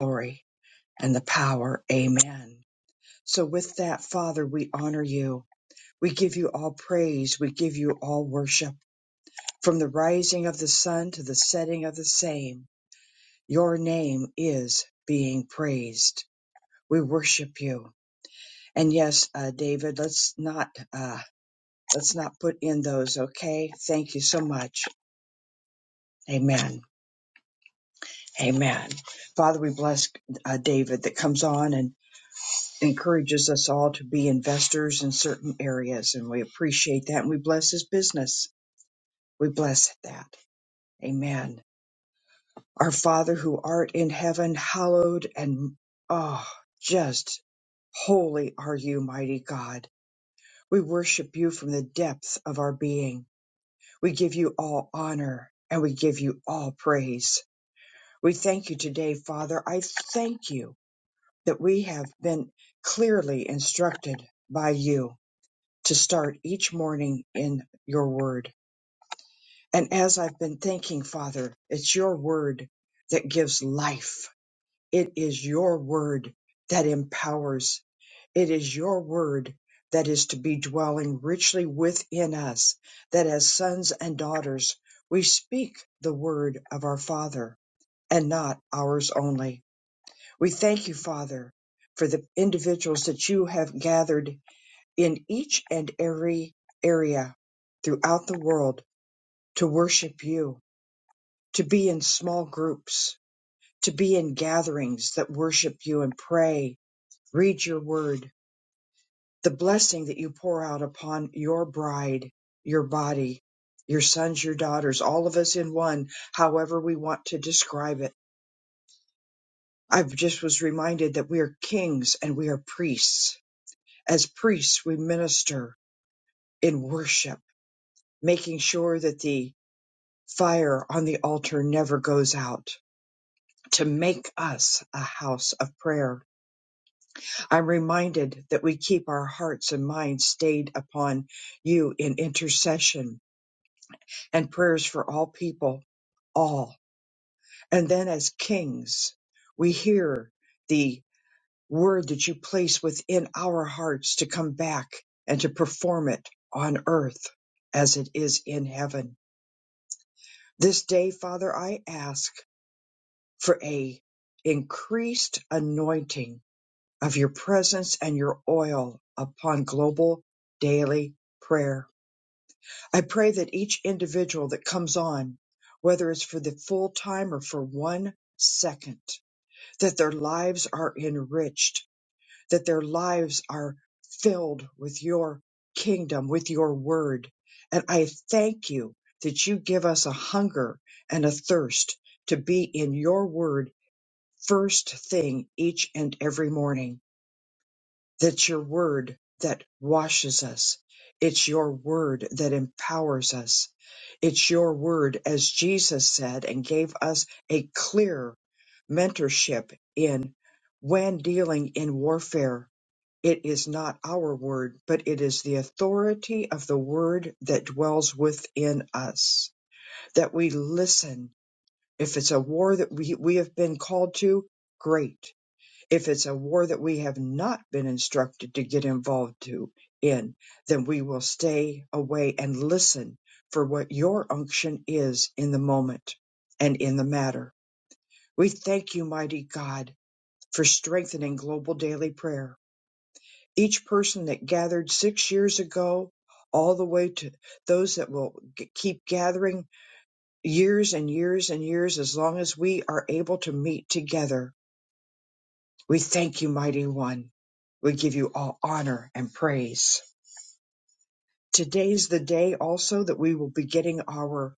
glory and the power. Amen. So, with that, Father, we honor you. We give you all praise. We give you all worship. From the rising of the sun to the setting of the same, your name is being praised. We worship you. And yes, uh, David, let's not uh, let's not put in those. Okay, thank you so much. Amen. Amen. Father, we bless uh, David that comes on and encourages us all to be investors in certain areas, and we appreciate that and we bless his business. We bless that. Amen. Our Father who art in heaven, hallowed and oh, just holy are you, mighty God. We worship you from the depths of our being. We give you all honor and we give you all praise. We thank you today, Father. I thank you that we have been clearly instructed by you to start each morning in your word. And as I've been thinking, Father, it's your word that gives life. It is your word that empowers. It is your word that is to be dwelling richly within us, that as sons and daughters, we speak the word of our Father and not ours only. We thank you, Father, for the individuals that you have gathered in each and every area throughout the world to worship you, to be in small groups, to be in gatherings that worship you and pray, read your word, the blessing that you pour out upon your bride, your body, your sons, your daughters, all of us in one, however we want to describe it. I just was reminded that we are kings and we are priests. As priests, we minister in worship, making sure that the Fire on the altar never goes out to make us a house of prayer. I'm reminded that we keep our hearts and minds stayed upon you in intercession and prayers for all people, all. And then as kings, we hear the word that you place within our hearts to come back and to perform it on earth as it is in heaven. This day, Father, I ask. for a increased anointing of your presence and your oil upon global daily prayer. I pray that each individual that comes on, whether it's for the full time or for one second, that their lives are enriched, that their lives are filled with your kingdom, with your word. And I thank you that you give us a hunger and a thirst to be in your word first thing each and every morning. That's your word that washes us. It's your word that empowers us. It's your word, as Jesus said, and gave us a clear mentorship in when dealing in warfare. It is not our word, but it is the authority of the word that dwells within us, that we listen. If it's a war that we, we have been called to, great if it's a war that we have not been instructed to get involved to in, then we will stay away and listen for what your unction is in the moment and in the matter. We thank you, mighty God, for strengthening global daily prayer. Each person that gathered six years ago, all the way to those that will g- keep gathering years and years and years as long as we are able to meet together We thank you, mighty one. We give you all honor and praise. Today's the day also that we will be getting our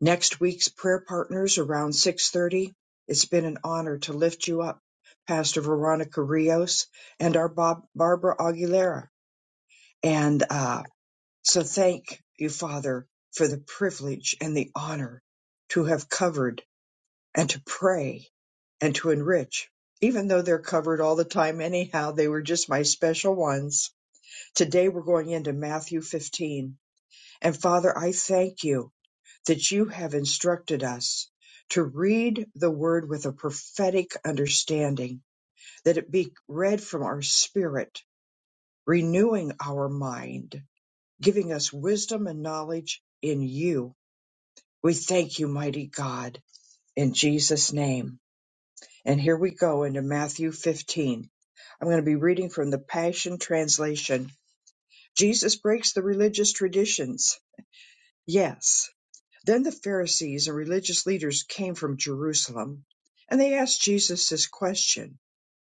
next week's prayer partners around 6:30. It's been an honor to lift you up, Pastor Veronica Rios and our Bob, Barbara Aguilera. And uh, so thank you, Father, for the privilege and the honor to have covered and to pray and to enrich. Even though they're covered all the time, anyhow, they were just my special ones. Today we're going into Matthew 15. And Father, I thank you that you have instructed us to read the word with a prophetic understanding, that it be read from our spirit, renewing our mind, giving us wisdom and knowledge in you. We thank you, mighty God, in Jesus' name. And here we go into Matthew 15. I'm going to be reading from the Passion Translation. Jesus breaks the religious traditions. Yes. Then the Pharisees and religious leaders came from Jerusalem, and they asked Jesus this question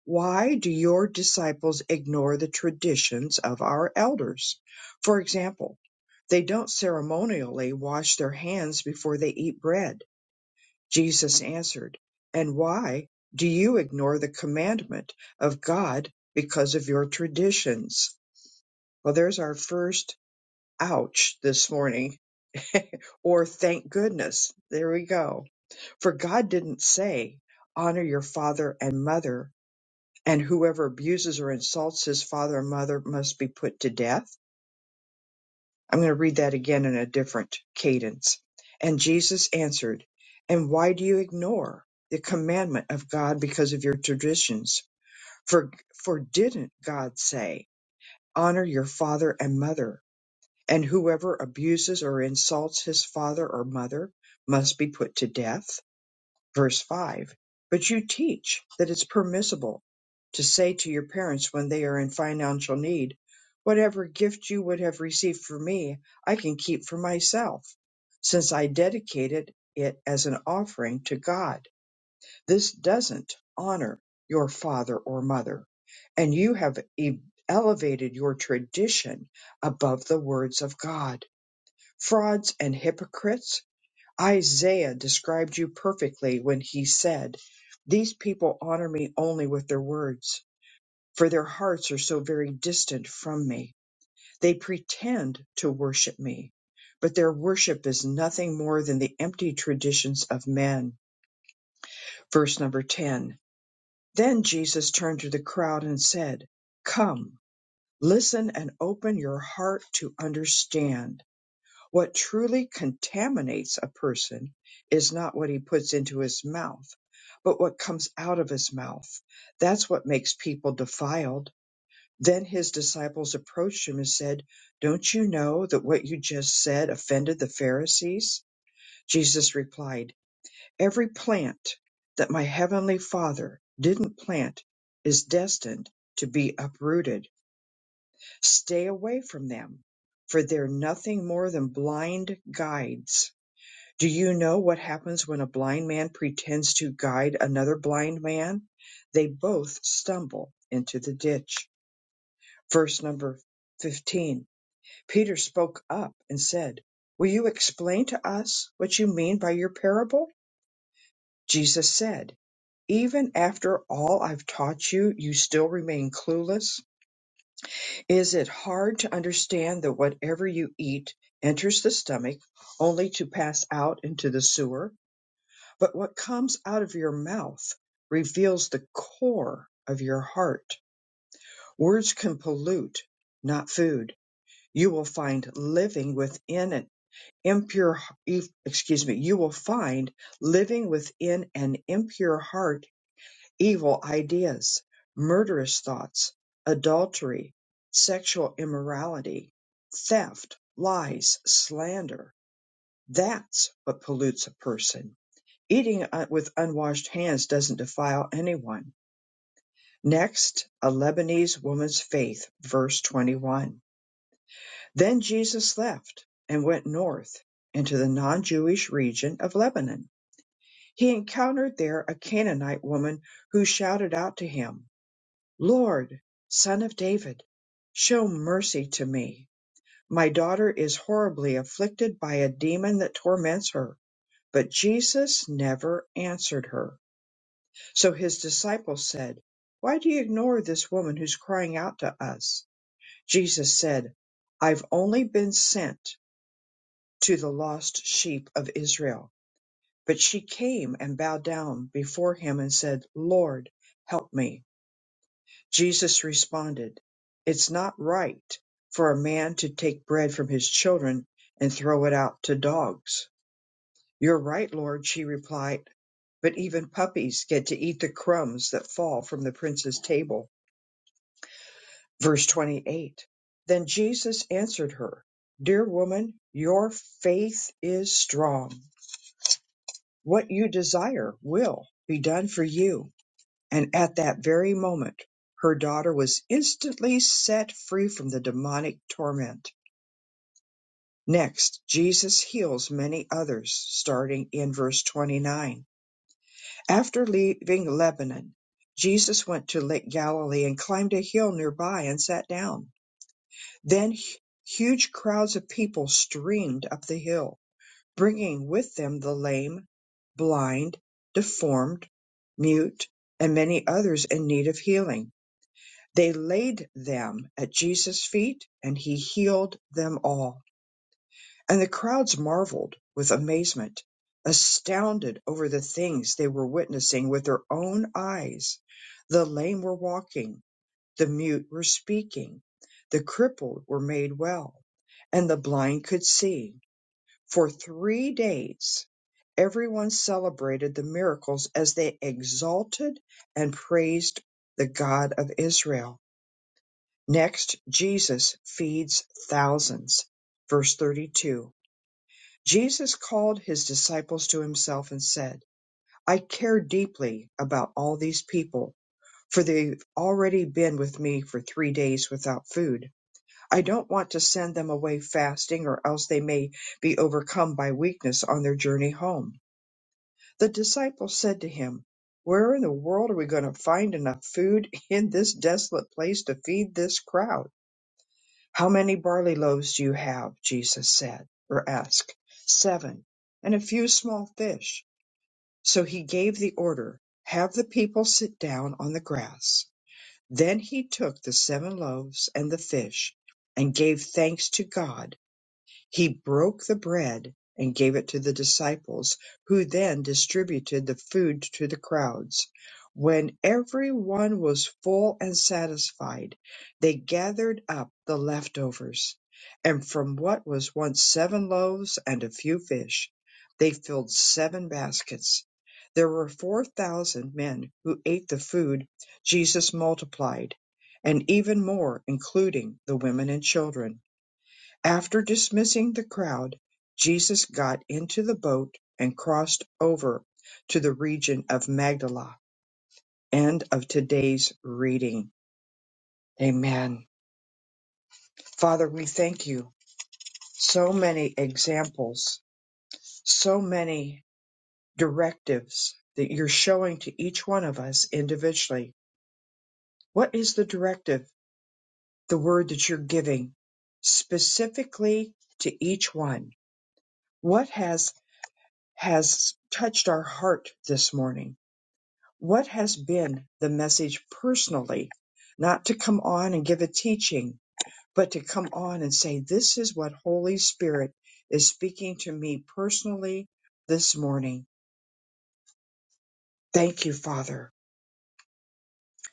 Why do your disciples ignore the traditions of our elders? For example, they don't ceremonially wash their hands before they eat bread Jesus answered, And why do you ignore the commandment of God because of your traditions? Well, there's our first ouch this morning, or thank goodness. There we go. For God didn't say, Honor your father and mother, and whoever abuses or insults his father and mother must be put to death I'm going to read that again in a different cadence. And Jesus answered, And why do you ignore the commandment of God because of your traditions? For, for didn't God say, Honor your father and mother, and whoever abuses or insults his father or mother must be put to death? Verse 5 But you teach that it's permissible to say to your parents when they are in financial need, Whatever gift you would have received from me, I can keep for myself, since I dedicated it as an offering to God. This doesn't honor your father or mother, and you have e- elevated your tradition above the words of God. Frauds and hypocrites Isaiah described you perfectly when he said, These people honor me only with their words, for their hearts are so very distant from me. They pretend to worship me, but their worship is nothing more than the empty traditions of men. Verse number 10. Then Jesus turned to the crowd and said, Come, listen and open your heart to understand What truly contaminates a person is not what he puts into his mouth, but what comes out of his mouth. That's what makes people defiled. Then his disciples approached him and said, Don't you know that what you just said offended the Pharisees? Jesus replied, Every plant that my heavenly Father didn't plant is destined to be uprooted. Stay away from them, for they're nothing more than blind guides do you know what happens when a blind man pretends to guide another blind man? They both stumble into the ditch. Verse number 15 Peter spoke up and said, Will you explain to us what you mean by your parable? Jesus said, Even after all I've taught you, you still remain clueless? Is it hard to understand that whatever you eat enters the stomach only to pass out into the sewer? but what comes out of your mouth reveals the core of your heart. Words can pollute, not food. You will find living within an impure, e- excuse me, you will find living within an impure heart evil ideas, murderous thoughts, adultery, sexual immorality, theft, lies, slander. That's what pollutes a person Eating uh, with unwashed hands doesn't defile anyone. Next, a Lebanese woman's faith, verse 21. Then Jesus left and went north into the non Jewish region of Lebanon. He encountered there a Canaanite woman who shouted out to him, Lord, son of David, show mercy to me. My daughter is horribly afflicted by a demon that torments her. But Jesus never answered her So his disciples said, Why do you ignore this woman who's crying out to us? Jesus said, I've only been sent to the lost sheep of Israel. But she came and bowed down before him and said, Lord, help me. Jesus responded, It's not right for a man to take bread from his children and throw it out to dogs. You're right, Lord, she replied, but even puppies get to eat the crumbs that fall from the prince's table. Verse 28 Then Jesus answered her, Dear woman, your faith is strong. What you desire will be done for you. And at that very moment, her daughter was instantly set free from the demonic torment. Next, Jesus heals many others, starting in verse 29. After leaving Lebanon, Jesus went to Lake Galilee and climbed a hill nearby and sat down. Then hu- huge crowds of people streamed up the hill, bringing with them the lame, blind, deformed, mute, and many others in need of healing. They laid them at Jesus' feet, and he healed them all. And the crowds marveled with amazement, astounded over the things they were witnessing with their own eyes. The lame were walking, the mute were speaking, the crippled were made well, and the blind could see. For three days, everyone celebrated the miracles as they exalted and praised the God of Israel. Next, Jesus feeds thousands. Verse 32 Jesus called his disciples to himself and said, I care deeply about all these people, for they've already been with me for three days without food I don't want to send them away fasting, or else they may be overcome by weakness on their journey home. The disciples said to him, Where in the world are we going to find enough food in this desolate place to feed this crowd? How many barley loaves do you have? Jesus said, or asked. Seven, and a few small fish. So he gave the order, Have the people sit down on the grass. Then he took the seven loaves and the fish, and gave thanks to God he broke the bread and gave it to the disciples, who then distributed the food to the crowds. When everyone was full and satisfied, they gathered up the leftovers, and from what was once seven loaves and a few fish, they filled seven baskets. There were four thousand men who ate the food Jesus multiplied, and even more, including the women and children. After dismissing the crowd, Jesus got into the boat and crossed over to the region of Magdala. End of today's reading. Amen. Father, we thank you. So many examples, so many directives that you're showing to each one of us individually. What is the directive, the word that you're giving specifically to each one? What has has touched our heart this morning? what has been the message personally, not to come on and give a teaching, but to come on and say, This is what Holy Spirit is speaking to me personally this morning. Thank you, Father.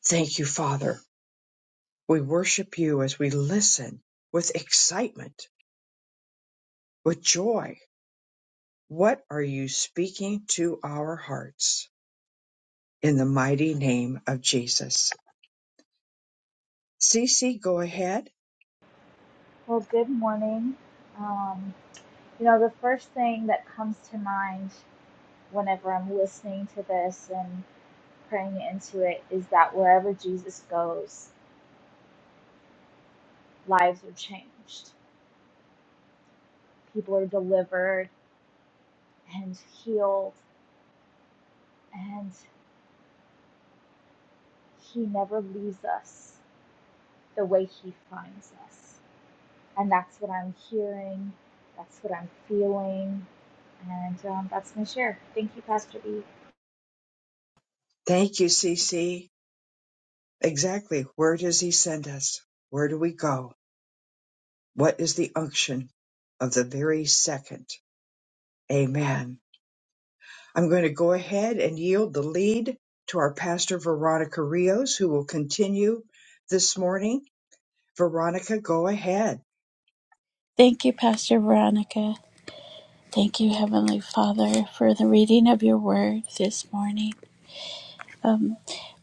Thank you, Father. We worship you as we listen with excitement, with joy. What are you speaking to our hearts in the mighty name of Jesus? Cece, go ahead. Well, good morning. Um, you know, the first thing that comes to mind whenever I'm listening to this and praying into it is that wherever Jesus goes, lives are changed, people are delivered and healed, and He never leaves us the way He finds us. And that's what I'm hearing, that's what I'm feeling, and um, that's my share. Thank you, Pastor B. Thank you, Cece. Exactly. Where does he send us? Where do we go? What is the unction of the very second? Amen. I'm going to go ahead and yield the lead to our pastor, Veronica Rios, who will continue this morning. Veronica, go ahead. Thank you, Pastor Veronica. Thank you, Heavenly Father, for the reading of your word this morning. Um,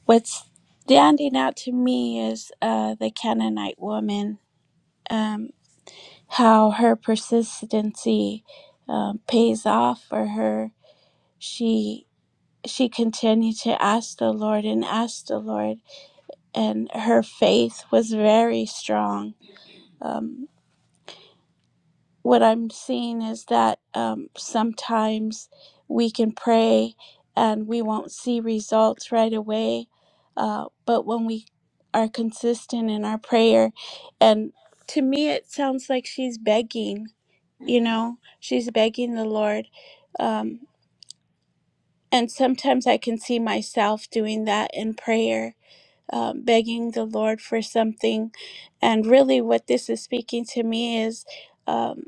what's standing out to me is uh, the Canaanite woman, um, how her persistency um, pays off for her. She she continued to ask the Lord and ask the Lord, and her faith was very strong. Um, what I'm seeing is that um, sometimes we can pray and we won't see results right away. Uh, but when we are consistent in our prayer, and to me, it sounds like she's begging, you know, she's begging the Lord. Um, and sometimes I can see myself doing that in prayer. Um, begging the Lord for something. And really, what this is speaking to me is Um,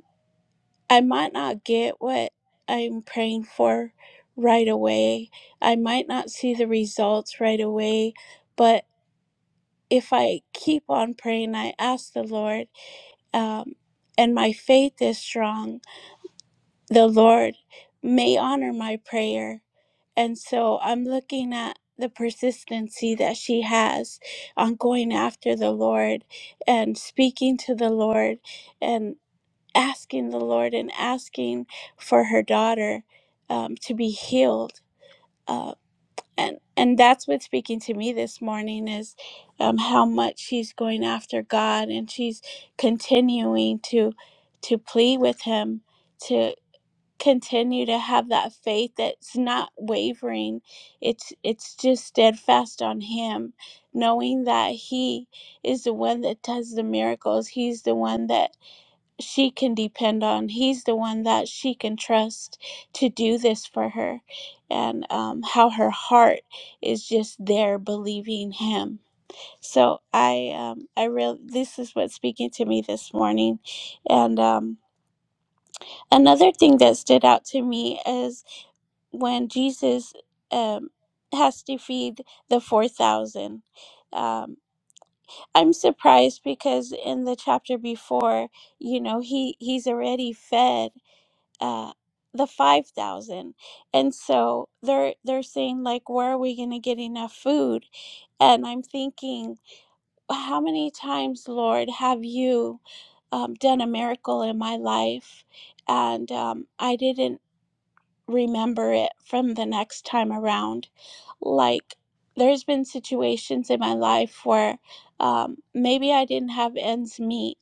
I might not get what I'm praying for right away. I might not see the results right away, but if I keep on praying, I ask the Lord, um, and my faith is strong, the Lord may honor my prayer. And so I'm looking at the persistency that she has on going after the Lord and speaking to the Lord. and asking the Lord and asking for her daughter um, to be healed. Uh, and and that's what's speaking to me this morning is um, how much she's going after God and she's continuing to to plead with Him to continue to have that faith that's not wavering. It's it's just steadfast on Him, knowing that He is the one that does the miracles. He's the one that she can depend on. He's the one that she can trust to do this for her, and um, how her heart is just there believing him. So I, um, I real this is what's speaking to me this morning, and um, another thing that stood out to me is when Jesus um, has to feed the four thousand. Um, I'm surprised because in the chapter before, you know, he he's already fed uh, the 5000 and so they're they're saying like where are we going to get enough food and i'm thinking how many times lord have you um, done a miracle in my life and um, i didn't remember it from the next time around. Like, there's been situations in my life where um, maybe I didn't have ends meet.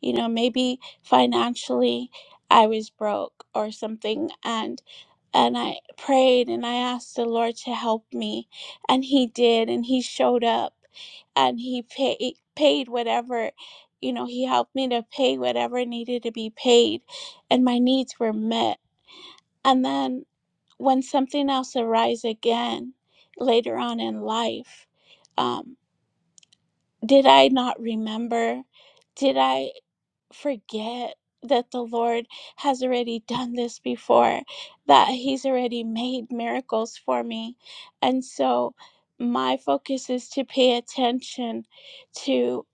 You know, maybe financially I was broke or something, and and I prayed and I asked the Lord to help me, and He did, and He showed up, and He paid paid whatever, you know, He helped me to pay whatever needed to be paid, and my needs were met. And then when something else arises again later on in life um, did i not remember did i forget that the lord has already done this before that he's already made miracles for me and so my focus is to pay attention to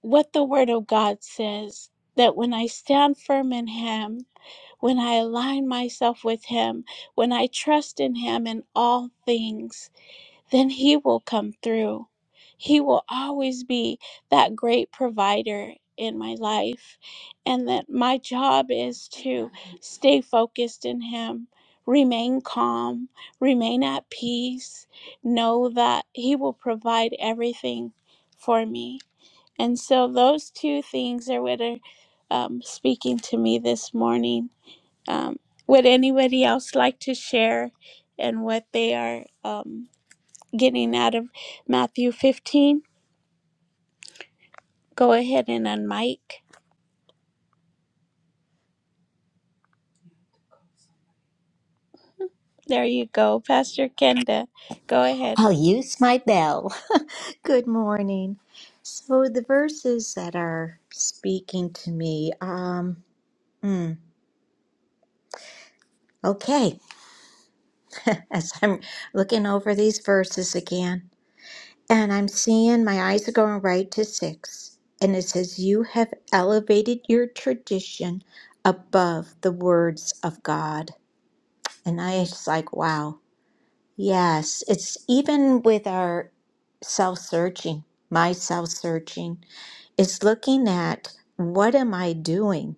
what the word of god says that when i stand firm in him when I align myself with Him, when I trust in Him in all things, then He will come through. He will always be that great provider in my life. And that my job is to stay focused in Him, remain calm, remain at peace, know that He will provide everything for me. And so, those two things are what are um, speaking to me this morning um, would anybody else like to share and what they are um, getting out of Matthew 15? Go ahead and unmic. There you go, Pastor Kenda. Go ahead. I'll use my bell. Good morning. So the verses that are speaking to me, um, hmm, okay, as I'm looking over these verses again, and I'm seeing my eyes are going right to six, and it says, You have elevated your tradition above the words of God. And I was like, wow, yes, it's even with our self searching, my self searching. It's looking at what am I doing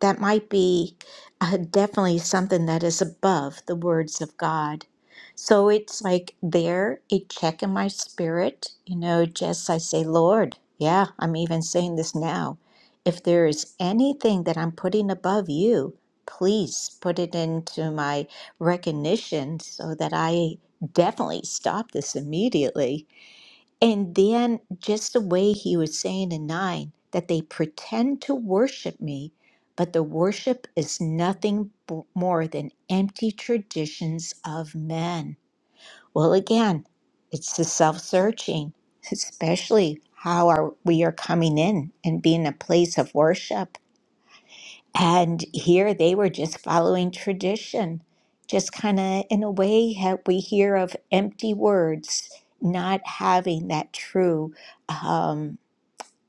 that might be uh, definitely something that is above the words of God. So it's like there, a check in my spirit, you know, just I say, Lord, yeah, I'm even saying this now. If there is anything that I'm putting above you, please put it into my recognition so that I definitely stop this immediately and then just the way he was saying in nine that they pretend to worship me, but the worship is nothing b- more than empty traditions of men. Well, again, it's the self-searching, especially how are we are coming in and being a place of worship. And here they were just following tradition, just kind of in a way that we hear of empty words, not having that true, um,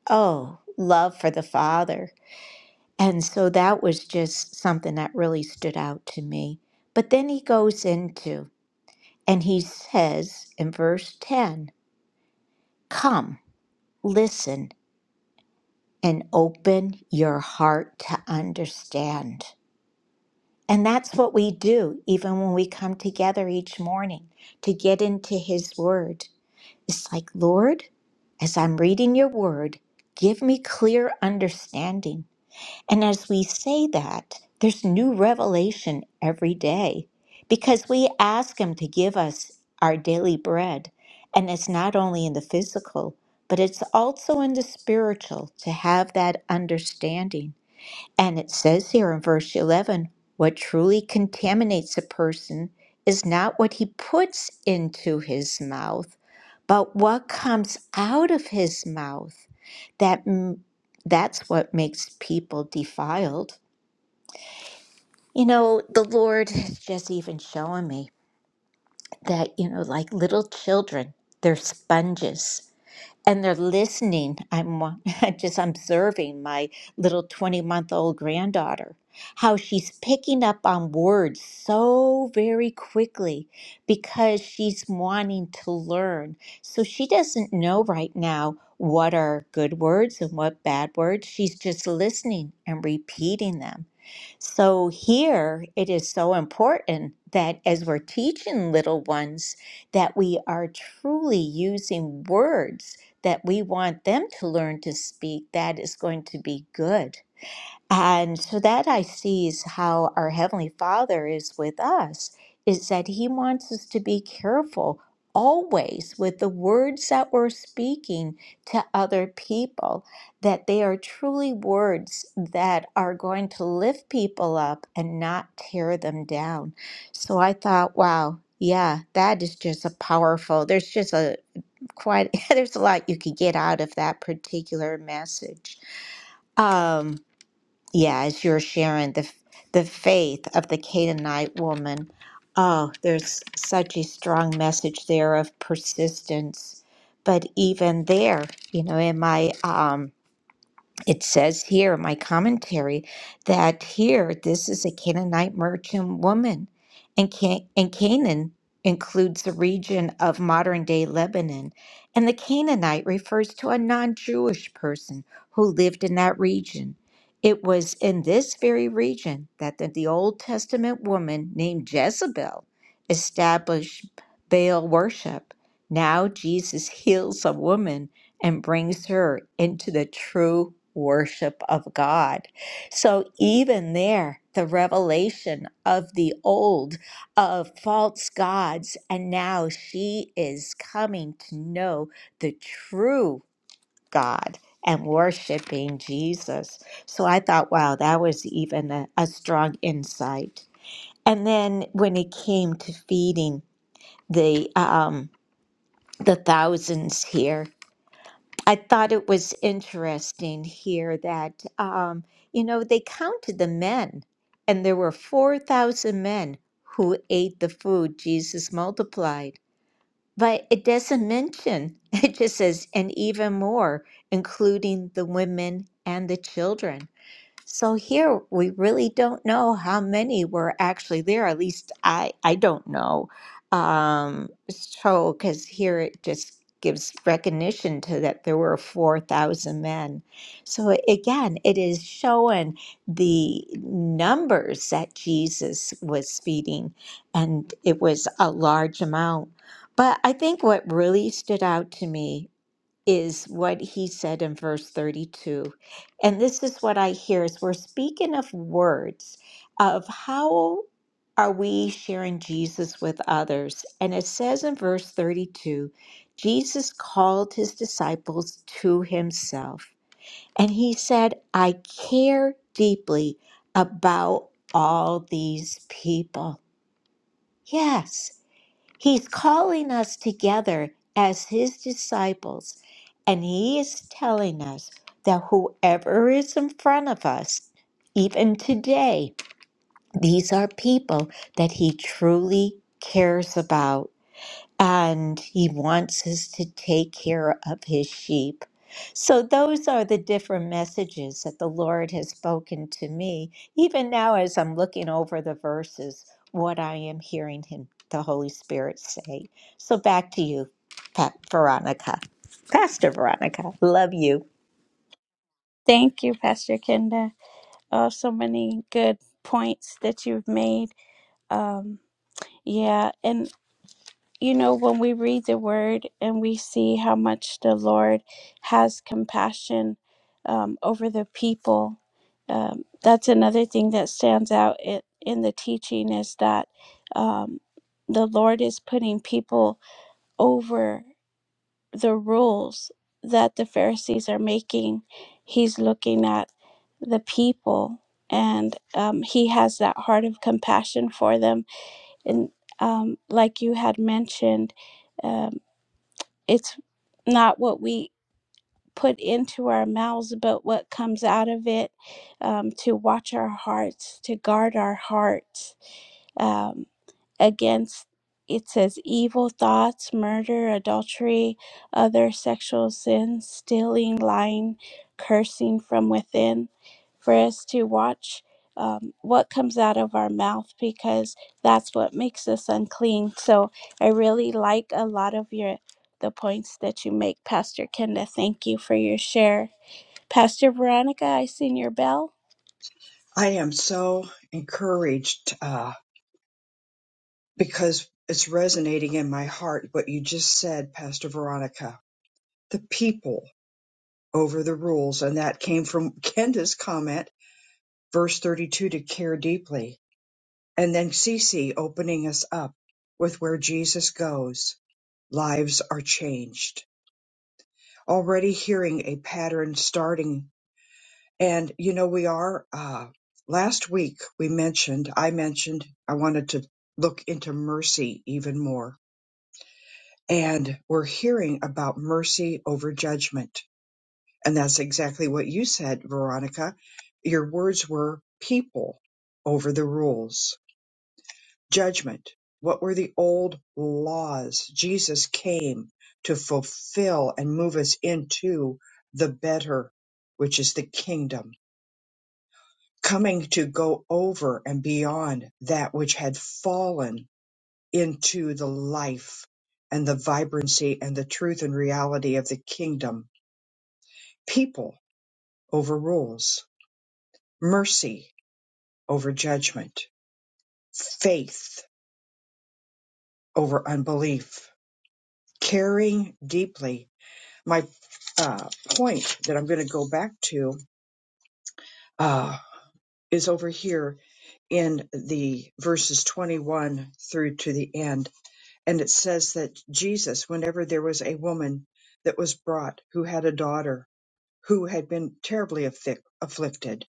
oh, love for the Father. And so that was just something that really stood out to me. But then he goes into, and he says in verse 10 Come, listen, and open your heart to understand. And that's what we do, even when we come together each morning to get into His Word. It's like, Lord, as I'm reading your Word, give me clear understanding. And as we say that, there's new revelation every day because we ask Him to give us our daily bread. And it's not only in the physical, but it's also in the spiritual to have that understanding. And it says here in verse 11 what truly contaminates a person is not what he puts into his mouth, but what comes out of his mouth. That m- that's what makes people defiled. You know, the Lord has just even shown me that, you know, like little children, they're sponges and they're listening. I'm wa- just observing my little 20 month old granddaughter, how she's picking up on words so very quickly because she's wanting to learn. So she doesn't know right now what are good words and what bad words. She's just listening and repeating them. So here it is so important that as we're teaching little ones that we are truly using words that we want them to learn to speak that is going to be good and so that I see is how our Heavenly Father is with us, is that He wants us to be careful always with the words that we're speaking to other people, that they are truly words that are going to lift people up and not tear them down. So I thought, wow. Yeah, that is just a powerful. There's just a quite there's a lot you could get out of that particular message. Um, yeah, as you're sharing the the faith of the Canaanite woman, oh, there's such a strong message there of persistence. But even there, you know, in my um, it says here in my commentary that here this is a Canaanite merchant woman, and Can- and Canaan includes the region of modern day Lebanon, and the Canaanite refers to a non-Jewish person who lived in that region. It was in this very region that the, the Old Testament woman named Jezebel established Baal worship. Now Jesus heals a woman and brings her into the true worship of God. So even there, the revelation of the old of false gods, and now she is coming to know the true God and worshiping Jesus. So I thought, wow, that was even a, a strong insight. And then when it came to feeding the um, the thousands here, I thought it was interesting here that, um, you know, they counted the men, and there were 4,000 men who ate the food Jesus multiplied. But it doesn't mention, it just says, and even more, including the women and the children. So here we really don't know how many were actually there. At least I I don't know. Um, so because here it just gives recognition to that there were four thousand men. So again, it is showing the numbers that Jesus was feeding, and it was a large amount. But I think what really stood out to me is what he said in verse 32. And this is what I hear is we're speaking of words of how are we sharing Jesus with others? And it says in verse 32 Jesus called his disciples to himself, and he said, I care deeply about all these people. Yes. He's calling us together as his disciples, and he is telling us that whoever is in front of us, even today, these are people that he truly cares about and he wants us to take care of his sheep. So, those are the different messages that the Lord has spoken to me, even now as I'm looking over the verses, what I am hearing him, the Holy Spirit say. So, back to you, Pa- Veronica. Pastor Veronica, love you. Thank you, Pastor Kenda. Oh, so many good points that you've made. Um, yeah, and you know, when we read the word and we see how much the Lord has compassion um, over the people, um, that's another thing that stands out in, in the teaching is that um, the Lord is putting people over the rules that the Pharisees are making. He's looking at the people and um, he has that heart of compassion for them and um, like you had mentioned, um, it's not what we put into our mouths, but what comes out of it. Um, to watch our hearts, to guard our hearts. Um against it says evil thoughts, murder, adultery, other sexual sins, stealing, lying, cursing from within. For us to watch um, what comes out of our mouth because that's what makes us unclean. So I really like a lot of your the points that you make, Pastor Kenda. Thank you for your share, Pastor Veronica. I seen your bell. I am so encouraged uh, because it's resonating in my heart what you just said, Pastor Veronica. The people over the rules. And that came from Kenda's comment verse 32 to care deeply, and then CC opening us up with where Jesus goes, lives are changed. Already hearing a pattern starting, and you know, we are. Uh, last week we mentioned, I mentioned, I wanted to look into mercy even more, and we're hearing about mercy over judgment. And that's exactly what you said, Veronica. Your words were people over the rules judgment. What were the old laws? Jesus came to fulfill and move us into the better, which is the kingdom, coming to go over and beyond that which had fallen into the life and the vibrancy and the truth and reality of the kingdom. People over rules, mercy over judgment, faith over unbelief, caring deeply my uh, point that I'm going to go back to uh, is over here in the verses 21 through to the end. And it says that Jesus, whenever there was a woman that was brought who had a daughter who had been terribly affic- afflicted,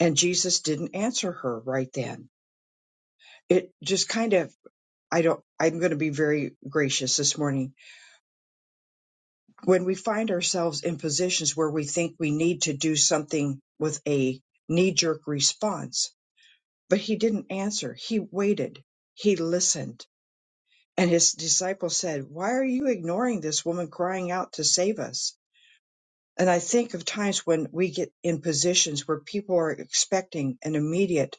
and Jesus didn't answer her right then. It just kind of, I don't, I'm going to be very gracious this morning when we find ourselves in positions where we think we need to do something with a knee jerk response. But he didn't answer. He waited. He listened. And his disciples said, Why are you ignoring this woman crying out to save us? And I think of times when we get in positions where people are expecting an immediate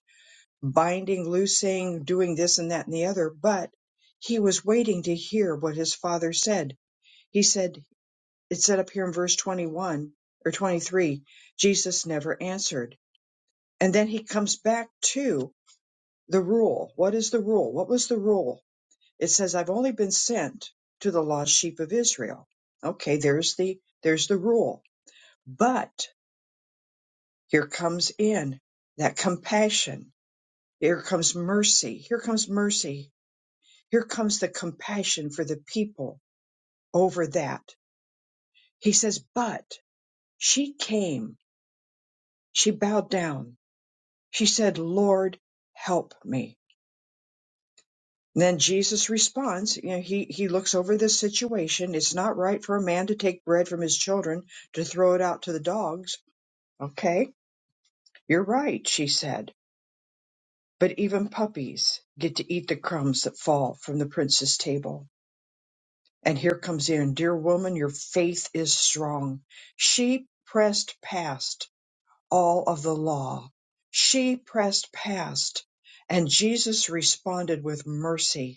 binding, loosing, doing this and that and the other. But he was waiting to hear what his father said. He said, it said up here in verse 21 or 23, Jesus never answered. And then he comes back to the rule. What is the rule? What was the rule? It says, I've only been sent to the lost sheep of Israel. Okay, there's the, there's the rule. But here comes in that compassion. Here comes mercy. Here comes mercy. Here comes the compassion for the people over that. He says, but she came, she bowed down She said, Lord, help me. And then Jesus responds, you know, he, he looks over this situation. It's not right for a man to take bread from his children to throw it out to the dogs. Okay, you're right, she said. But even puppies get to eat the crumbs that fall from the prince's table. And here comes in, dear woman, your faith is strong. She pressed past all of the law. She pressed past. And Jesus responded with mercy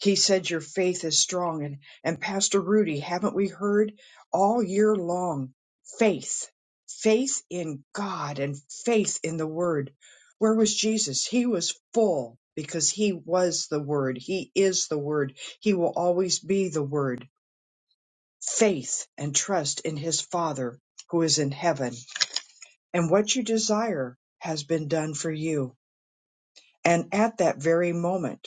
He said your faith is strong. And, and Pastor Rudy, haven't we heard all year long faith, faith in God and faith in the Word? Where was Jesus? He was full because he was the Word. He is the Word. He will always be the Word. Faith and trust in his Father who is in heaven. And what you desire has been done for you. And at that very moment,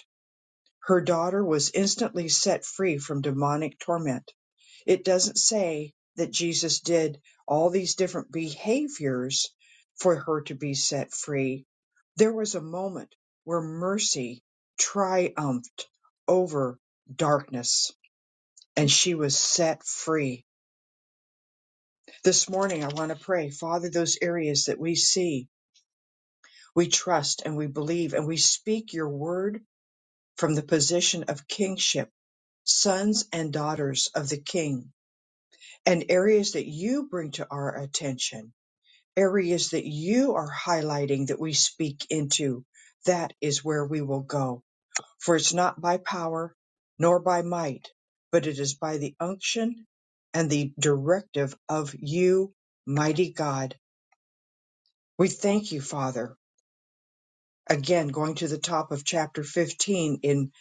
her daughter was instantly set free from demonic torment. It doesn't say that Jesus did all these different behaviors for her to be set free. There was a moment where mercy triumphed over darkness and she was set free. This morning, I want to pray, Father, those areas that we see, we trust and we believe and we speak your word from the position of kingship sons and daughters of the King, and areas that you bring to our attention, areas that you are highlighting that we speak into. That is where we will go. For it's not by power nor by might, but it is by the unction and the directive of you, mighty God. We thank you, Father. Again, going to the top of chapter 15 in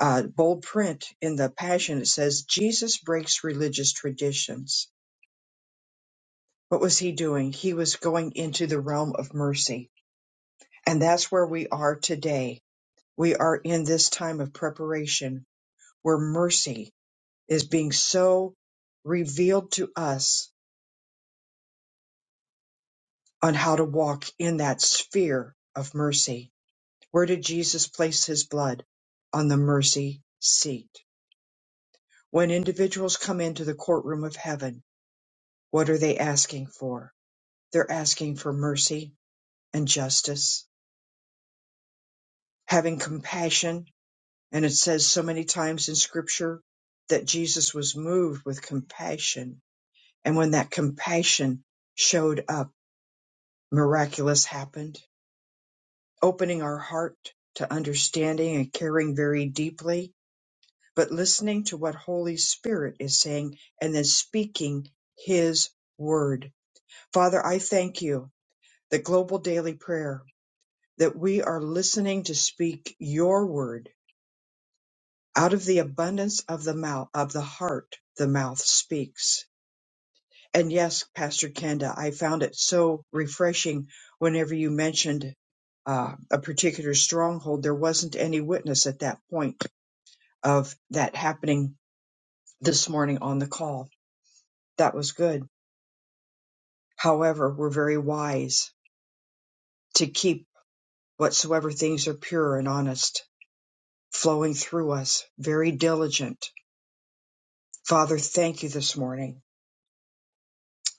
uh, bold print in the Passion, it says, Jesus breaks religious traditions What was he doing? He was going into the realm of mercy. And that's where we are today. We are in this time of preparation where mercy is being so revealed to us on how to walk in that sphere of mercy. Where did Jesus place his blood? On the mercy seat. When individuals come into the courtroom of heaven, what are they asking for? They're asking for mercy and justice, having compassion And it says so many times in scripture that Jesus was moved with compassion. And when that compassion showed up, miraculous happened, opening our heart to understanding and caring very deeply, but listening to what Holy Spirit is saying and then speaking his word. Father, I thank you that global daily prayer that we are listening to speak your word out of the abundance of the mouth of the heart the mouth speaks and yes pastor kenda i found it so refreshing whenever you mentioned uh, a particular stronghold there wasn't any witness at that point of that happening this morning on the call that was good however we're very wise to keep whatsoever things are pure and honest flowing through us very diligent father thank you this morning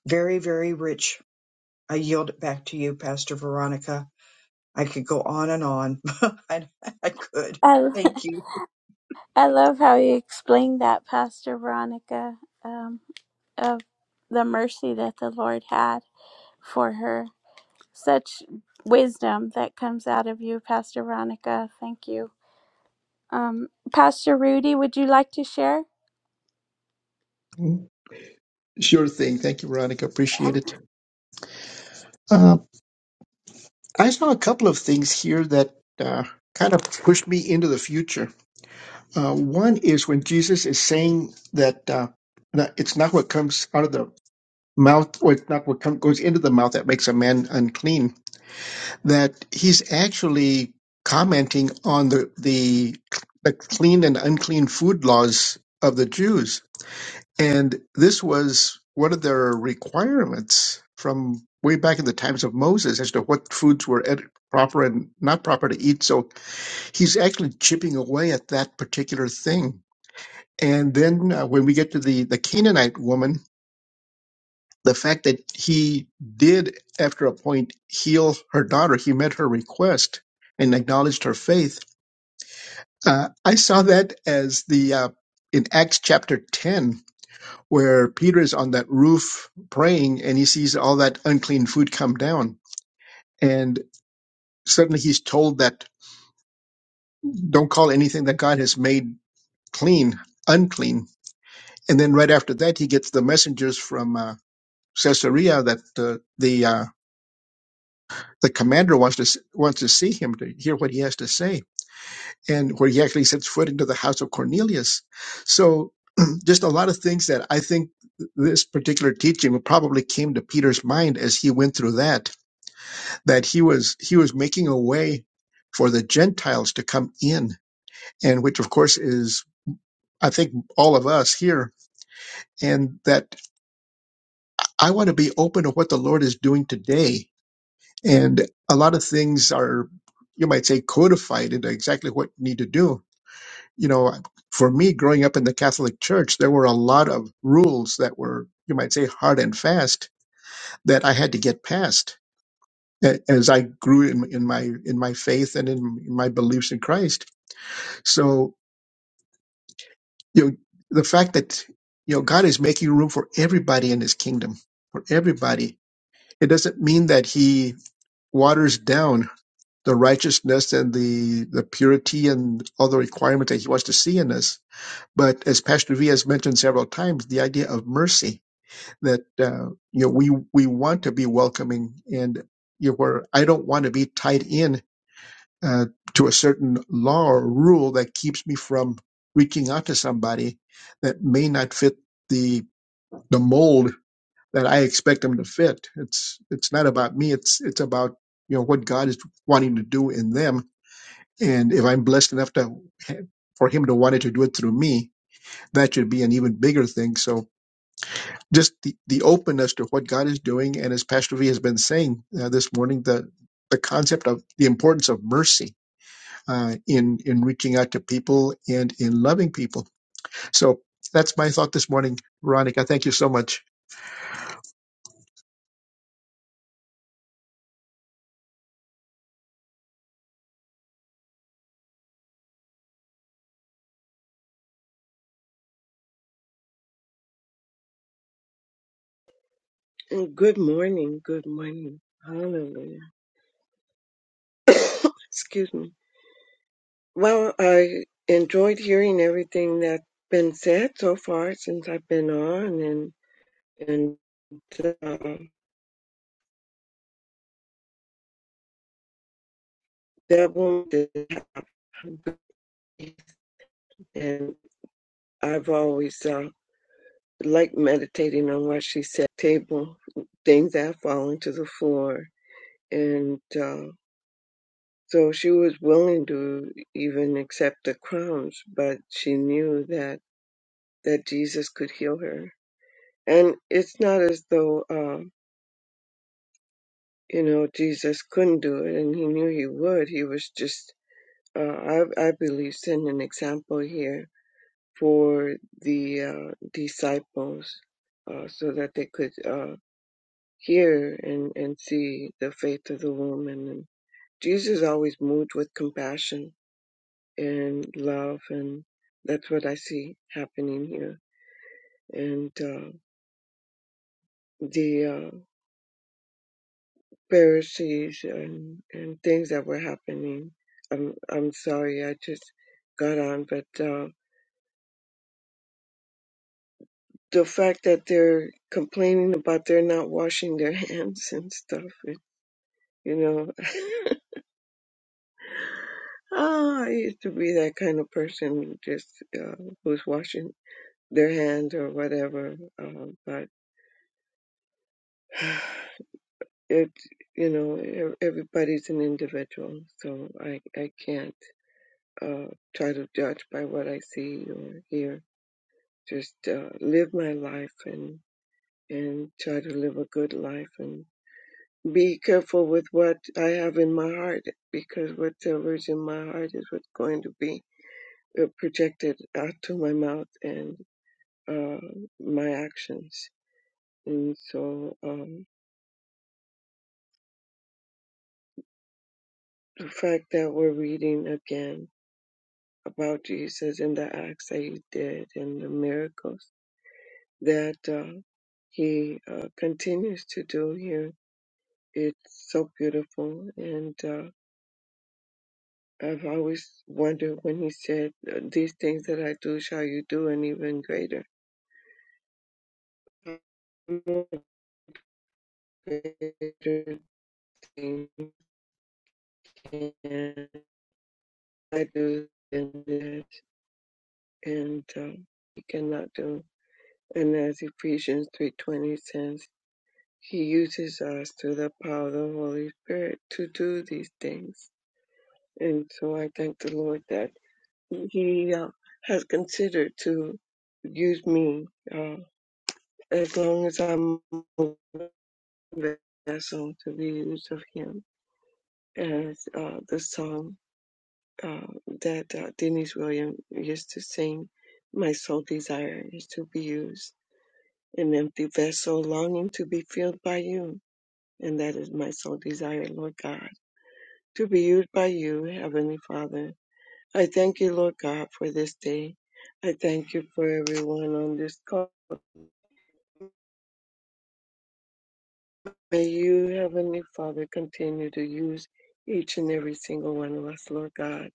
very very rich I yield it back to you, Pastor Veronica. I could go on and on. I, I could. I Thank you. I love how you explained that, Pastor Veronica, um, of the mercy that the Lord had for her. Such wisdom that comes out of you, Pastor Veronica. Thank you. Um, Pastor Rudy, would you like to share? Sure thing. Thank you, Veronica. Appreciate Yeah. it. Uh, I saw a couple of things here that uh, kind of pushed me into the future. Uh, one is when Jesus is saying that uh, that it's not what comes out of the mouth, or it's not what come, goes into the mouth that makes a man unclean. that he's actually commenting on the the, the clean and unclean food laws of the Jews, and this was one of their requirements from way back in the times of Moses as to what foods were ed- proper and not proper to eat. So he's actually chipping away at that particular thing. And then uh, when we get to the the Canaanite woman the fact that he did, after a point, heal her daughter, he met her request and acknowledged her faith. Uh, I saw that as the uh, in Acts chapter 10, where Peter is on that roof praying and he sees all that unclean food come down. And suddenly he's told that don't call anything that God has made clean unclean. And then right after that, he gets the messengers from uh, Caesarea that uh, the uh, the commander wants to wants to see him to hear what he has to say and where he actually sets foot into the house of cornelius so just a lot of things that i think this particular teaching probably came to peter's mind as he went through that that he was he was making a way for the gentiles to come in and which of course is i think all of us here and that i want to be open to what the lord is doing today And a lot of things are, you might say, codified into exactly what you need to do. You know, for me, growing up in the Catholic Church, there were a lot of rules that were, you might say, hard and fast that I had to get past a- as I grew in, in my in my faith and in my beliefs in Christ. So, you know, the fact that you know God is making room for everybody in His kingdom, for everybody. It doesn't mean that He waters down the righteousness and the, the purity and all the requirements that he wants to see in us. But as Pastor V has mentioned several times, the idea of mercy that, uh, you know, we, we want to be welcoming and, you know, where I don't want to be tied in, uh, to a certain law or rule that keeps me from reaching out to somebody that may not fit the, the mold that I expect them to fit. It's, it's not about me. It's, it's about, you know, what God is wanting to do in them and if I'm blessed enough to for him to wanted to do it through me, that should be an even bigger thing. So just the, the openness to what God is doing, and as Pastor V has been saying uh, this morning, the the concept of the importance of mercy uh, in in reaching out to people and in loving people. So that's my thought this morning, Veronica. Thank you so much. Mm, Good morning. Good morning. Hallelujah. Excuse me. Well, I enjoyed hearing everything that's been said so far since I've been on, and and uh, that one did happen. And I've always uh, liked meditating on what she said. Table things that fall into the floor, and uh, so she was willing to even accept the crumbs, but she knew that. that Jesus could heal her. And it's not as though, um, you know, Jesus couldn't do it and he knew he would. He was just, uh, I, I believe, setting an example here for the uh, disciples uh, so that they could uh, hear and, and see the faith of the woman. And Jesus always moved with compassion and love, and that's what I see happening here. And uh, the uh, Pharisees and, and things that were happening. I'm I'm sorry, I just got on, but uh, the fact that they're complaining about they're not washing their hands and stuff, it, you know. oh, I used to be that kind of person, just uh, who's washing their hands or whatever. Um, but it, you know, e- everybody's an individual, so I I can't. uh, try to judge by what I see or hear. Just uh, live my life and and try to live a good life and be careful with what I have in my heart because whatever is in my heart is what's going to be uh, projected out to my mouth and uh, my actions. And so um, the fact that we're reading again about Jesus and the acts that he did and the miracles that uh, he uh, continues to do here. It's so beautiful. And uh, I've always wondered when he said, uh, These things that I do, shall you do, and even greater. More Greater thing can I do than this, and um, he cannot do. And as Ephesians 3.20 says, he uses us through the power of the Holy Spirit to do these things. And so I thank the Lord that he uh, has considered to use me uh, as long as I'm a vessel to be used of him, as uh, the song uh, that uh, Denise Williams used to sing. My sole desire is to be used, an empty vessel longing to be filled by you. And that is my sole desire, Lord God, to be used by you, Heavenly Father I thank you, Lord God, for this day. I thank you for everyone on this call. May you, Heavenly Father, continue to use each and every single one of us, Lord God.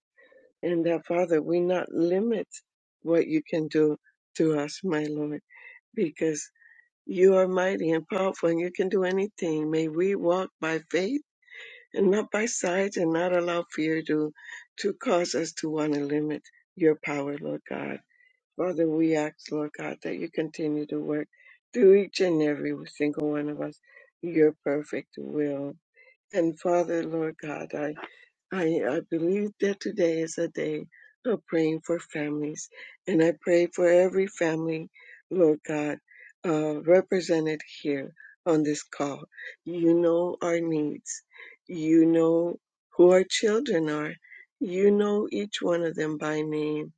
And that, Father, we not limit what you can do to us, my Lord, because you are mighty and powerful and you can do anything. May we walk by faith and not by sight and not allow fear to, to cause us to want to limit your power, Lord God. Father, we ask, Lord God, that you continue to work through each and every single one of us your perfect will. And Father, Lord God, I. I, I believe that today is a day of praying for families. And I pray for every family, Lord God, uh, represented here on this call. You know our needs. You know who our children are. You know each one of them by name.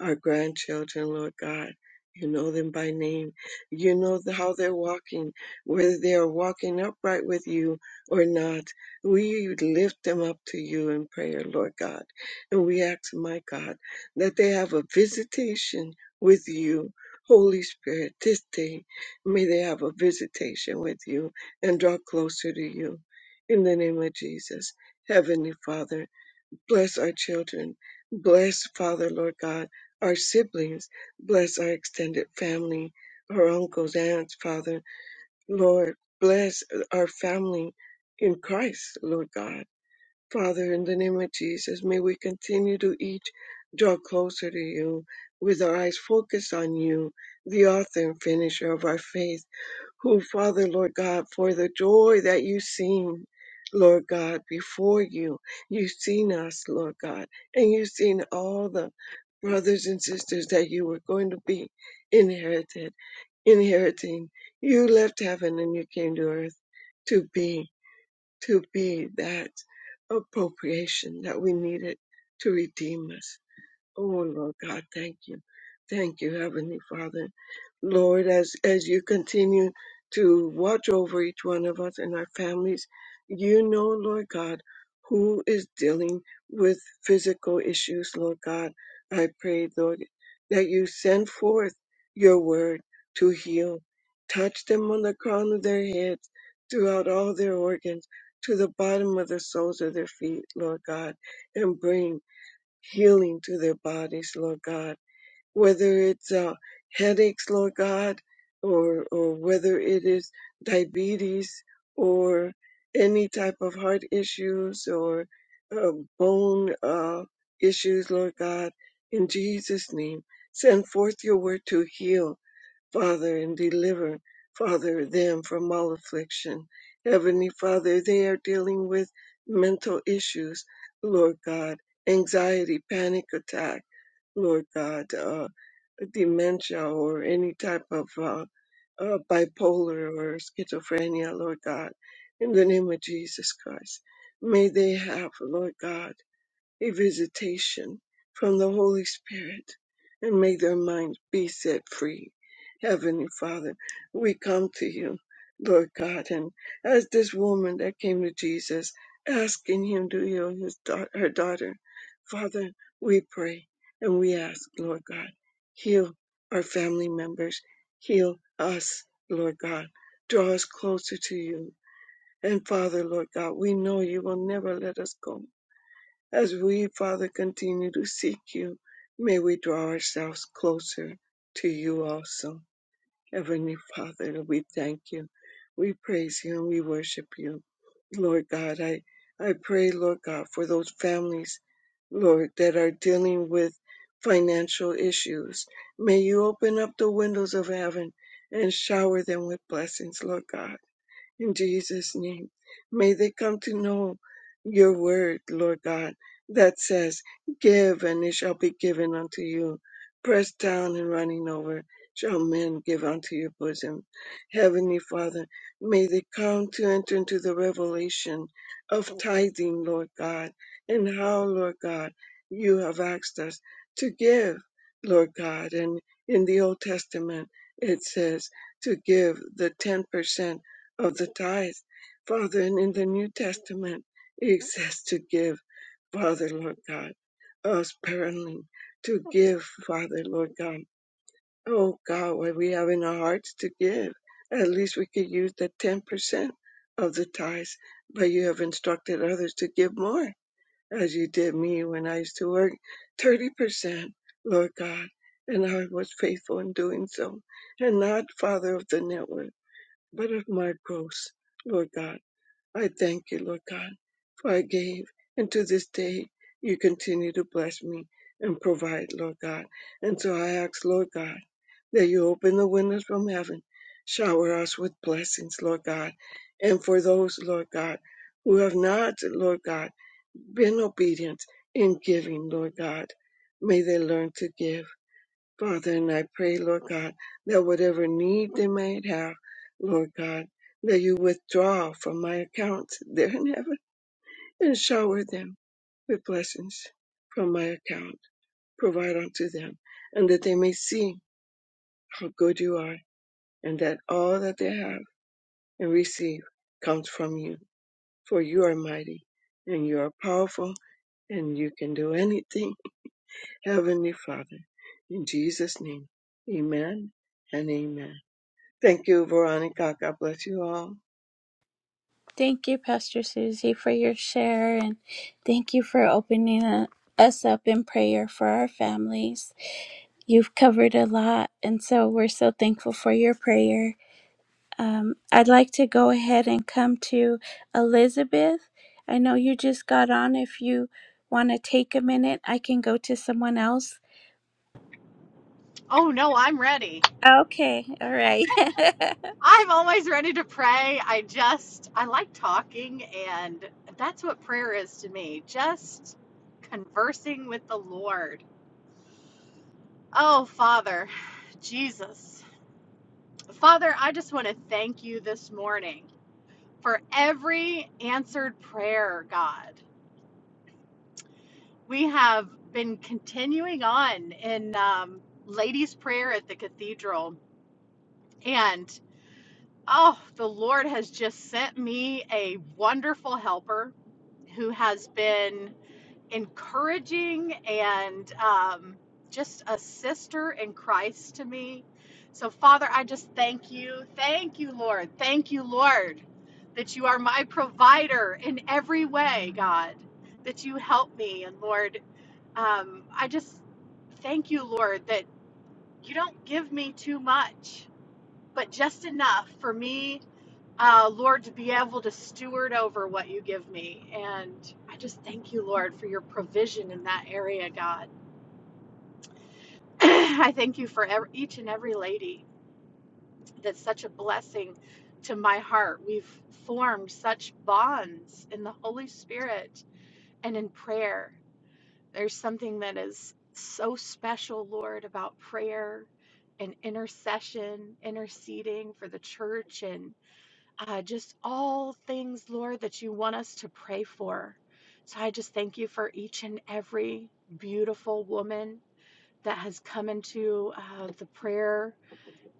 Our grandchildren, Lord God. You know them by name. You know the- how they're walking, whether they are walking upright with you or not we lift them up to you in prayer, Lord God. And we ask, my God, that they have a visitation with you, Holy Spirit, this day. May they have a visitation with you and draw closer to you. In the name of Jesus, Heavenly Father, bless our children. Bless, Father, Lord God, our siblings. Bless our extended family, our uncles, aunts, Father. Lord, bless our family in Christ, Lord God Father, in the name of Jesus, may we continue to each draw closer to you with our eyes focused on you, the author and finisher of our faith, who, Father, Lord God, for the joy that you seen, Lord God, before you, you've seen us, Lord God, and you've seen all the brothers and sisters that you were going to be inherited, inheriting. You left heaven and you came to earth to be to be that appropriation that we needed to redeem us. Oh Lord God, thank you. Thank you, Heavenly Father. Lord, as as you continue to watch over each one of us and our families, you know, Lord God, who is dealing with physical issues, Lord God. I pray, Lord, that you send forth your word to heal. Touch them on the crown of their heads, throughout all their organs, to the bottom of the soles of their feet, Lord God, and bring healing to their bodies, Lord God, whether it's uh, headaches, Lord God, or, or whether it is diabetes or any type of heart issues or uh, bone uh, issues, Lord God, in Jesus' name, send forth your word to heal Father, and deliver, Father, them from all affliction. Heavenly Father, they are dealing with mental issues, Lord God, anxiety, panic attack, Lord God, uh, dementia, or any type of uh, uh, bipolar or schizophrenia, Lord God, in the name of Jesus Christ. May they have, Lord God, a visitation from the Holy Spirit and may their minds be set free. Heavenly Father, we come to you, Lord God, and as this woman that came to Jesus asking him to heal his da- her daughter, Father, we pray and we ask, Lord God, heal our family members, heal us, Lord God, draw us closer to you. And Father, Lord God, we know you will never let us go. As we, Father, continue to seek you, may we draw ourselves closer to you also. Heavenly Father, we thank you. We praise you and we worship you. Lord God, I, I pray, Lord God, for those families, Lord, that are dealing with financial issues. May you open up the windows of heaven and shower them with blessings, Lord God in Jesus' name. May they come to know your word, Lord God, that says, Give and it shall be given unto you. Pressed down and running over shall men give unto your bosom. Heavenly Father, may they come to enter into the revelation of tithing, Lord God, and how, Lord God, you have asked us to give, Lord God. And in the Old Testament, it says to give the 10% of the tithes, Father, and in the New Testament it says to give, Father, Lord God, us sparingly to give, Father, Lord God. Oh God, what we have in our hearts to give. At least we could use the ten percent of the tithes, but you have instructed others to give more, as you did me when I used to work thirty percent, Lord God, and I was faithful in doing so, and not Father of the network but of my gross, Lord God. I thank you, Lord God, for I gave, and to this day you continue to bless me and provide, Lord God. And so I ask, Lord God, that you open the windows from heaven, shower us with blessings, Lord God. And for those, Lord God, who have not, Lord God, been obedient in giving, Lord God, may they learn to give. Father, and I pray, Lord God, that whatever need they might have, Lord God, that you withdraw from my account there in heaven and shower them with blessings from my account, provide unto them, and that they may see how good you are, and that all that they have and receive comes from you. For you are mighty, and you are powerful, and you can do anything, Heavenly Father. In Jesus' name, amen and amen. Thank you, Veronica. God bless you all. Thank you, Pastor Susie, for your share, and thank you for opening uh, us up in prayer for our families. You've covered a lot, and so we're so thankful for your prayer Um, I'd like to go ahead and come to Elizabeth. I know you just got on. If you want to take a minute, I can go to someone else. Oh no, I'm ready. Okay, all right. I'm always ready to pray. I just I like talking and that's what prayer is to me. Just conversing with the Lord. Oh, Father, Jesus. Father, I just want to thank you this morning for every answered prayer, God. We have been continuing on in um, ladies' prayer at the cathedral, and Oh, the Lord has just sent me a wonderful helper who has been encouraging and um, just a sister in Christ to me. So, Father, I just thank you. Thank you, Lord. Thank you, Lord, that you are my provider in every way, God, that you help me. And, Lord, um, I just thank you, Lord, that you don't give me too much but just enough for me, uh, Lord, to be able to steward over what you give me. And I just thank you, Lord, for your provision in that area, God. I thank you for ev- each and every lady that's such a blessing to my heart. We've formed such bonds in the Holy Spirit and in prayer. There's something that is so special, Lord, about prayer and intercession, interceding for the church and. uh, just all things, Lord, that you want us to pray for. So I just thank you for each and every beautiful woman that has come into uh, the prayer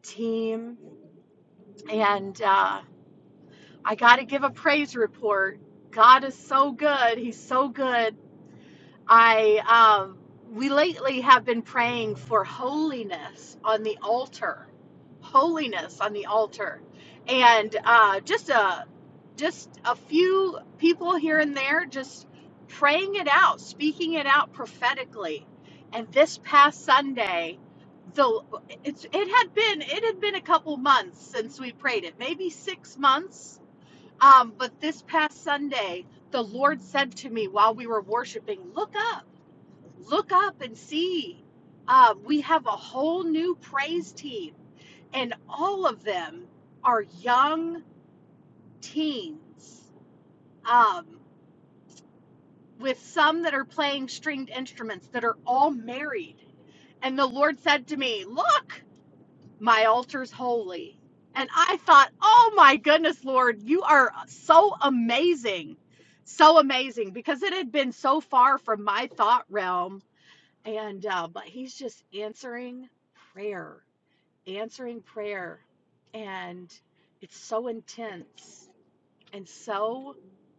team. And uh, I got to give a praise report. God is so good. He's so good. I um, we lately have been praying for holiness on the altar, holiness on the altar, and uh, just a just a few people here and there just praying it out, speaking it out prophetically. And this past Sunday, the it's it had been it had been a couple months since we prayed it, maybe six months. Um, but this past Sunday, the Lord said to me while we were worshiping, "Look up." look up and see. Uh, we have a whole new praise team, and all of them are young teens, um, with some that are playing stringed instruments that are all married. And the Lord said to me, Look, my altar's holy. And I thought, Oh my goodness, Lord, you are so amazing. So amazing because it had been so far from my thought realm and uh, but he's just answering prayer answering prayer and it's so intense and so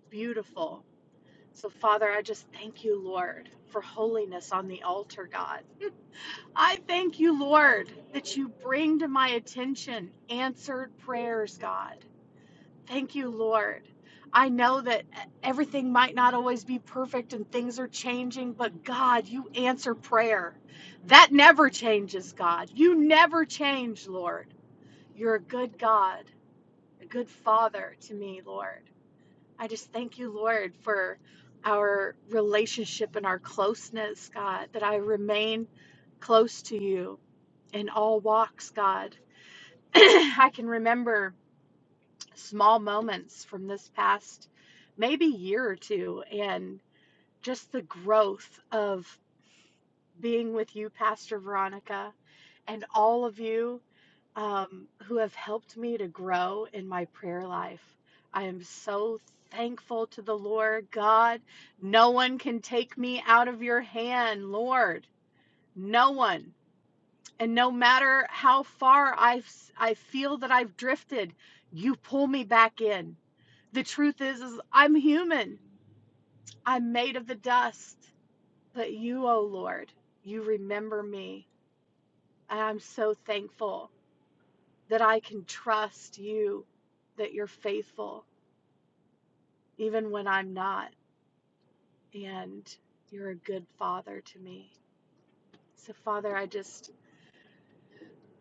beautiful so father i just thank you lord for holiness on the altar god i thank you lord that you bring to my attention answered prayers god Thank you, Lord. I know that e, everything might not always be perfect and things are changing, but God, you answer prayer. That never changes, God. You never change, Lord. You're a good God, a good Father to me, Lord. I just thank you, Lord, for our relationship and our closeness, God, that I remain close to you in all walks, God. I can remember small moments from this past maybe year or two and just the growth of being with you, Pastor Veronica, and all of you um, who have helped me to grow in my prayer life. I am so thankful to the Lord God. No one can take me out of your hand, Lord. No one. And no matter how far I've, I feel that I've drifted, you pull me back in the truth is is I'm human. I'm made of the dust. But you, O Lord, you remember me. And I'm so thankful that I can trust you that you're faithful even when I'm not and you're a good father to me. So Father, I just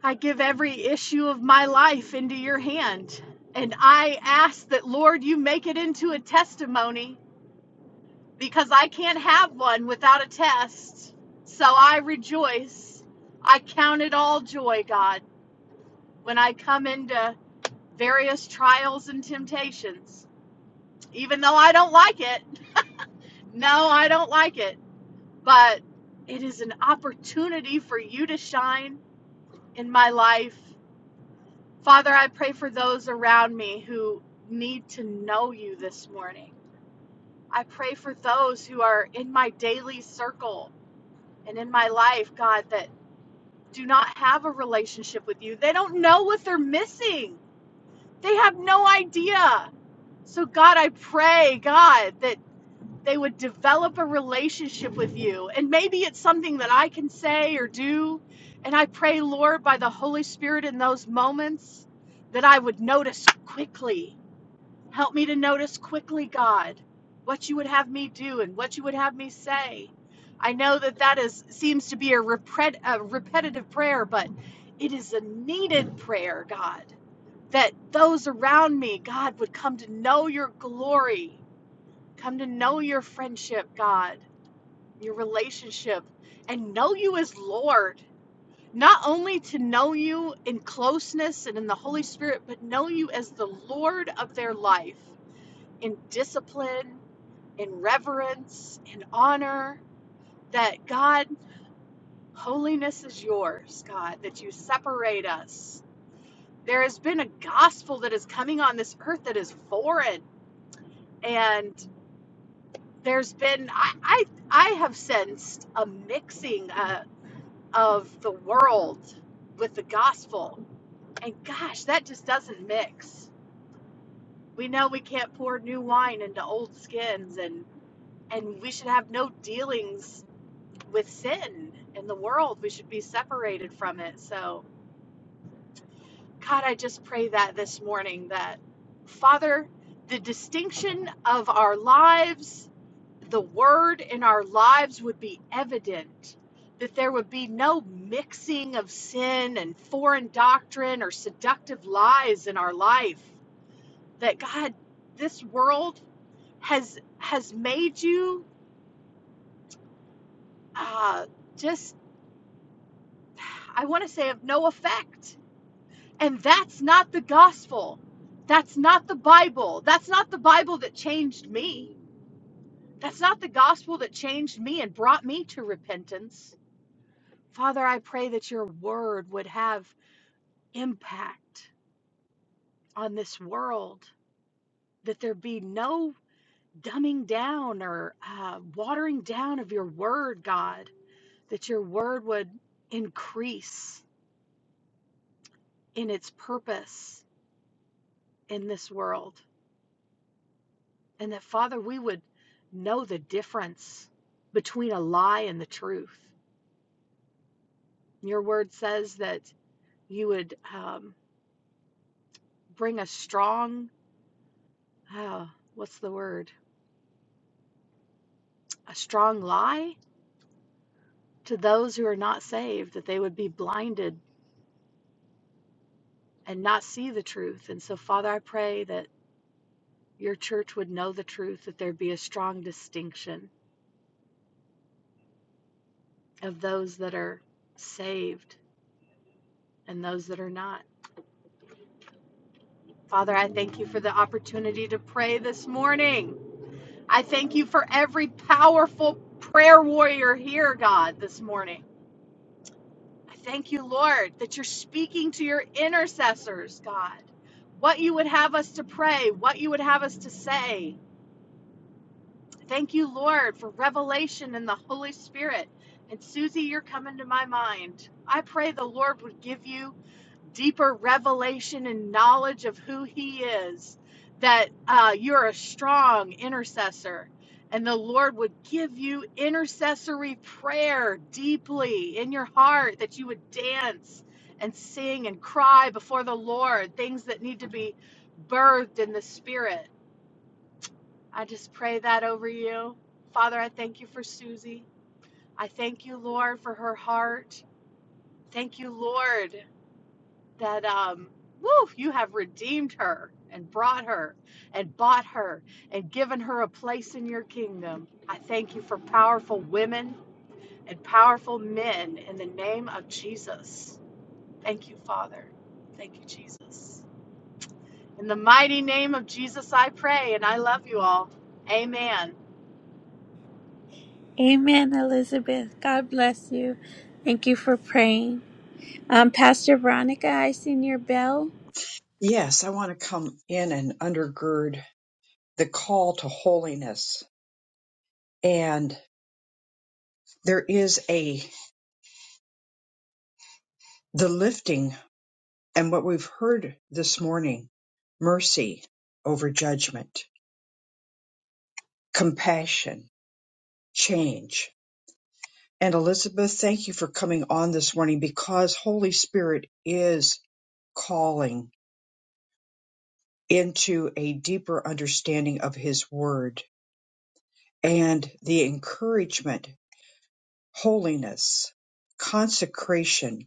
I give every issue of my life into your hand. And I ask that Lord you make it into a testimony because I can't have one without a test. So I rejoice. I count it all joy, God, when I come into various trials and temptations. Even though I don't like it, no, I don't like it, but it is an opportunity for you to shine in my life. Father, I pray for those around me who need to know you this morning. I pray for those who are in my daily circle and in my life, God, that do not have a relationship with you. They don't know what they're missing. They have no idea. So, God, I pray, God, that they would develop a relationship with you. And maybe it's something that I can say or do. And I pray, Lord, by the Holy Spirit in those moments, that I would notice quickly Help me to notice quickly, God, what you would have me do and what you would have me say. I know that that is seems to be a, repre- a repetitive prayer, but it is a needed prayer, God, that those around me, God, would come to know your glory, come to know your friendship, God, your relationship, and know you as Lord. Not only to know you in closeness and in the Holy Spirit, but know you as the Lord of their life in discipline, in reverence, in honor, that God, holiness is yours, God, that you separate us. There has been a gospel that is coming on this earth that is foreign. And there's been, I, I, I have sensed a mixing uh, of the world with the gospel. And gosh, that just doesn't mix. We know we can't pour new wine into old skins and and we should have no dealings with sin in the world. We should be separated from it. So, God, I just pray that this morning that, Father, the distinction of our lives, the word in our lives would be evident, that there would be no mixing of sin and foreign doctrine or seductive lies in our life. That, God, this world has has made you uh, just, I want to say, of no effect And that's not the gospel. That's not the Bible. That's not the Bible that changed me. That's not the gospel that changed me and brought me to repentance. Father, I pray that your word would have impact on this world, that there be no dumbing down or uh, watering down of your word, God, that your word would increase in its purpose in this world. And that, Father, we would know the difference between a lie and the truth. Your word says that you would um, bring a strong, uh, what's the word? A strong lie to those who are not saved, that they would be blinded and not see the truth. And so, Father, I pray that your church would know the truth, that there'd be a strong distinction of those that are saved and those that are not. Father, I thank you for the opportunity to pray this morning. I thank you for every powerful prayer warrior here, God, this morning. I thank you, Lord, that you're speaking to your intercessors, God. What you would have us to pray, what you would have us to say. Thank you, Lord, for revelation in the Holy Spirit. And Susie, you're coming to my mind. I pray the Lord would give you deeper revelation and knowledge of who He is, that uh, you're a strong intercessor, and the Lord would give you intercessory prayer deeply in your heart, that you would dance and sing and cry before the Lord, things that need to be birthed in the Spirit. I just pray that over you. Father, I thank you for Susie. I thank you, Lord, for her heart. Thank you, Lord. that um woo, you have redeemed her and brought her and bought her and given her a place in your kingdom. I thank you for powerful women and powerful men in the name of Jesus. Thank you, Father. Thank you, Jesus. In the mighty name of Jesus, I pray and I love you all. Amen. Amen, Elizabeth. God bless you. Thank you for praying. Um, Pastor Veronica, I seen your bell. Yes, I want to come in and undergird the call to holiness. And there is a, the lifting and what we've heard this morning, mercy over judgment, compassion, change. And Elizabeth, thank you for coming on this morning because Holy Spirit is calling into a deeper understanding of His Word and the encouragement, holiness, consecration,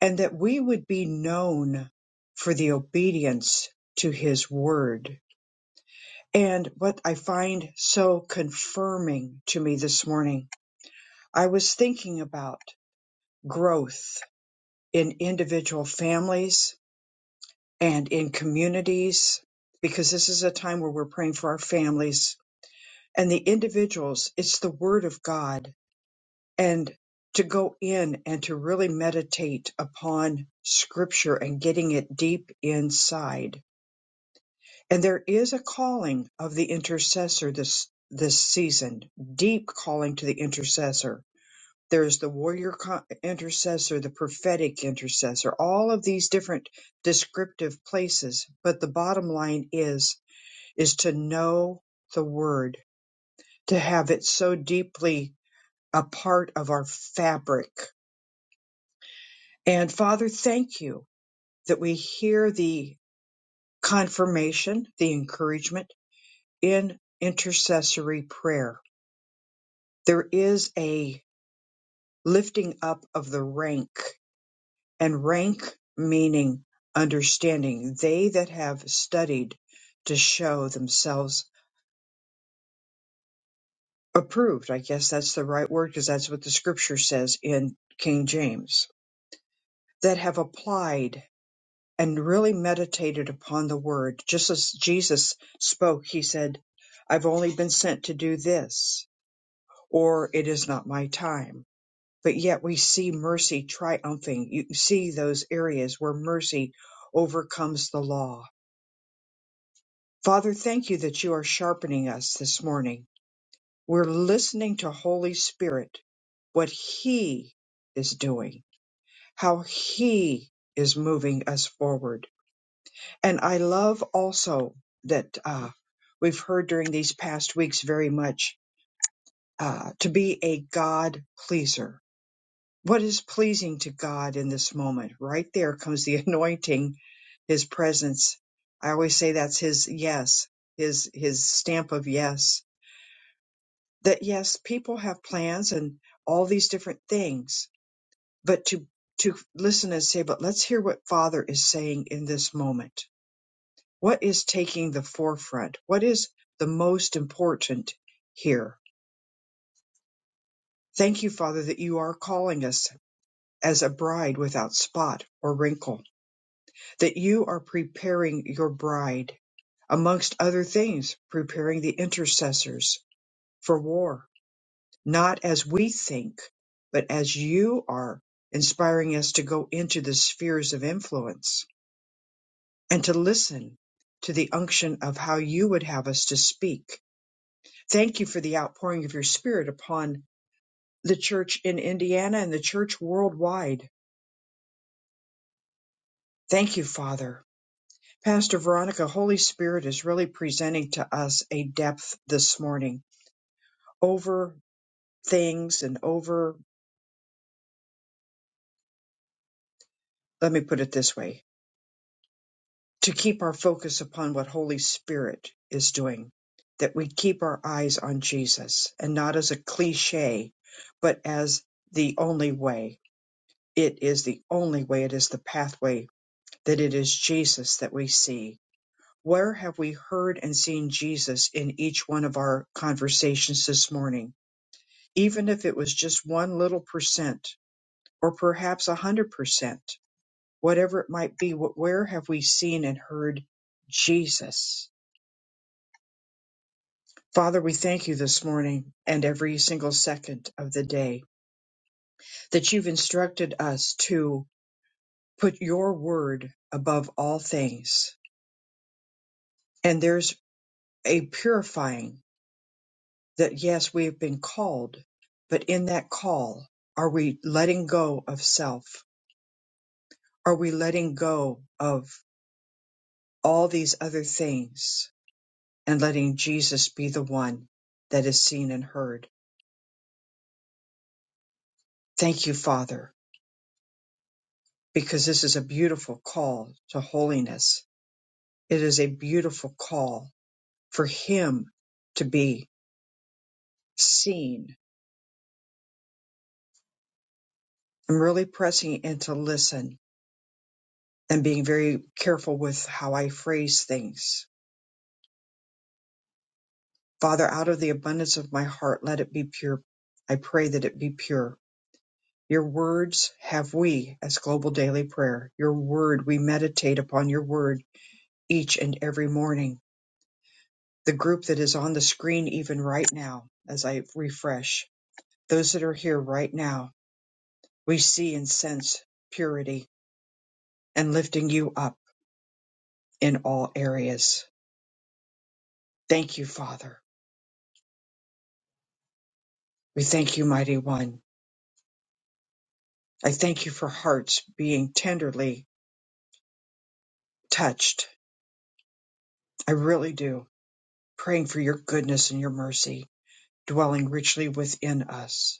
and that we would be known for the obedience to His Word. And what I find so confirming to me this morning, I was thinking about growth in individual families and in communities, because this is a time where we're praying for our families and the individuals, it's the word of God and to go in and to really meditate upon scripture and getting it deep inside. And there is a calling of the intercessor this this season, deep calling to the intercessor. There's the warrior co- intercessor, the prophetic intercessor, all of these different descriptive places. But the bottom line is, is to know the word, to have it so deeply a part of our fabric. And Father, thank you that we hear the confirmation, the encouragement in intercessory prayer. There is a lifting up of the rank, and rank meaning understanding. They that have studied to show themselves approved. I guess that's the right word because that's what the scripture says in King James. That have applied and really meditated upon the word, just as Jesus spoke, he said, I've only been sent to do this, or it is not my time. But yet we see mercy triumphing. You see those areas where mercy overcomes the law. Father, thank you that you are sharpening us this morning. We're listening to Holy Spirit, what He is doing, how He is moving us forward And I love also that uh, we've heard during these past weeks very much uh, to be a God pleaser. What is pleasing to God in this moment? Right there comes the anointing, His presence. I always say that's His yes, His His stamp of yes. That yes, people have plans and all these different things, but to to listen and say, but let's hear what Father is saying in this moment What is taking the forefront? What is the most important here? Thank you, Father, that you are calling us as a bride without spot or wrinkle, that you are preparing your bride, amongst other things, preparing the intercessors for war, not as we think, but as you are inspiring us to go into the spheres of influence and to listen to the unction of how you would have us to speak Thank you for the outpouring of your spirit upon the church in Indiana and the church worldwide. Thank you, Father. Pastor Veronica, Holy Spirit is really presenting to us a depth this morning over things and over, let me put it this way, to keep our focus upon what Holy Spirit is doing, that we keep our eyes on Jesus and not as a cliche, but as the only way. It is the only way. It is the pathway that it is Jesus that we see. Where have we heard and seen Jesus in each one of our conversations this morning? Even if it was just one little percent or perhaps a hundred percent, whatever it might be, wh- where have we seen and heard Jesus? Father, we thank you this morning and every single second of the day that you've instructed us to put your word above all things. And there's a purifying that yes, we have been called, but in that call, are we letting go of self? Are we letting go of all these other things and letting Jesus be the one that is seen and heard? Thank you, Father, because this is a beautiful call to holiness. It is a beautiful call for Him to be seen. I'm really pressing in to listen and being very careful with how I phrase things Father, out of the abundance of my heart, let it be pure. I pray that it be pure. Your words have we as global daily prayer. Your word, we meditate upon your word each and every morning. The group that is on the screen, even right now, as I refresh, those that are here right now, we see and sense purity and lifting you up in all areas. Thank you, Father. We thank you, Mighty One. I thank you for hearts being tenderly touched I really do. Praying for your goodness and your mercy dwelling richly within us.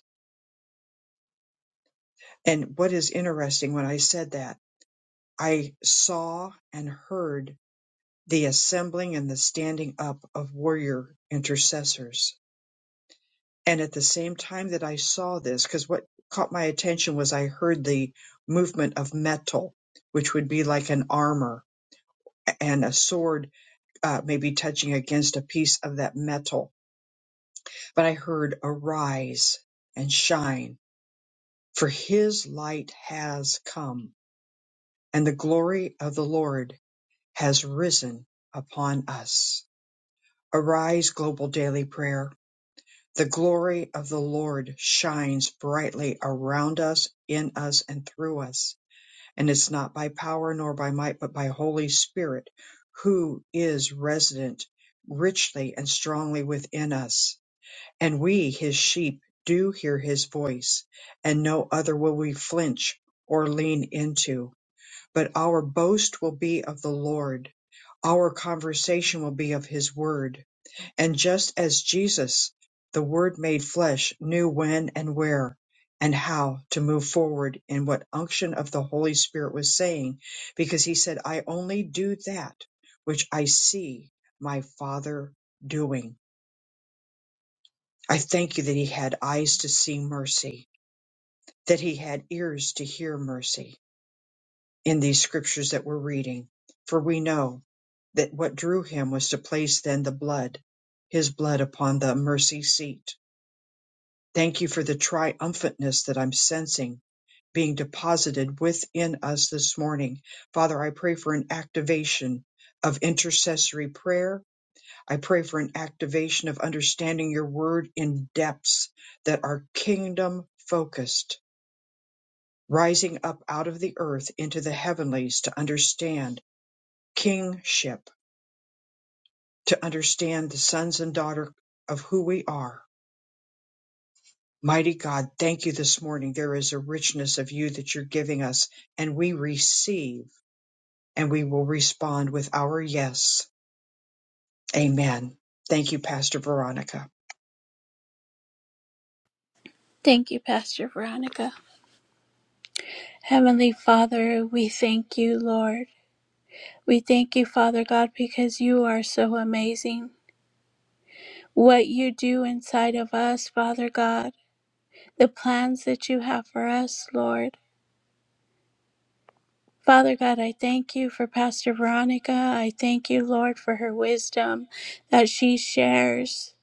And what is interesting when I said that, I saw and heard the assembling and the standing up of warrior intercessors. And at the same time that I saw this, because what caught my attention was I heard the movement of metal, which would be like an armor and a sword, uh, maybe touching against a piece of that metal But I heard, Arise and shine, for his light has come, and the glory of the Lord has risen upon us. Arise, global daily prayer. The glory of the Lord shines brightly around us, in us, and through us. And it's not by power nor by might, but by Holy Spirit, who is resident richly and strongly within us And we his sheep do hear his voice, and no other will we flinch or lean into, but our boast will be of the Lord, our conversation will be of his word. And just as Jesus, the word made flesh, knew when and where and how to move forward in what unction of the Holy Spirit was saying, because he said, I only do that which I see my Father doing I thank you that he had eyes to see mercy, that he had ears to hear mercy in these scriptures that we're reading. For we know that what drew him was to place then the blood, his blood upon the mercy seat. Thank you for the triumphantness that I'm sensing being deposited within us this morning. Father, I pray for an activation of intercessory prayer I pray for an activation of understanding your word in depths that are kingdom focused, rising up out of the earth into the heavenlies to understand kingship, to understand the sons and daughter of who we are. Mighty God, thank you this morning. There is a richness of you that you're giving us, and we receive and we will respond with our yes. Amen. Thank you, Pastor Veronica. Thank you, Pastor Veronica. Heavenly Father, we thank you, Lord. We thank you, Father God, because you are so amazing. What you do inside of us, Father God. the plans that you have for us, Lord. Father God, I thank you for Pastor Veronica. I thank you, Lord, for her wisdom that she shares.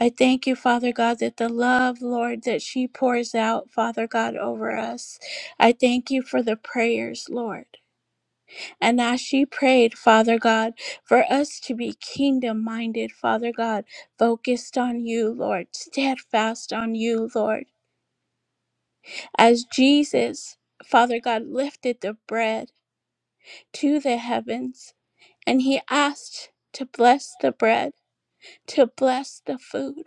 I thank you, Father God, that the love, Lord, that she pours out, Father God, over us. I thank you for the prayers, Lord. And as she prayed, Father God, for us to be kingdom minded, Father God, focused on you, Lord, steadfast on you, Lord. As Jesus, Father God, lifted the bread to the heavens and he asked to bless the bread, to bless the food.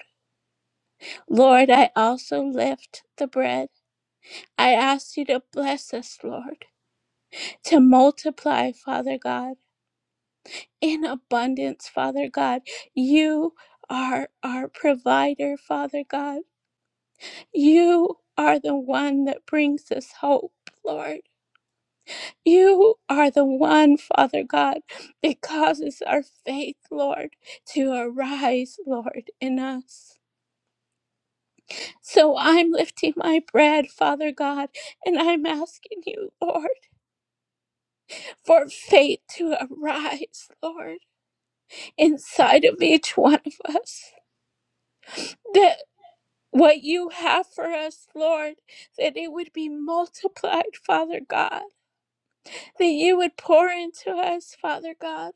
Lord, I also lift the bread. I ask you to bless us, Lord, to multiply, Father God, in abundance, Father God. You are our provider, Father God. You are the one that brings us hope, Lord. You are the one, Father God, that causes our faith, Lord, to arise, Lord, in us. So I'm lifting my bread, Father God, and I'm asking you, Lord, for faith to arise, Lord, inside of each one of us. That what you have for us, Lord, that it would be multiplied, Father God, that you would pour into us, Father God,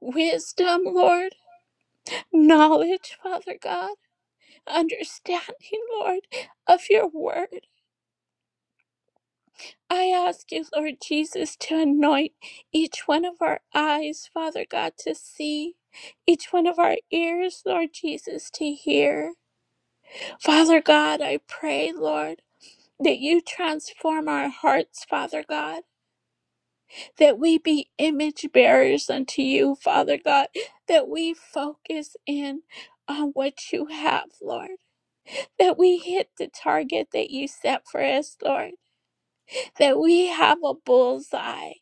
wisdom, Lord knowledge, Father God, understanding, Lord, of your word. I ask you, Lord Jesus, to anoint each one of our eyes, Father God, to see, each one of our ears, Lord Jesus, to hear. Father God, I pray, Lord, that you transform our hearts, Father God, that we be image bearers unto you, Father God, that we focus in on what you have, Lord that we hit the target that you set for us, Lord, that we have a bullseye,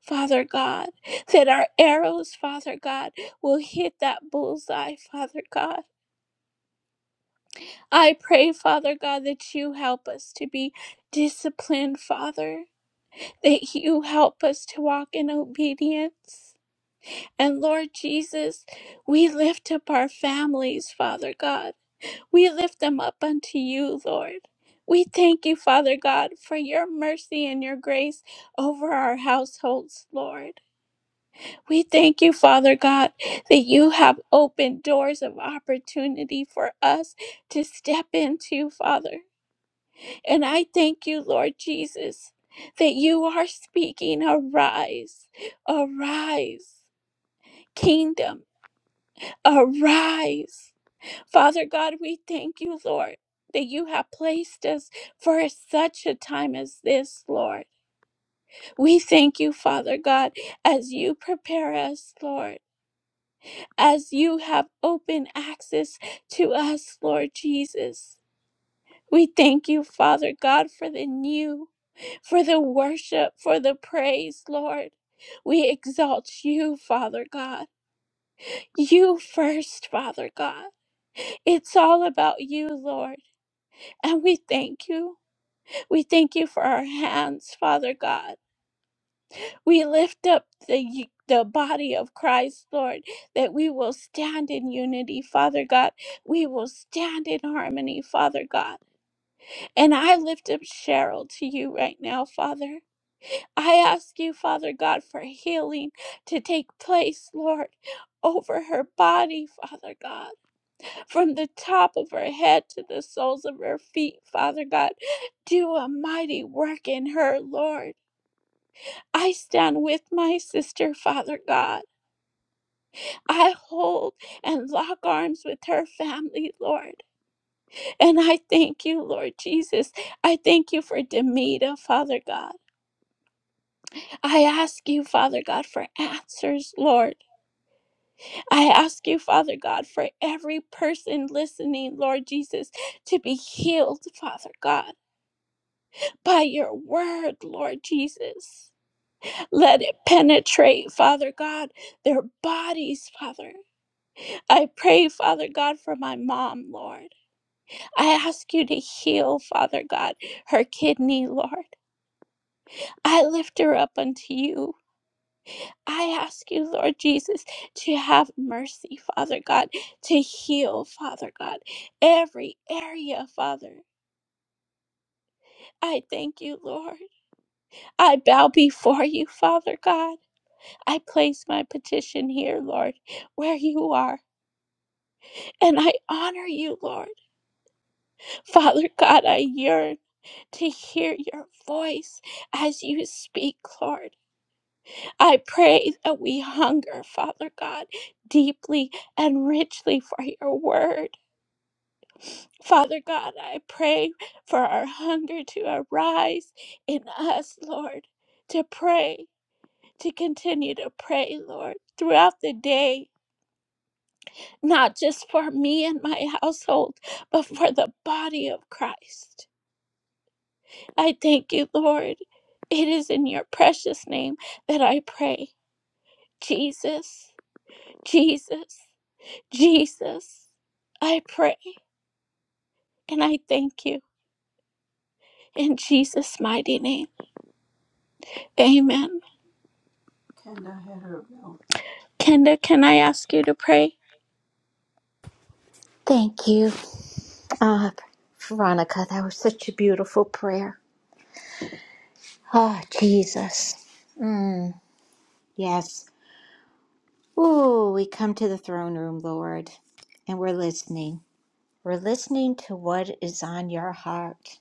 Father God, that our arrows, Father God, will hit that bullseye, Father God. I pray, Father God, that you help us to be disciplined, Father, that you help us to walk in obedience. And Lord Jesus, we lift up our families, Father God. We lift them up unto you, Lord. We thank you, Father God, for your mercy and your grace over our households, Lord. We thank you, Father God, that you have opened doors of opportunity for us to step into, Father. And I thank you, Lord Jesus, that you are speaking, arise, arise, kingdom, arise. Father God, we thank you, Lord, that you have placed us for such a time as this, Lord. We thank you, Father God, as you prepare us, Lord, as you have open access to us, Lord Jesus. We thank you, Father God, for the new, for the worship, for the praise, Lord. We exalt you, Father God. You first, Father God. It's all about you, Lord, and we thank you. We thank you for our hands, Father God. We lift up the the body of Christ, Lord, that we will stand in unity, Father God. We will stand in harmony, Father God. And I lift up Cheryl to you right now, Father. I ask you, Father God, for healing to take place, Lord, over her body, Father God, from the top of her head to the soles of her feet, Father God. Do a mighty work in her, Lord. I stand with my sister, Father God. I hold and lock arms with her family, Lord. And I thank you, Lord Jesus. I thank you for Demita, Father God. I ask you, Father God, for answers, Lord. I ask you, Father God, for every person listening, Lord Jesus, to be healed, Father God, by your word, Lord Jesus. Let it penetrate, Father God, their bodies, Father. I pray, Father God, for my mom, Lord. I ask you to heal, Father God, her kidney, Lord. I lift her up unto you. I ask you, Lord Jesus, to have mercy, Father God, to heal, Father God, every area, Father. I thank you, Lord. I bow before you, Father God. I place my petition here, Lord, where you are, and I honor you, Lord. Father God, I yearn. to hear your voice as you speak, Lord. I pray that we hunger, Father God, deeply and richly for your word. Father God, I pray for our hunger to arise in us, Lord, to pray, to continue to pray, Lord, throughout the day, not just for me and my household, but for the body of Christ. I thank you, Lord. It is in your precious name that I pray. Jesus, Jesus, Jesus, I pray and I thank you in Jesus' mighty name. Amen. Kenda had her bell. Kenda, can I ask you to pray? Thank you, uh, Veronica. That was such a beautiful prayer. Oh, Jesus. Mm, yes. Ooh, we come to the throne room, Lord, and we're listening. We're listening to what is on your heart.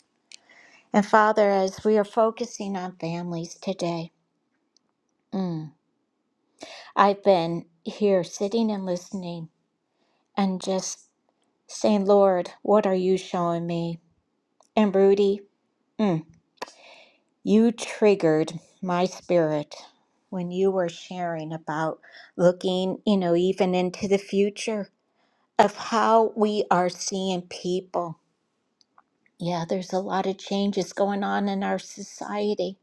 And Father, as we are focusing on families today, mm, I've been here sitting and listening and just saying, Lord, what are you showing me? And Rudy, mm, you triggered my spirit when you were sharing about looking, you know, even into the future of how we are seeing people Yeah, there's a lot of changes going on in our society,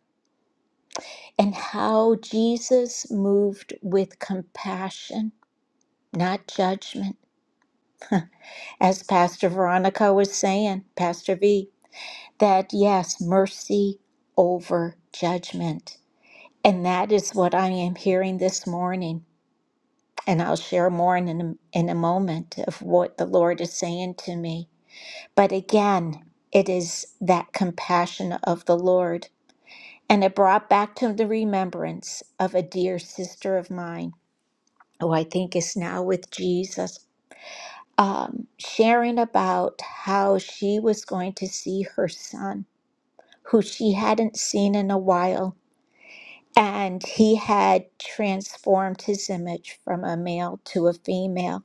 and how Jesus moved with compassion, not judgment. As Pastor Veronica was saying, Pastor V, that yes, mercy over judgment. And that is what I am hearing this morning. And I'll share more in a, in a moment of what the Lord is saying to me. But again, it is that compassion of the Lord And it brought back to the remembrance of a dear sister of mine who I think is now with Jesus, um, sharing about how she was going to see her son, who she hadn't seen in a while. And he had transformed his image from a male to a female.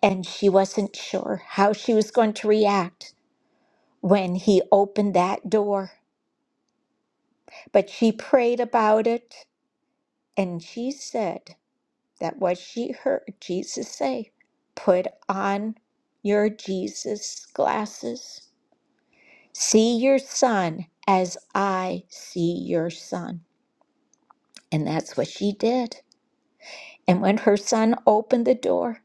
And she wasn't sure how she was going to react when he opened that door. But she prayed about it and she said, that what she heard Jesus say put on your Jesus glasses. See your son as I see your son. And that's what she did. And when her son opened the door,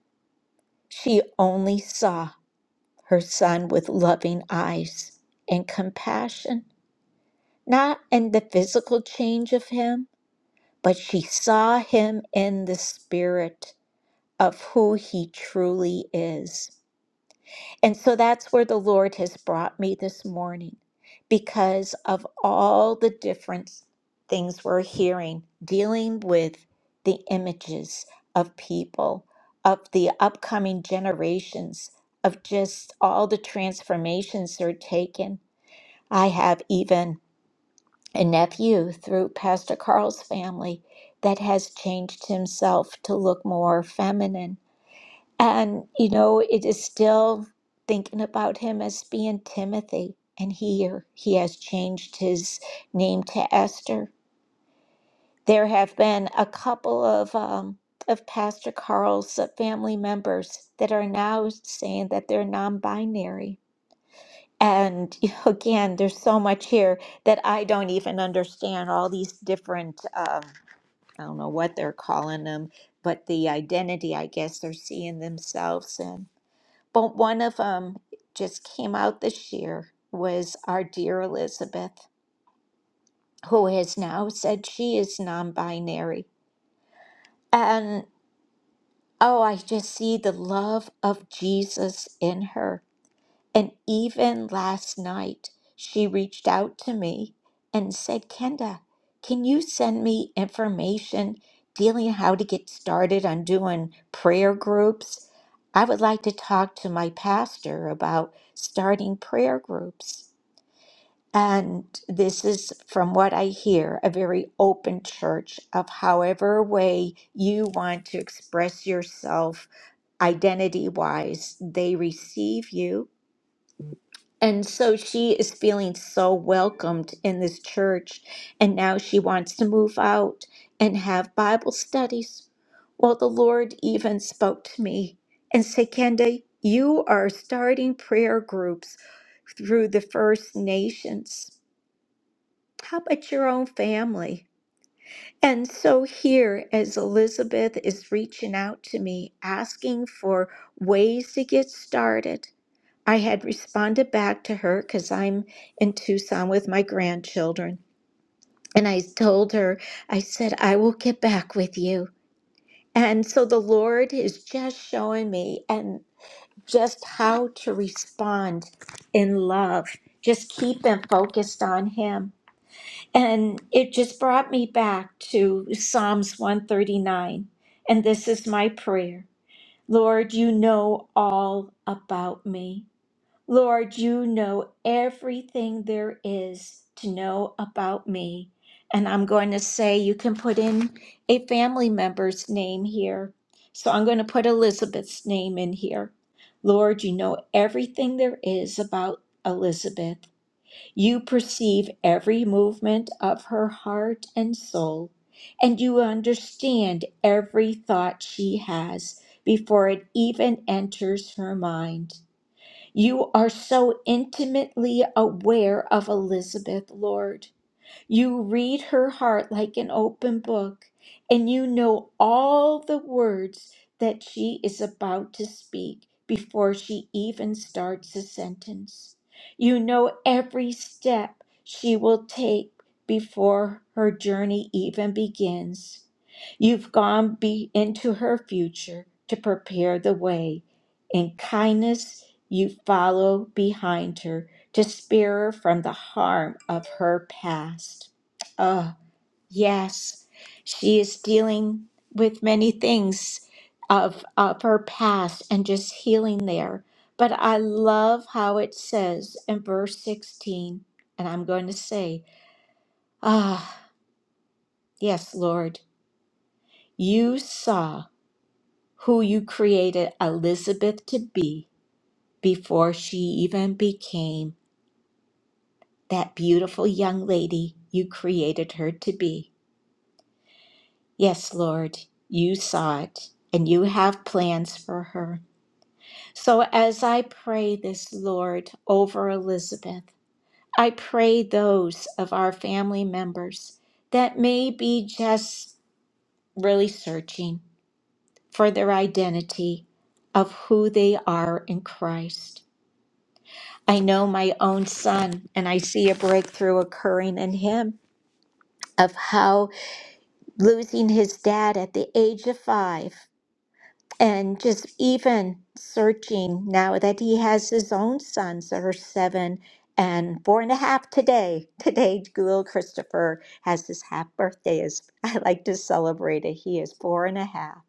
she only saw her son with loving eyes and compassion, not in the physical change of him, but she saw him in the spirit of who he truly is. And so that's where the Lord has brought me this morning because of all the different things we're hearing dealing with the images of people, of the upcoming generations, of just all the transformations they're taking. I have even a nephew through Pastor Carl's family that has changed himself to look more feminine and, you know, it is still thinking about him as being Timothy. And here he has changed his name to Esther. There have been a couple of, um, of Pastor Carl's uh, family members that are now saying that they're non binary. And you know, again, there's so much here that I don't even understand all these different, um, I don't know what they're calling them, but the identity I guess they're seeing themselves in. But one of them just came out this year was our dear Elizabeth, who has now said she is non binary. And oh, I just see the love of Jesus in her And even last night, she reached out to me and said, Kenda, can you send me information dealing how to get started on doing prayer groups? I would like to talk to my pastor about starting prayer groups. And this is, from what I hear, a very open church of however way you want to express yourself identity wise, they receive you and so she is feeling so welcomed in this church. And now she wants to move out and have Bible studies. Well, the Lord even spoke to me and said, Kenda, you are starting prayer groups through the First Nations. How about your own family? And so here, as Elizabeth is reaching out to me, asking for ways to get started, I had responded back to her because I'm in Tucson with my grandchildren. And I told her, I said, I will get back with you. And so the Lord is just showing me and just how to respond in love. Just keep them focused on Him. And it just brought me back to Psalms 139. And this is my prayer Lord, you know all about me. Lord, you know everything there is to know about me. And I'm going to say you can put in a family member's name here. So I'm going to put Elizabeth's name in here. Lord, you know everything there is about Elizabeth. You perceive every movement of her heart and soul, and you understand every thought she has before it even enters her mind. You are so intimately aware of Elizabeth, Lord. You read her heart like an open book, and you know all the words that she is about to speak before she even starts a sentence. You know every step she will take before her journey even begins. You've gone be- into her future to prepare the way. In kindness, you follow behind her to spare her from the harm of her past. Oh, yes, she is dealing with many things of, of her past and just healing there. But I love how it says in verse 16, and I'm going to say, Ah, yes, Lord, you saw who you created Elizabeth to be before she even became that beautiful young lady you created her to be. Yes, Lord, you saw it, and you have plans for her. So as I pray this, Lord, over Elizabeth, I pray those of our family members that may be just really searching for their identity of who they are in Christ. I know my own son, and I see a breakthrough occurring in him of how losing his dad at the age of five. And just even searching now that he has his own sons that are seven and four and a half today. Today, little Christopher has his half birthday. As I like to celebrate it, he is four and a half.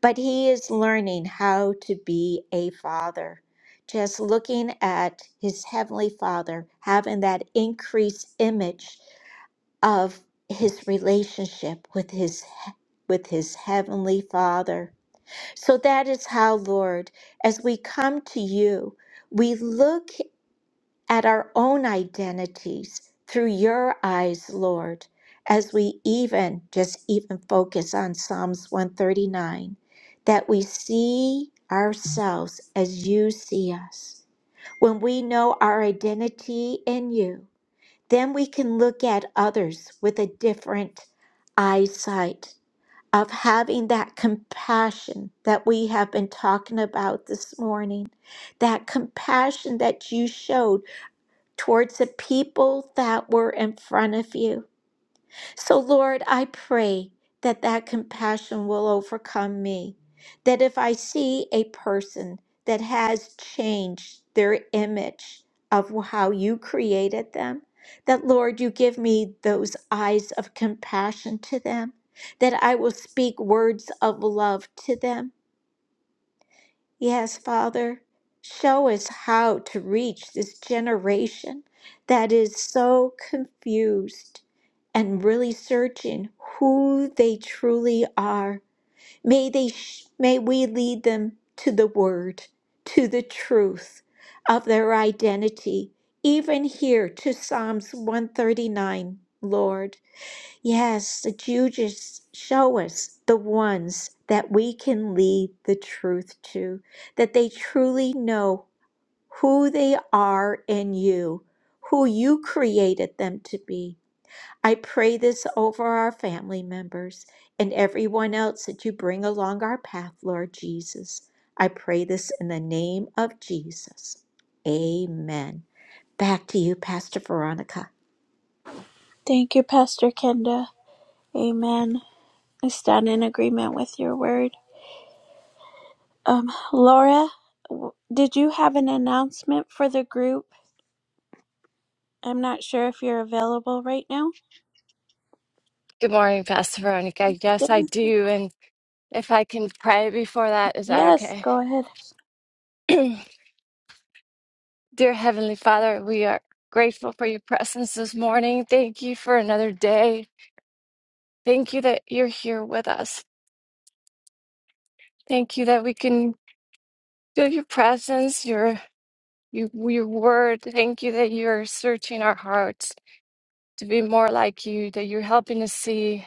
But he is learning how to be a father. Just looking at his heavenly father, having that increased image of his relationship with his with his heavenly father so that is how, Lord, as we come to you, we look at our own identities through your eyes, Lord, as we even just even focus on Psalms 139, that we see ourselves as you see us. When we know our identity in you, then we can look at others with a different eyesight of having that compassion that we have been talking about this morning, that compassion that you showed towards the people that were in front of you. So, Lord, I pray that that compassion will overcome me. That if I see a person that has changed their image of how you created them, that Lord, you give me those eyes of compassion to them, that I will speak words of love to them Yes, Father, show us how to reach this generation that is so confused and really searching who they truly are. May they sh- may we lead them to the word, to the truth of their identity. Even here to Psalms 139, Lord. Yes, the you show us the ones that we can lead the truth to, that they truly know who they are in you, who you created them to be. I pray this over our family members and everyone else that you bring along our path, Lord Jesus. I pray this in the name of Jesus. Amen. Back to you, Pastor Veronica. Thank you, Pastor Kenda. Amen. I stand in agreement with your word. Um, Laura, w- did you have an announcement for the group? I'm not sure if you're available right now. Good morning, Pastor Veronica. Yes, I do. And if I can pray before that, is that Yes, okay? go ahead. Dear Heavenly Father, we are grateful for your presence this morning. Thank you for another day. Thank you that you're here with us. Thank you that we can feel your presence, your your, your word. Thank you that you're searching our hearts to be more like you, that you're helping us see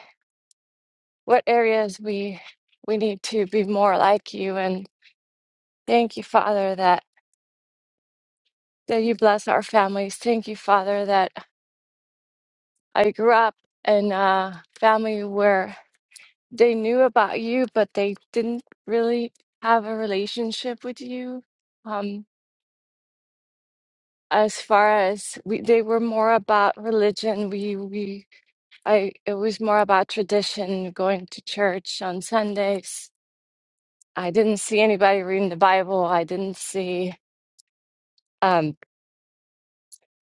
what areas we we need to be more like you. And thank you, Father, that that you bless our families. Thank you, Father, that I grew up in a family where they knew about you, but they didn't really have a relationship with you. Um, as far as we, they were more about religion. We, we, I, it was more about tradition, going to church on Sundays. I didn't see anybody reading the Bible. I didn't see um,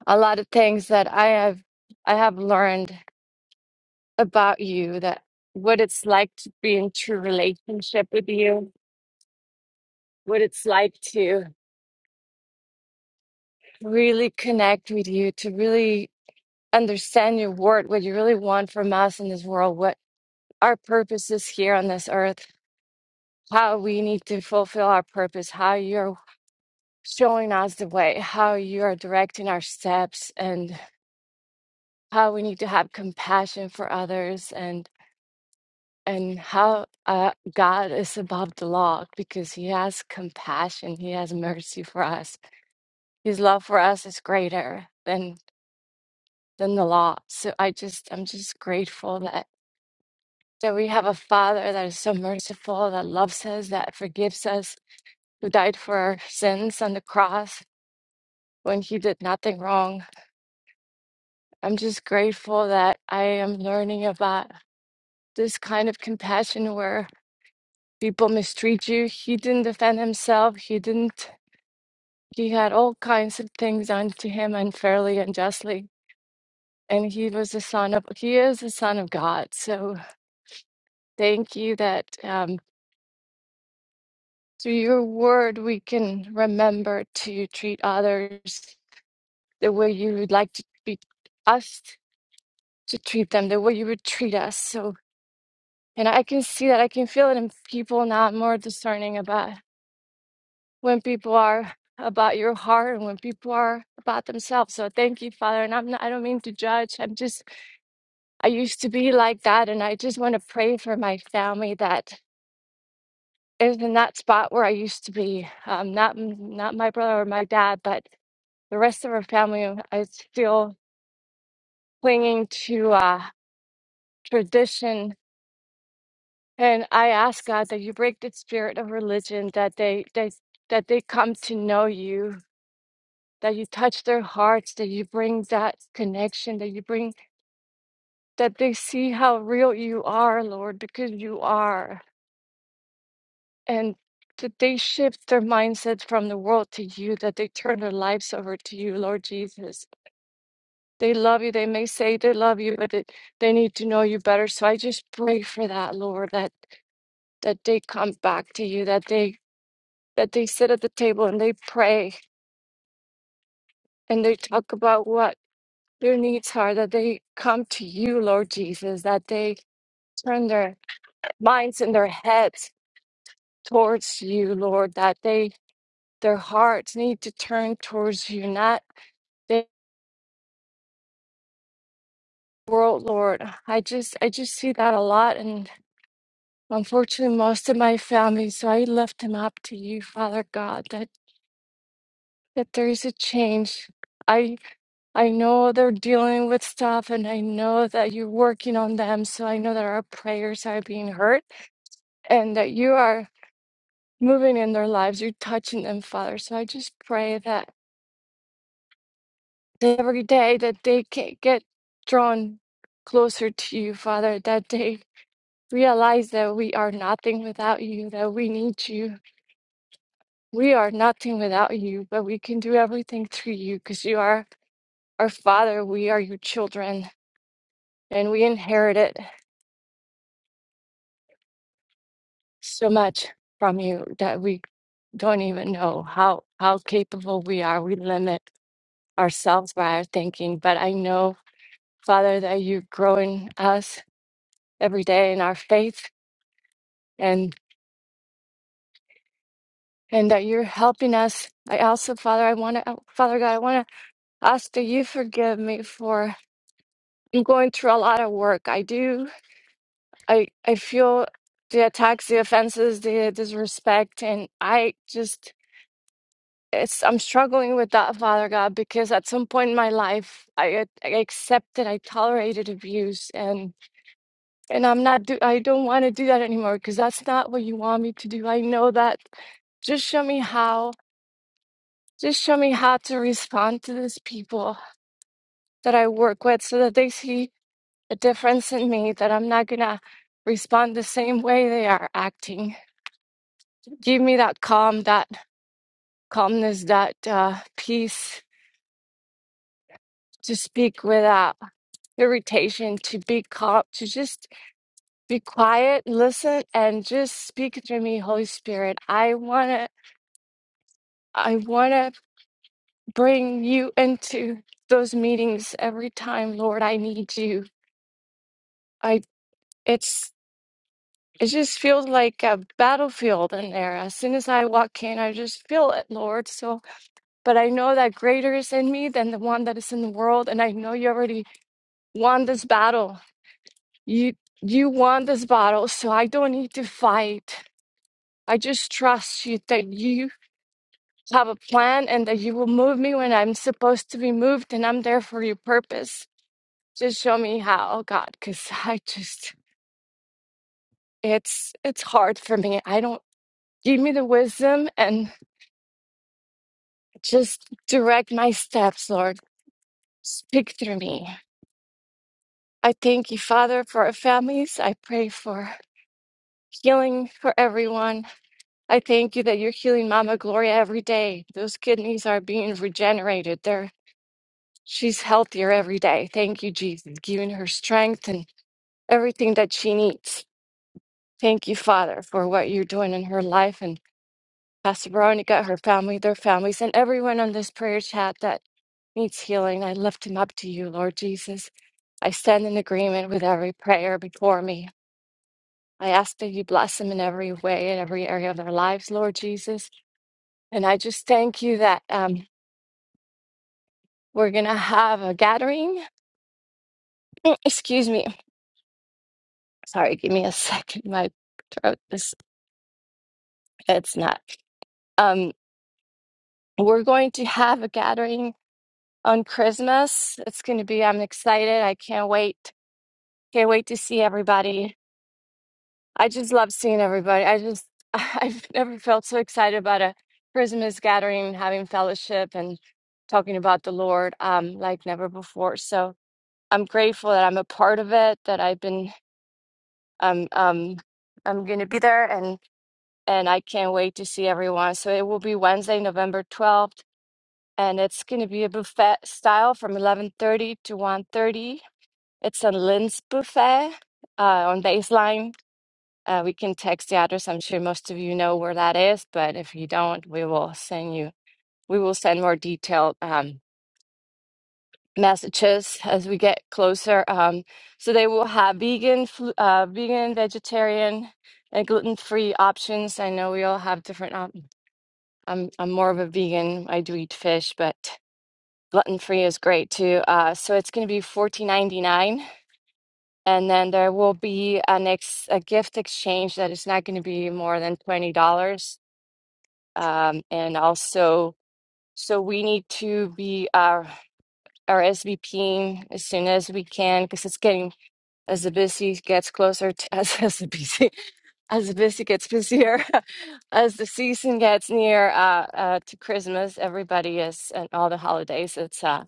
a lot of things that I have, I have learned. about you that what it's like to be in true relationship with you, what it's like to really connect with you, to really understand your word, what you really want from us in this world, what our purpose is here on this earth, how we need to fulfill our purpose, how you're showing us the way, how you are directing our steps, and how we need to have compassion for others and. and how uh, God is above the law because He has compassion, He has mercy for us. His love for us is greater than than the law. So I just I'm just grateful that that we have a Father that is so merciful, that loves us, that forgives us, who died for our sins on the cross when He did nothing wrong. I'm just grateful that I am learning about this kind of compassion where people mistreat you. He didn't defend himself. He didn't. He had all kinds of things done to him unfairly and justly. And he was the son of, he is the son of God. So thank you that um, through your word, we can remember to treat others the way you would like to be us to treat them, the way you would treat us. So, and I can see that, I can feel it in people now, I'm more discerning about when people are about your heart and when people are about themselves. So thank you, Father. And I'm not, I don't mean to judge. I'm just I used to be like that, and I just want to pray for my family that is in that spot where I used to be. Um, not not my brother or my dad, but the rest of our family. I still clinging to uh, tradition, and I ask God that you break the spirit of religion, that they they that they come to know you, that you touch their hearts, that you bring that connection, that you bring that they see how real you are, Lord, because you are. And that they shift their mindset from the world to you, that they turn their lives over to you, Lord Jesus. They love you. They may say they love you, but it, they need to know you better. So I just pray for that, Lord, that that they come back to you, that they that they sit at the table and they pray and they talk about what their needs are, that they come to you, Lord Jesus, that they turn their minds and their heads towards you, Lord, that they their hearts need to turn towards you, not world, Lord. I just I just see that a lot and unfortunately most of my family, so I lift them up to you, Father God, that that there is a change. I I know they're dealing with stuff and I know that you're working on them, so I know that our prayers are being heard and that you are moving in their lives, you're touching them, Father. So I just pray that every day that they can get drawn closer to you, Father, that day realize that we are nothing without you, that we need you. We are nothing without you, but we can do everything through you because you are our Father. We are your children, and we inherited so much from you that we don't even know how, how capable we are. We limit ourselves by our thinking, but I know, Father, that you're growing us every day in our faith and and that you're helping us. I also, Father, I want to, Father God, I want to Oscar, you forgive me for I'm going through a lot of work. I do. I I feel the attacks, the offenses, the disrespect, and I just it's I'm struggling with that, Father God, because at some point in my life, I, I accepted, I tolerated abuse, and and I'm not do I don't want to do that anymore because that's not what you want me to do. I know that. Just show me how. Just show me how to respond to these people that I work with, so that they see. a difference in me that I'm not going to respond the same way they are acting. Give me that calm, that calmness, that uh, peace to speak without irritation, to be calm, to just be quiet, listen, and just speak through me, Holy Spirit. I want to. I want to bring you into those meetings every time, Lord. I need you. I it's It just feels like a battlefield in there. As soon as I walk in, I just feel it, Lord. So, but I know that greater is in me than the one that is in the world, and I know you already won this battle. You you won this battle, so I don't need to fight. I just trust you that you have a plan and that you will move me when I'm supposed to be moved, and I'm there for your purpose. Just show me how, God, because I just it's it's hard for me. I don't give me the wisdom and Just direct my steps, Lord. Speak through me. I thank you, Father, for our families. I pray for healing for everyone. I thank you that you're healing Mama Gloria every day. Those kidneys are being regenerated. They're, she's healthier every day. Thank you, Jesus, giving her strength and everything that she needs. Thank you, Father, for what you're doing in her life and Pastor Veronica, her family, their families, and everyone on this prayer chat that needs healing. I lift him up to you, Lord Jesus. I stand in agreement with every prayer before me. I ask that you bless them in every way, in every area of their lives, Lord Jesus. And I just thank you that um, we're going to have a gathering. Excuse me. Sorry, give me a second. My throat is, it's not. Um, we're going to have a gathering on Christmas. It's going to be, I'm excited. I can't wait. Can't wait to see everybody I just love seeing everybody. I just, I've never felt so excited about a Christmas gathering, having fellowship and talking about the Lord um, like never before. So I'm grateful that I'm a part of it, that I've been, um, um, I'm going to be there and, and I can't wait to see everyone. So it will be Wednesday, November 12th, and it's going to be a buffet style from 11.30 to one thirty. It's a Lynn's buffet uh, on Baseline uh, we can text the address. I'm sure most of you know where that is, but if you don't, we will send you. We will send more detailed um, messages as we get closer. Um, so they will have vegan, flu- uh, vegan, vegetarian, and gluten-free options. I know we all have different. Op- I'm I'm more of a vegan. I do eat fish, but gluten-free is great too. Uh, so it's going to be 14.99. And then there will be an ex- a gift exchange that is not going to be more than $20. um, and also so we need to be our our SVPing as soon as we can because it's getting as the busy gets closer to as, as the busy as the busy gets busier as the season gets near uh, uh, to Christmas everybody is and all the holidays it's uh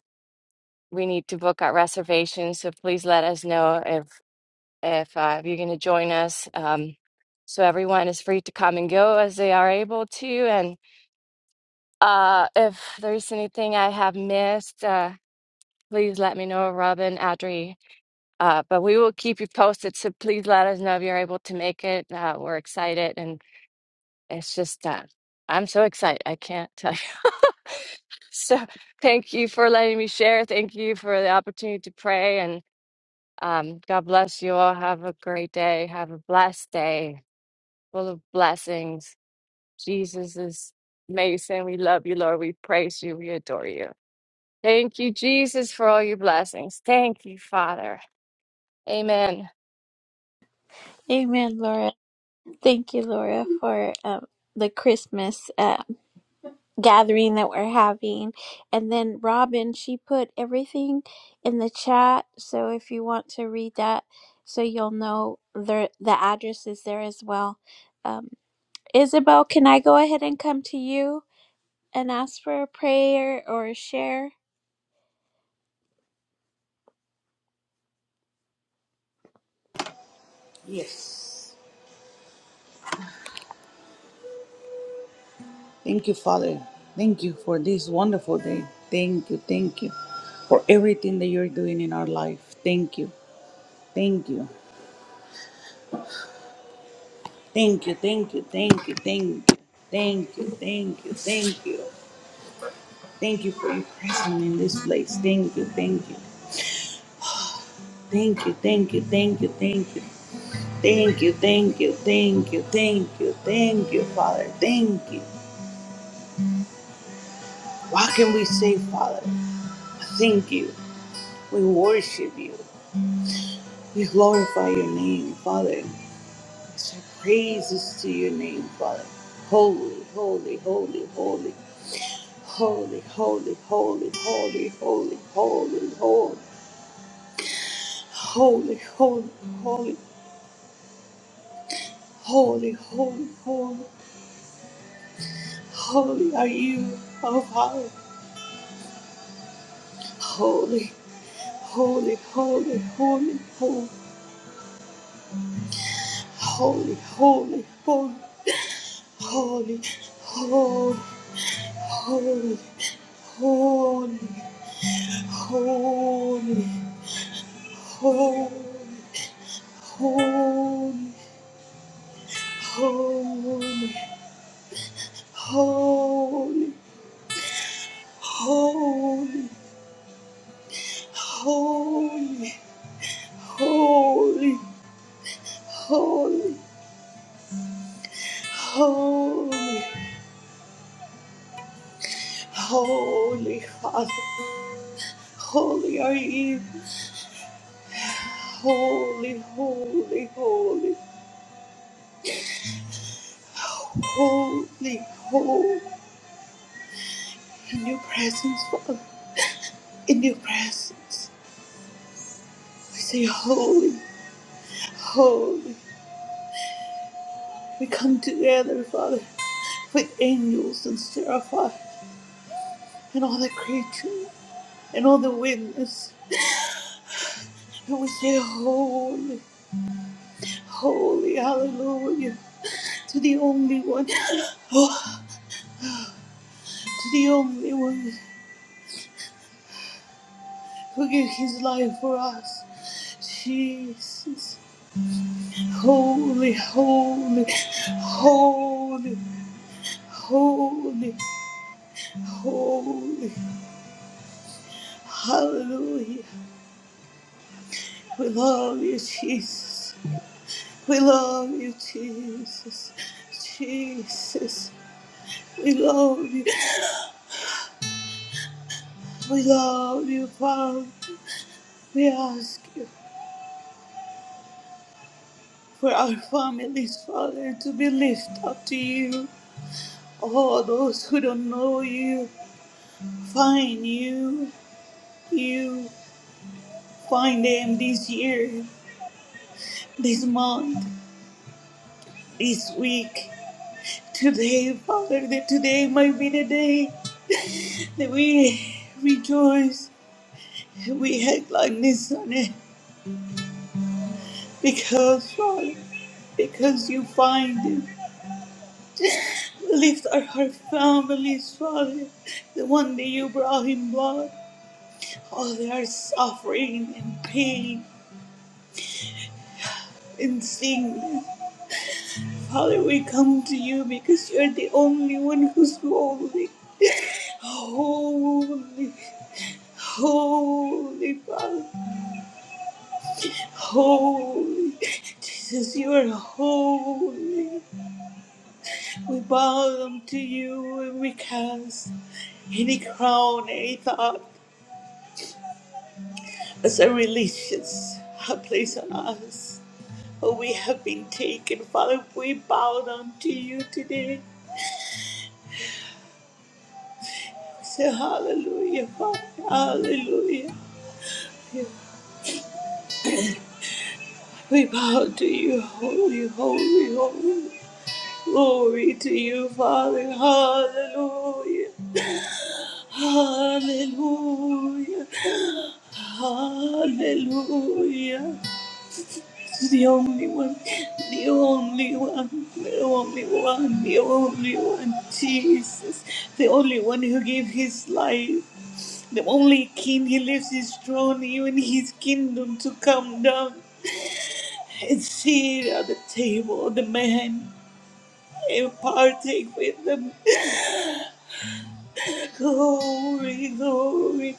we need to book our reservations so please let us know if if uh, if you're going to join us um, so everyone is free to come and go as they are able to Uh, if there's anything I have missed, uh, please let me know, Robin, Audrey. Uh, but we will keep you posted. So please let us know if you're able to make it. Uh, we're excited, and it's just uh, I'm so excited. I can't tell you. So thank you for letting me share. Thank you for the opportunity to pray, and um, God bless you all. Have a great day. Have a blessed day, full of blessings. Jesus is amazing. We love you, Lord. We praise you. We adore you. Thank you, Jesus, for all your blessings. Thank you, Father. Amen. Amen, Laura. Thank you, Laura, for um, the Christmas uh, gathering that we're having. And then Robin, she put everything in the chat. So if you want to read that, so you'll know the, the address is there as well. Um, Isabel, can I go ahead and come to you and ask for a prayer or a share? Yes. Thank you, Father. Thank you for this wonderful day. Thank you. Thank you for everything that you're doing in our life. Thank you. Thank you. Thank you. Thank you. Thank you. Thank you. Thank you. Thank you. Thank you. Thank you for your presence in this place. Thank you. Thank you. Thank you. Thank you. Thank you. Thank you. Thank you. Thank you. Thank you. Thank you. Thank you, Father. Thank you. What can we say, Father? Thank you. We worship you. We glorify your name, Father. We say praises to your name, Father. Holy, holy, holy, holy, holy, holy, holy, holy, holy, holy, holy, holy, holy, holy, holy, holy, holy, holy are you, our Father. Holy, holy, holy, holy, holy, holy, holy, holy, holy, holy, holy, holy. Holy, holy, holy, holy, holy, holy, holy, holy, holy, holy, holy, Father. Holy are you. Holy, holy, holy, holy, holy. In your presence, Father. In your presence. We say holy, holy. We come together, Father, with angels and seraphim and all the creatures and all the witness. And we say, Holy, holy, hallelujah, to the only one, oh, to the only one who gave his life for us, Jesus. Holy, holy, holy, holy, holy, hallelujah. We love you, Jesus. We love you, Jesus. Jesus. We love you. We love you, Father. We ask you for our families, Father, to be lifted up to you. All those who don't know you, find you. You find them this year, this month, this week. Today, Father, that today might be the day that we rejoice. We act like this, Son. Because, Father, because you find him. Lift up our families, Father, the one that you brought in blood. Oh, they are suffering and pain and sickness. Father, we come to you because you're the only one who's holy. Holy, holy, Father, holy. Jesus, you are holy. We bow down to you and we cast Any crown, any thought as a religious place on us. Oh, we have been taken. Father, we bow down to you today. We say hallelujah, Father. Hallelujah. We bow to you, holy, holy, holy. Glory to you, Father. Hallelujah. Hallelujah. Hallelujah. The only one, the only one, the only one, the only one, Jesus, the only one who gave his life, the only king who left his throne, even his kingdom, to come down and sit at the table of the man and partake with them. Glory, glory,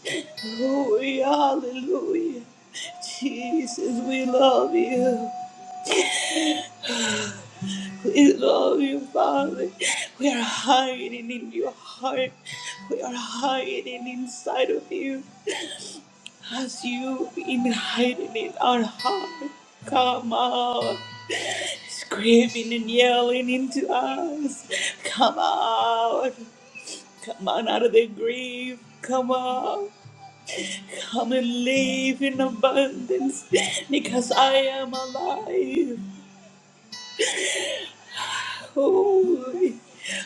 glory, hallelujah. Jesus, we love you. We love you, Father. We are hiding in your heart. We are hiding inside of you as you've been hiding in our heart. Come out, screaming and yelling into us. Come out. Come on out of the grave. Come out. Come and live in abundance because I am alive. Holy,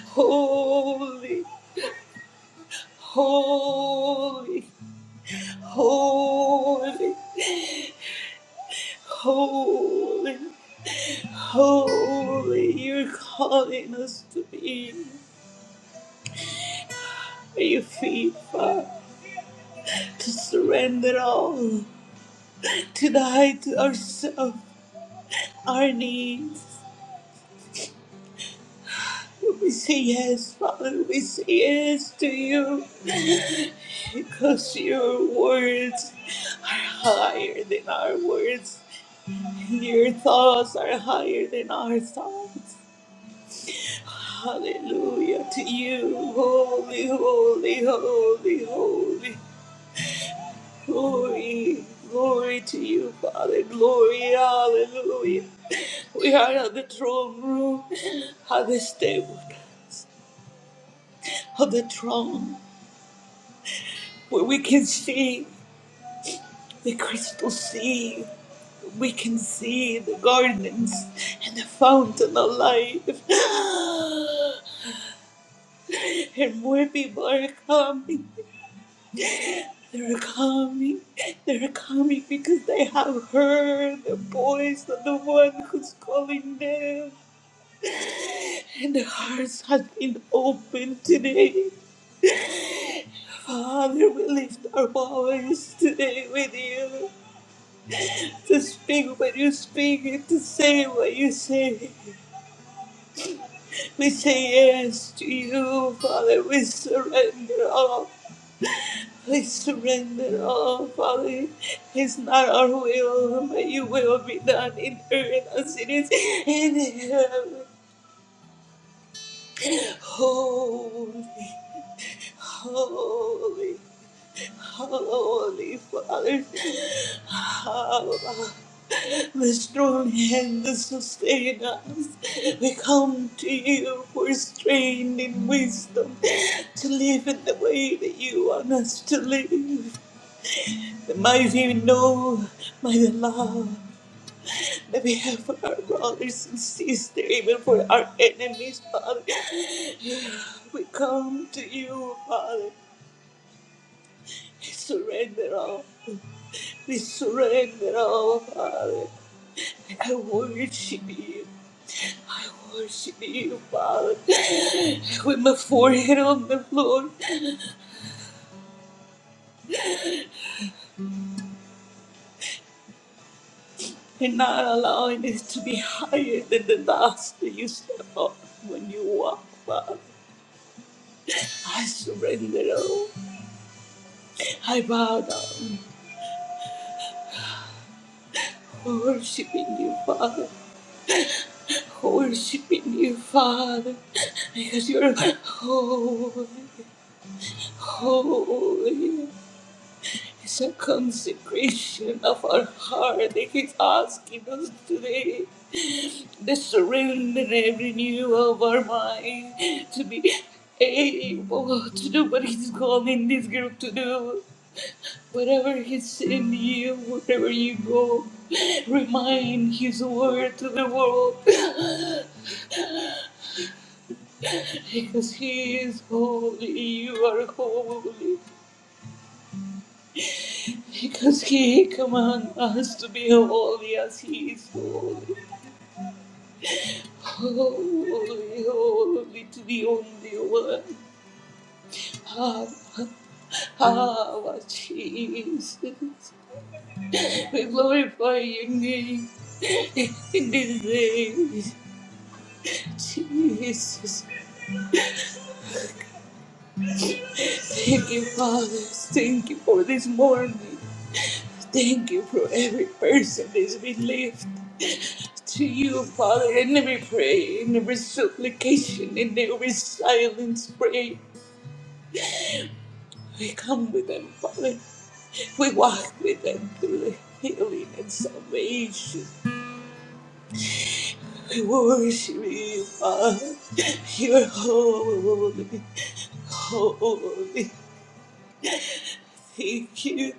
holy. Holy, holy, holy, holy, you're calling us to be at your feet, Father, to surrender all, to die to ourselves, our needs. We say yes, Father, we say yes to you, because your words are higher than our words, and your thoughts are higher than our thoughts. Hallelujah to you, holy, holy, holy, holy, glory, glory to you, Father, glory, hallelujah. We are at the throne room, at the stable of the throne, where we can see the crystal sea, we can see the gardens and the fountain of life. And more people are coming. They're coming. They're coming because they have heard the voice of the one who's calling them. And their hearts have been opened today. Father, we lift our voice today with you to speak what you speak and to say what you say. We say yes to you, Father. We surrender all. We surrender all, Father. It's not our will, but your will be done in earth as it is in heaven. Holy, holy, holy, Father. Abba, the strong hand that sustains us. We come to you for strength and wisdom to live in the way that you want us to live. That might even know, my love, that we have for our brothers and sisters, even for our enemies, Father. We come to you, Father. We surrender all. We surrender all, Father. I worship you. I worship you, Father. With my forehead on the floor and not allowing it to be higher than the dust that you step on when you walk, Father. I surrender all. I bow down, worshiping you, Father, worshiping you, Father, because you're holy, holy. It's a consecration of our heart that He's asking us today. The surrender and renewal of our mind to be able to do what He's calling this group to do. Wherever he send you, wherever you go, remind his word to the world. Because he is holy, you are holy. Because he commands us to be holy as he is holy. Holy, holy to the only one. Ah, ah, Jesus. We glorify your name in this day. Jesus, Thank you, Father. Thank you for this morning. Thank you for every person that's been lifted to you, Father, in every prayer, in every supplication, in every silence prayer. We come with them, Father. We walk with them through the healing and salvation. We worship you, Father. You're holy, holy. Thank you.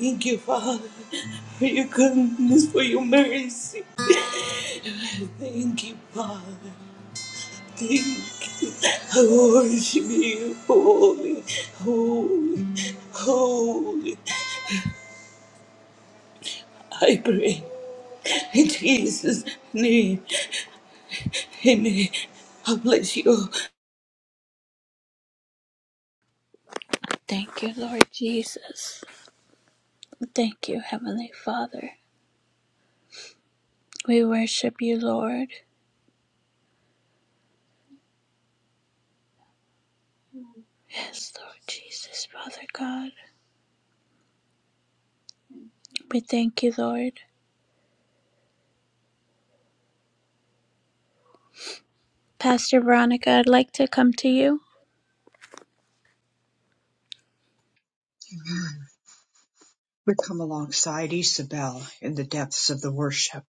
Thank you, Father, for your goodness, for your mercy. Thank you, Father. Thank you. I worship you, holy, holy, holy. I pray in Jesus' name. Amen. I bless you. Thank you, Lord Jesus. Thank you, Heavenly Father. We worship you, Lord. Yes, Lord Jesus, Father God. We thank you, Lord. Pastor Veronica, I'd like to come to you. We come alongside Isabel in the depths of the worship.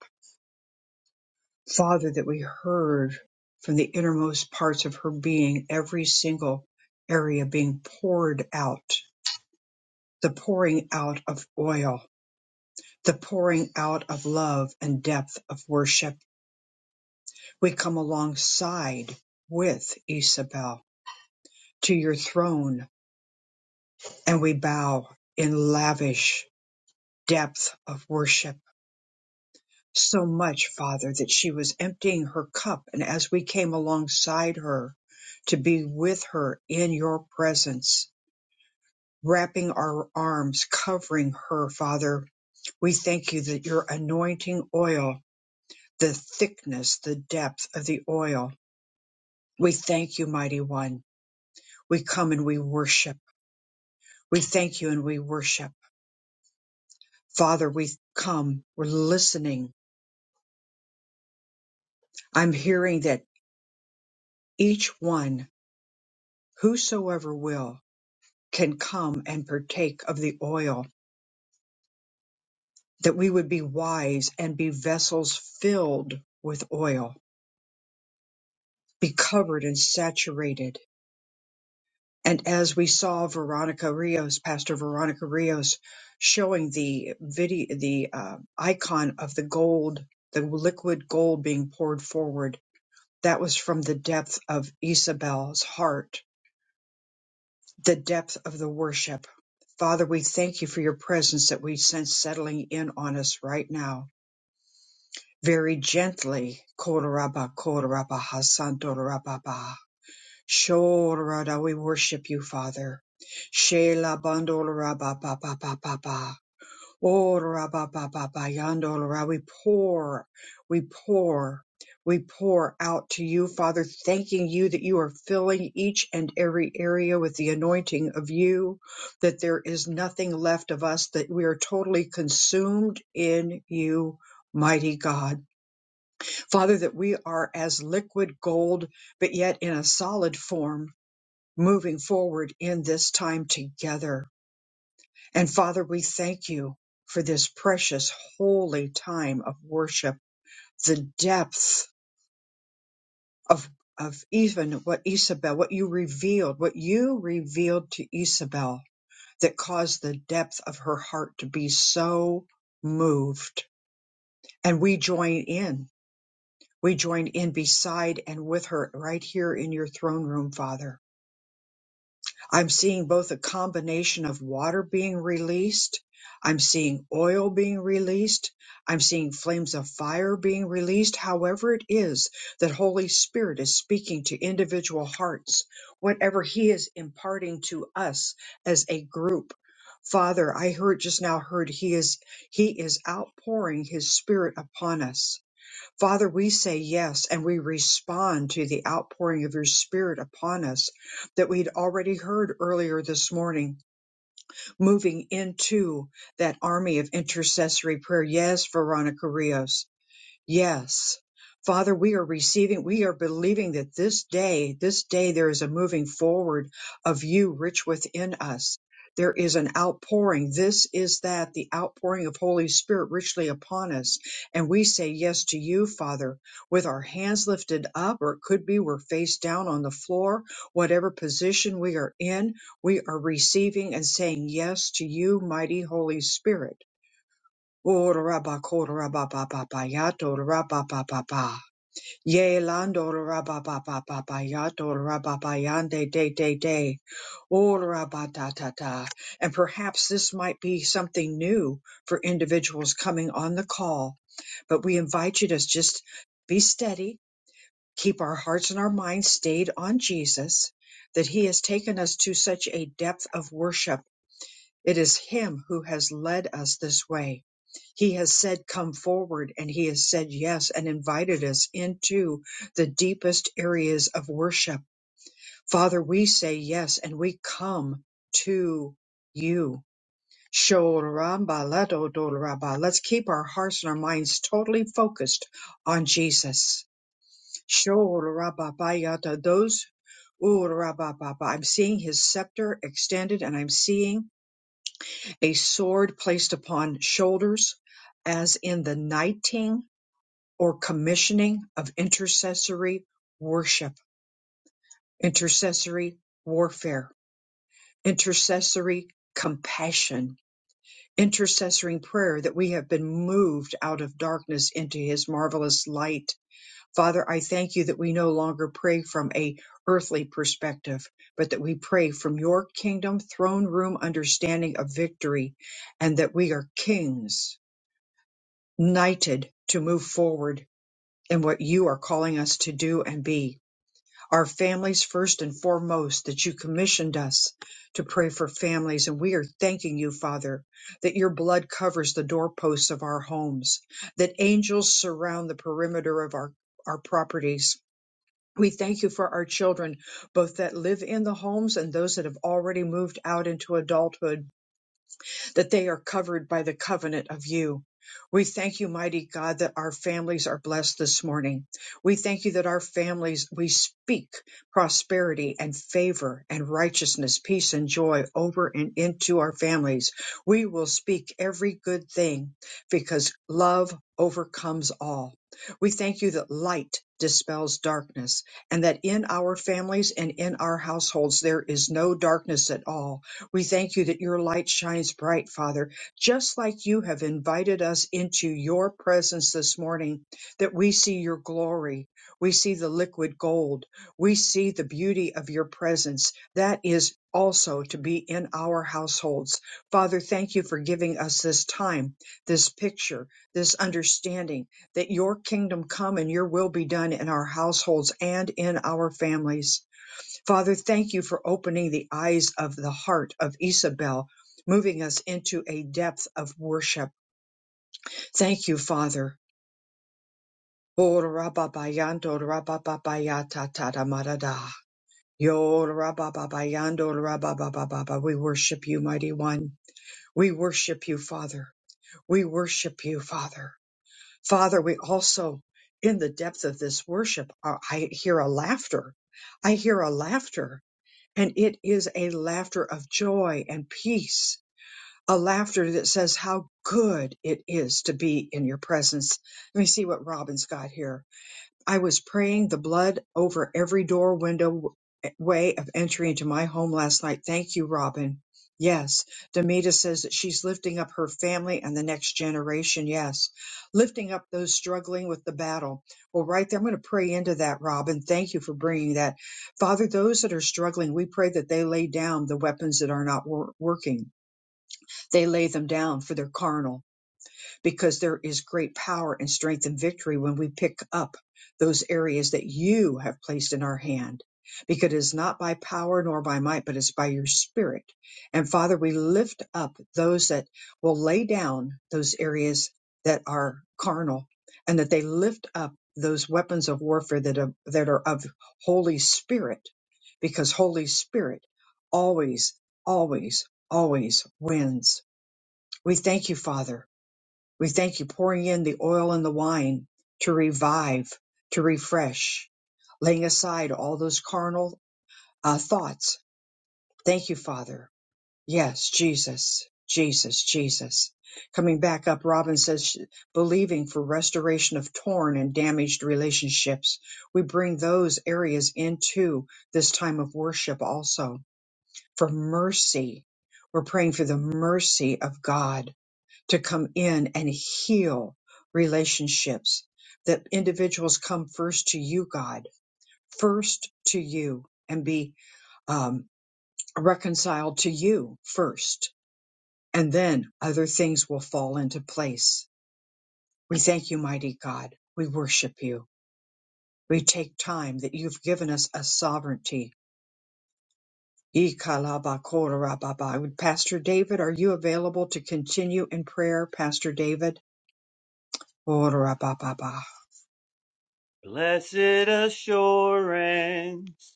Father, that we heard from the innermost parts of her being, every single area being poured out, the pouring out of oil, the pouring out of love and depth of worship. We come alongside with Isabel to your throne and we bow in lavish depth of worship so much, Father, that she was emptying her cup. And as we came alongside her to be with her in your presence, wrapping our arms, covering her, Father, we thank you that your anointing oil, the thickness, the depth of the oil, we thank you, mighty one. We come and we worship. We thank you and we worship. Father, we come, we're listening. I'm hearing that each one, whosoever will, can come and partake of the oil, that we would be wise and be vessels filled with oil, be covered and saturated. And as we saw Veronica Rios, Pastor Veronica Rios, showing the video, the uh, icon of the gold, the liquid gold being poured forward, that was from the depth of Isabel's heart, the depth of the worship. Father, we thank you for your presence that we sense settling in on us right now very gently. Koraba, koraba, hasantorababa. Shorada, we worship you, Father. Shela bandoloraba, ba, ba, ba, ba, ba. Oraba, ba, ba, ba, yandolora. We pour, we pour, we pour out to you, Father, thanking you that you are filling each and every area with the anointing of you, that there is nothing left of us, that we are totally consumed in you, mighty God. Father, that we are as liquid gold, but yet in a solid form, moving forward in this time together. And Father, we thank you for this precious, holy time of worship, the depth of of even what Isabel, what you revealed, what you revealed to Isabel that caused the depth of her heart to be so moved. And we join in We join in beside and with her right here in your throne room, Father. I'm seeing both a combination of water being released. I'm seeing oil being released. I'm seeing flames of fire being released. However, it is that Holy Spirit is speaking to individual hearts, whatever He is imparting to us as a group. Father, I heard just now heard He is He is outpouring His Spirit upon us Father, we say yes and we respond to the outpouring of your spirit upon us that we'd already heard earlier this morning, moving into that army of intercessory prayer. Yes, Veronica Rios. Yes. Father, we are receiving, we are believing that this day, this day, there is a moving forward of you rich within us. There is an outpouring. This is that, the outpouring of Holy Spirit richly upon us. And we say yes to you, Father, with our hands lifted up, or it could be we're face down on the floor. Whatever position we are in, we are receiving and saying yes to you, mighty Holy Spirit. Ora-ba-ko-ra-ba-ba-ba-ba-ya-do-ra-ba-ba-ba-ba. Ye-lando-ra-ba-ba-ba-ba-ba-ba-ya-do-ra-ba-ba-yan, day, day, day. Ora-ba-ta-ta-ta. And perhaps this might be something new for individuals coming on the call, but we invite you to just be steady, keep our hearts and our minds stayed on Jesus, that He has taken us to such a depth of worship it is Him who has led us this way. He has said, Come forward, and He has said yes and invited us into the deepest areas of worship. Father, we say yes and we come to you. Shorambaladodoraba. Let's keep our hearts and our minds totally focused on Jesus. Shorababayata. Those, Ooh, rabababa. I'm seeing his scepter extended and I'm seeing a sword placed upon shoulders, as in the knighting or commissioning of intercessory worship, intercessory warfare, intercessory compassion, intercessory prayer that we have been moved out of darkness into his marvelous light. Father, I thank you that we no longer pray from a earthly perspective, but that we pray from your kingdom throne room understanding of victory and that we are kings knighted to move forward in what you are calling us to do and be. Our families first and foremost, that you commissioned us to pray for families. And we are thanking you, Father, that your blood covers the doorposts of our homes, that angels surround the perimeter of our, our properties. We thank you for our children, both that live in the homes and those that have already moved out into adulthood that they are covered by the covenant of you. We thank you, mighty God, that our families are blessed this morning. We thank you that our families, we speak prosperity and favor and righteousness, peace and joy over and into our families. We will speak every good thing because love overcomes all. We thank you that light dispels darkness and that in our families and in our households there is no darkness at all we thank you that your light shines bright, Father, just like you have invited us into your presence this morning, that we see your glory. We see the liquid gold. We see the beauty of your presence. That is also to be in our households. Father, thank you for giving us this time, this picture, this understanding that your kingdom come and your will be done in our households and in our families. Father, thank you for opening the eyes of the heart of Isabel, moving us into a depth of worship. Thank you, Father. Oh, rababayando, rabababayatatamarada. Yo, rabababayando, rabababababa. We worship you, mighty one. We worship you, Father. We worship you, Father. Father, we also, in the depth of this worship, are- I hear a laughter. I hear a laughter And it is a laughter of joy and peace, a laughter that says how good it is to be in your presence. Let me see what Robin's got here. I was praying the blood over every door, window, way of entry into my home last night. Thank you, Robin. Yes, Demita says that she's lifting up her family and the next generation. Yes, lifting up those struggling with the battle. Well, right there, I'm going to pray into that, Robin. Thank you for bringing that. Father, those that are struggling, we pray that they lay down the weapons that are not wor- working. They lay them down for their carnal because there is great power and strength and victory when we pick up those areas that you have placed in our hand. Because it is not by power nor by might, but it's by your spirit. And Father, we lift up those that will lay down those areas that are carnal and that they lift up those weapons of warfare that are, that are of Holy Spirit because Holy Spirit always, always, always wins. We thank you, Father we thank you pouring in the oil and the wine to revive, to refresh, laying aside all those carnal uh, thoughts. Thank you, Father. Yes, Jesus, Jesus, Jesus. Coming back up, Robin says, sh- believing for restoration of torn and damaged relationships. We bring those areas into this time of worship also for mercy. We're praying for the mercy of God to come in and heal relationships that individuals come first to you god first to you and be um, reconciled to you first and then other things will fall into place we thank you mighty god we worship you we take time that you've given us a sovereignty Ikalabakorababa. Pastor David, are you available to continue in prayer, Pastor David? Orabababa. Blessed assurance,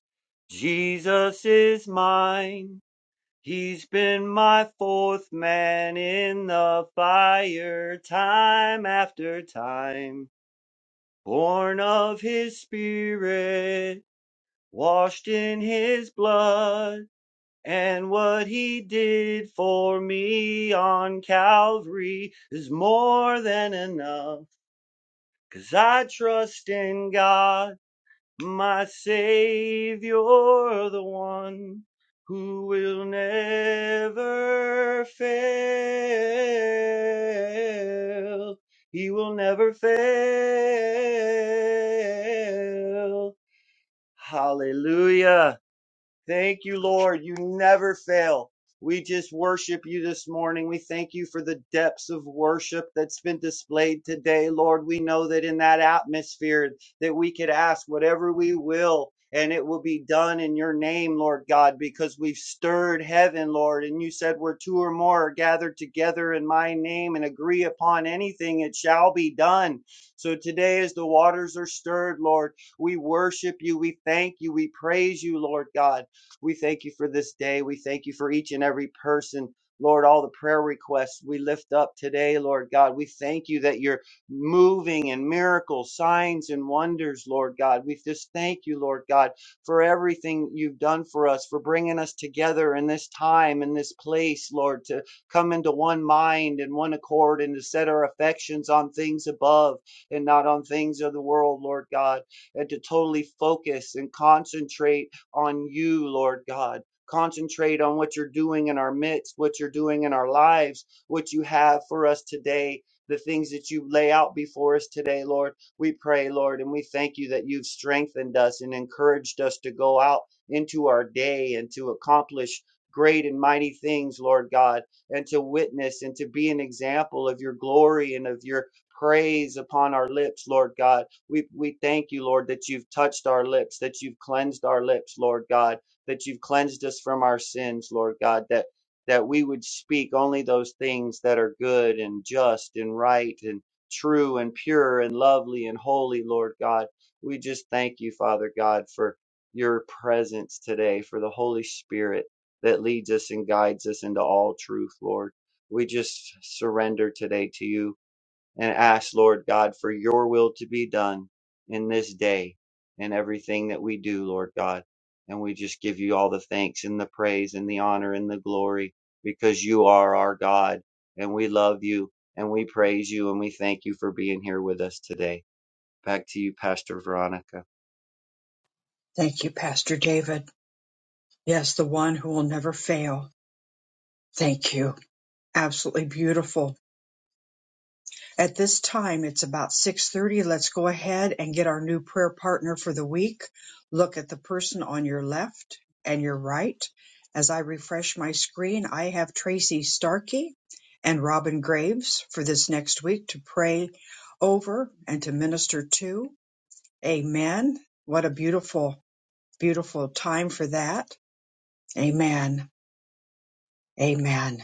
Jesus is mine. He's been my fourth man in the fire, time after time. Born of his spirit, washed in his blood, and what he did for me on Calvary is more than enough. 'Cause I trust in God. My Savior, the one who will never fail. He will never fail. Hallelujah. Thank you, Lord. You never fail. We just worship you this morning. We thank you for the depths of worship that's been displayed today, Lord. We know that in that atmosphere that we could ask whatever we will and it will be done in your name, Lord God, because we've stirred heaven, Lord. And you said where two or more are gathered together in my name and agree upon anything, it shall be done. So today, as the waters are stirred, Lord, we worship you. We thank you. We praise you, Lord God. We thank you for this day. We thank you for each and every person. Lord, all the prayer requests we lift up today, Lord God, we thank you that you're moving in miracles, signs, and wonders, Lord God. We just thank you, Lord God, for everything you've done for us, for bringing us together in this time, in this place, Lord, to come into one mind and one accord and to set our affections on things above and not on things of the world, Lord God, and to totally focus and concentrate on you, Lord God. Concentrate on what you're doing in our midst, what you're doing in our lives, what you have for us today, the things that you lay out before us today, Lord. We pray, Lord, and we thank you that you've strengthened us and encouraged us to go out into our day and to accomplish great and mighty things, Lord God, and to witness and to be an example of your glory and of your praise upon our lips, Lord God. We, we thank you, Lord, that you've touched our lips, that you've cleansed our lips, Lord God, that you've cleansed us from our sins, Lord God, that, that we would speak only those things that are good and just and right and true and pure and lovely and holy, Lord God. We just thank you, Father God, for your presence today, for the Holy Spirit that leads us and guides us into all truth, Lord. We just surrender today to you and ask, Lord God, for your will to be done in this day and everything that we do, Lord God. And we just give you all the thanks and the praise and the honor and the glory because you are our God and we love you and we praise you and we thank you for being here with us today. Back to you, Pastor Veronica. Thank you, Pastor David. Yes, the one who will never fail. Thank you. Absolutely beautiful. At this time, it's about 6:30. Let's go ahead and get our new prayer partner for the week. Look at the person on your left and your right. As I refresh my screen, I have Tracy Starkey and Robin Graves for this next week to pray over and to minister to. Amen. What a beautiful, beautiful time for that. Amen. Amen.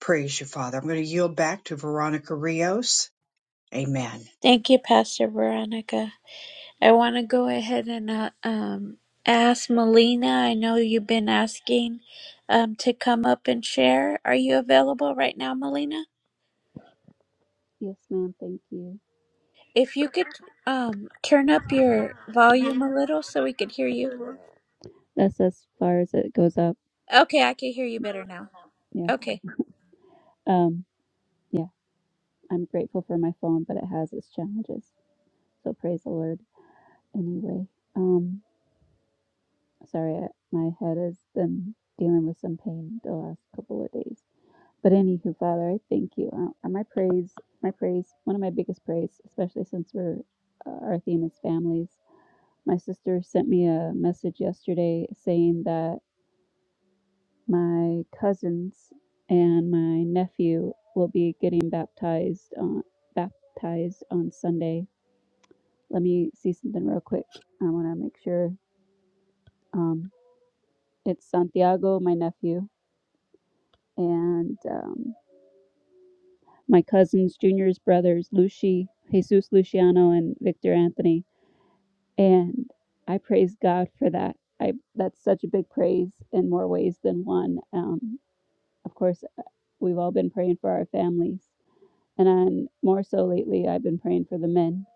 Praise you, Father. I'm going to yield back to Veronica Rios. Amen. Thank you, Pastor Veronica. I want to go ahead and uh, um, ask Melina. I know you've been asking um, to come up and share. Are you available right now, Melina? Yes, ma'am. Thank you. If you could um, turn up your volume a little so we could hear you. That's as far as it goes up. Okay, I can hear you better now. Yeah. Okay. Um, yeah. I'm grateful for my phone, but it has its challenges. So praise the Lord anyway. Um, sorry, I, my head has been dealing with some pain the last couple of days. But anywho, Father, I thank you. Uh, and my praise, my praise, one of my biggest praise, especially since we're uh, our theme is families. My sister sent me a message yesterday saying that. my cousins and my nephew will be getting baptized on baptized on Sunday. Let me see something real quick. I want to make sure. Um, it's Santiago, my nephew, and um, my cousins, Junior's brothers, Lucy, Jesus Luciano, and Victor Anthony. And I praise God for that. I that's such a big praise in more ways than one. Um, of course, uh, we've all been praying for our families and then more so lately i've been praying for the men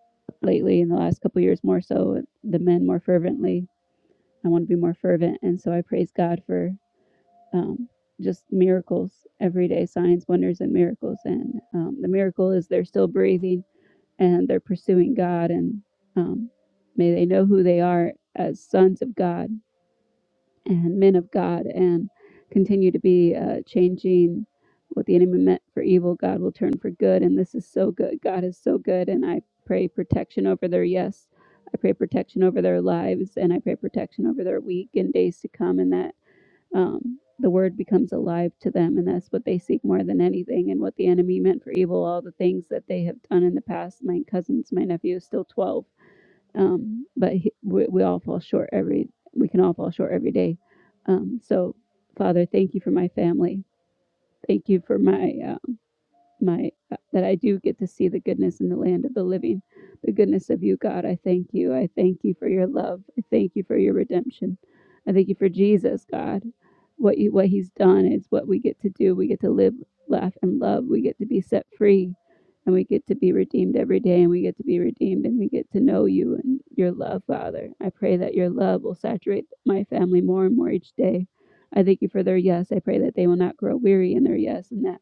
lately in the last couple of years more so the men more fervently i want to be more fervent and so i praise god for um, just miracles every day signs wonders and miracles and um, the miracle is they're still breathing and they're pursuing god and um, may they know who they are as sons of god and men of God and continue to be uh, changing what the enemy meant for evil, God will turn for good. And this is so good. God is so good. And I pray protection over their yes. I pray protection over their lives and I pray protection over their week and days to come and that um, the word becomes alive to them. And that's what they seek more than anything. And what the enemy meant for evil, all the things that they have done in the past. My cousins, my nephew is still 12 um, but he, we, we all fall short every we can all fall short every day um, so father thank you for my family thank you for my Uh, my uh, that I do get to see the goodness in the land of the living, the goodness of you, God. I thank you. I thank you for your love. I thank you for your redemption. I thank you for Jesus, God. What you what He's done is what we get to do. We get to live, laugh, and love. We get to be set free, and we get to be redeemed every day. And we get to be redeemed, and we get to know you and your love, Father. I pray that your love will saturate my family more and more each day. I thank you for their yes. I pray that they will not grow weary in their yes, and that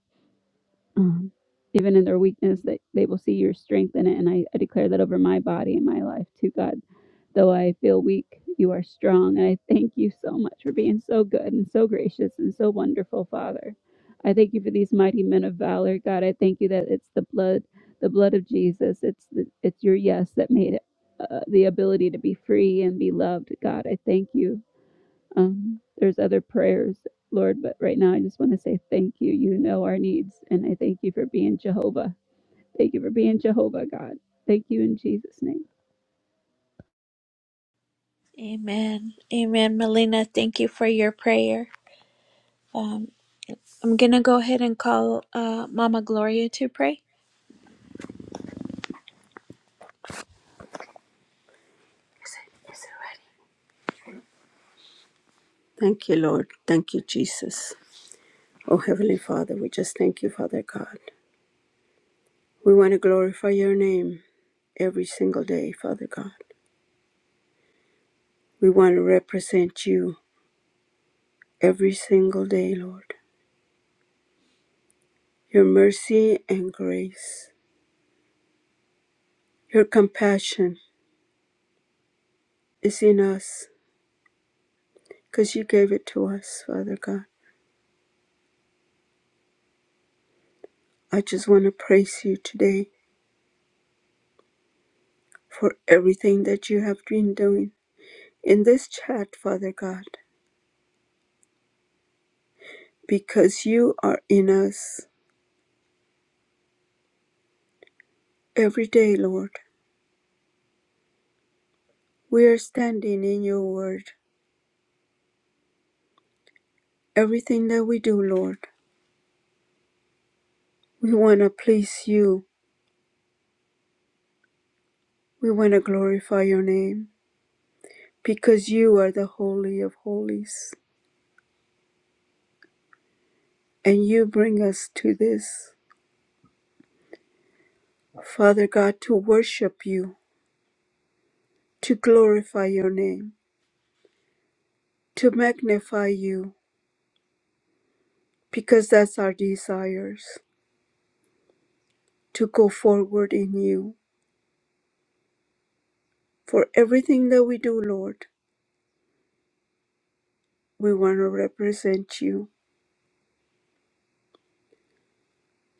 um, even in their weakness, that they will see your strength in it. And I, I declare that over my body and my life too, God. Though I feel weak, you are strong. And I thank you so much for being so good and so gracious and so wonderful, Father. I thank you for these mighty men of valor, God. I thank you that it's the blood, the blood of Jesus. It's the, it's your yes that made it, uh, the ability to be free and be loved, God. I thank you um, there's other prayers, Lord, but right now I just want to say thank you. You know our needs, and I thank you for being Jehovah. Thank you for being Jehovah, God. Thank you in Jesus' name. Amen. Amen. Melina, thank you for your prayer. Um, I'm going to go ahead and call uh, Mama Gloria to pray. Thank you, Lord. Thank you, Jesus. Oh, Heavenly Father, we just thank you, Father God. We want to glorify your name every single day, Father God. We want to represent you every single day, Lord. Your mercy and grace, your compassion is in us because you gave it to us, Father God. I just want to praise you today for everything that you have been doing in this chat, Father God, because you are in us every day, Lord. We are standing in your word. Everything that we do, Lord, we want to please you. We want to glorify your name because you are the Holy of Holies and you bring us to this, Father God, to worship you, to glorify your name, to magnify you because that's our desires to go forward in you. For everything that we do, Lord, we want to represent you.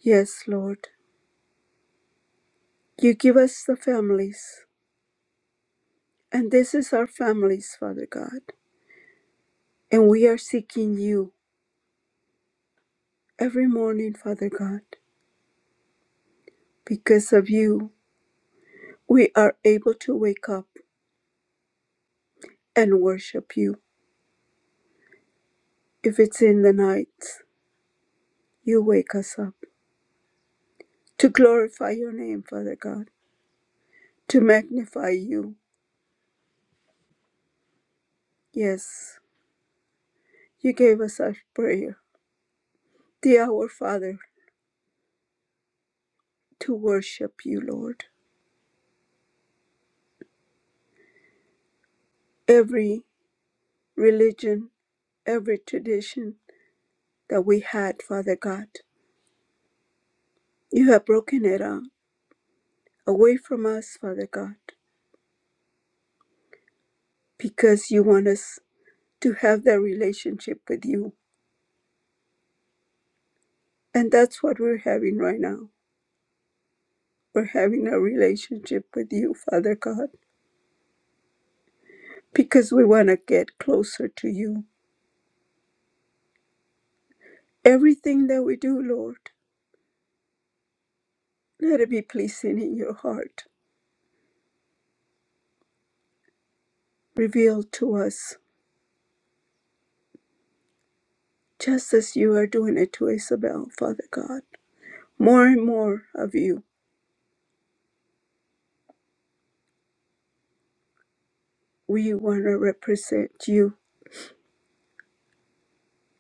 Yes, Lord, you give us the families. And this is our families, Father God. And we are seeking you every morning, Father God. Because of you, we are able to wake up and worship you. If it's in the night, you wake us up to glorify your name, Father God, to magnify you. Yes, you gave us our prayer, the Our Father, to worship you, Lord. Every religion, every tradition that we had, Father God, you have broken it up away from us, Father God, because you want us to have that relationship with you. And that's what we're having right now. We're having a relationship with you, Father God, because we want to get closer to you. Everything that we do, Lord, let it be pleasing in your heart. Reveal to us, just as you are doing it to Isabel, Father God. More and more of you. We want to represent you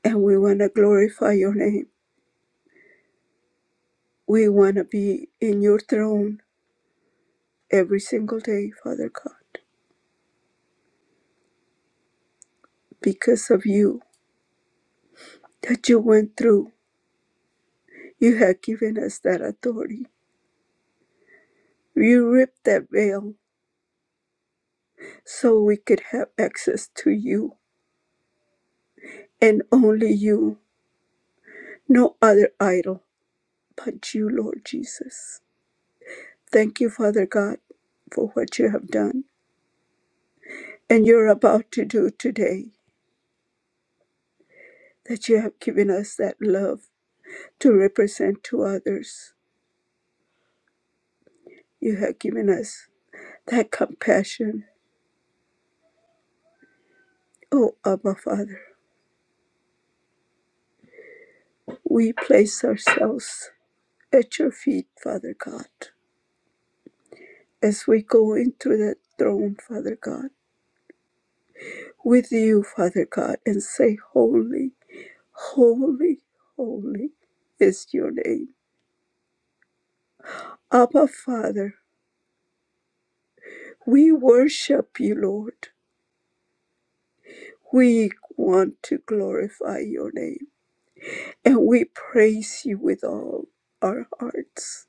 and we want to glorify your name. We want to be in your throne every single day, Father God, because of you that you went through. You have given us that authority. You ripped that veil so we could have access to you and only you, no other idol but you, Lord Jesus. Thank you, Father God, for what you have done and you're about to do today, that you have given us that love to represent to others. You have given us that compassion. Oh, Abba, Father, we place ourselves at your feet, Father God, as we go into that throne, Father God, with you, Father God, and say, Holy, holy, holy is your name. Abba, Father, we worship you, Lord. We want to glorify your name, and we praise you with all our hearts.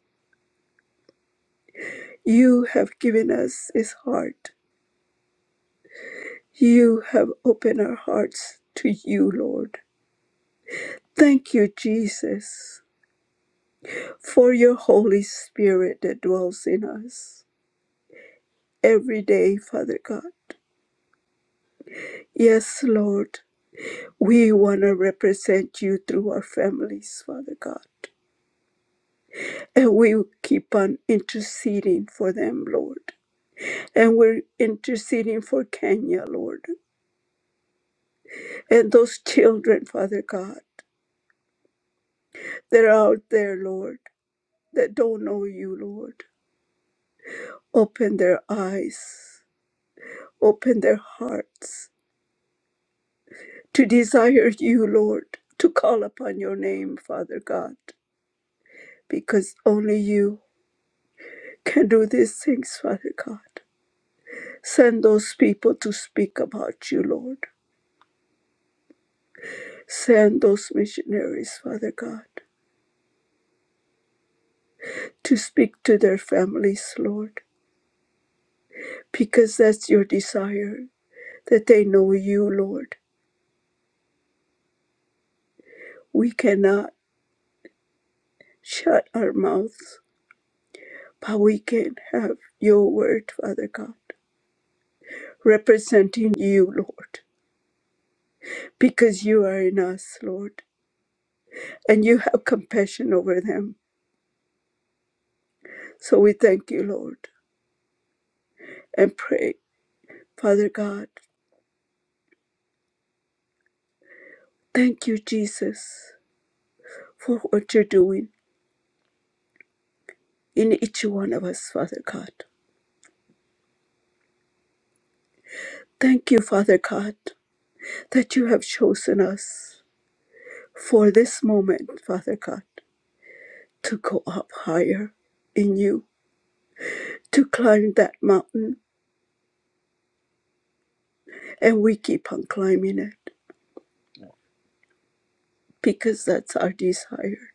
You have given us his heart You have opened our hearts to you, Lord. Thank you, Jesus, for your Holy Spirit that dwells in us every day, Father God. Yes, Lord, we want to represent you through our families, Father God. And we keep on interceding for them, Lord. And we're interceding for Kenya, Lord. And those children, Father God, that are out there, Lord, that don't know you, Lord. Open their eyes, open their hearts to desire you, Lord, to call upon your name, Father God, because only you can do these things, Father God. Send those people to speak about you, Lord. Send those missionaries, Father God, to speak to their families, Lord, because that's your desire, that they know you, Lord. We cannot shut our mouths But we can have your word, Father God, representing you, Lord, because you are in us, Lord, and you have compassion over them. So we thank you, Lord, and pray, Father God, thank you, Jesus, for what you're doing in each one of us, Father God. Thank you, Father God, that you have chosen us for this moment, Father God, to go up higher in you, to climb that mountain and we keep on climbing it because that's our desire.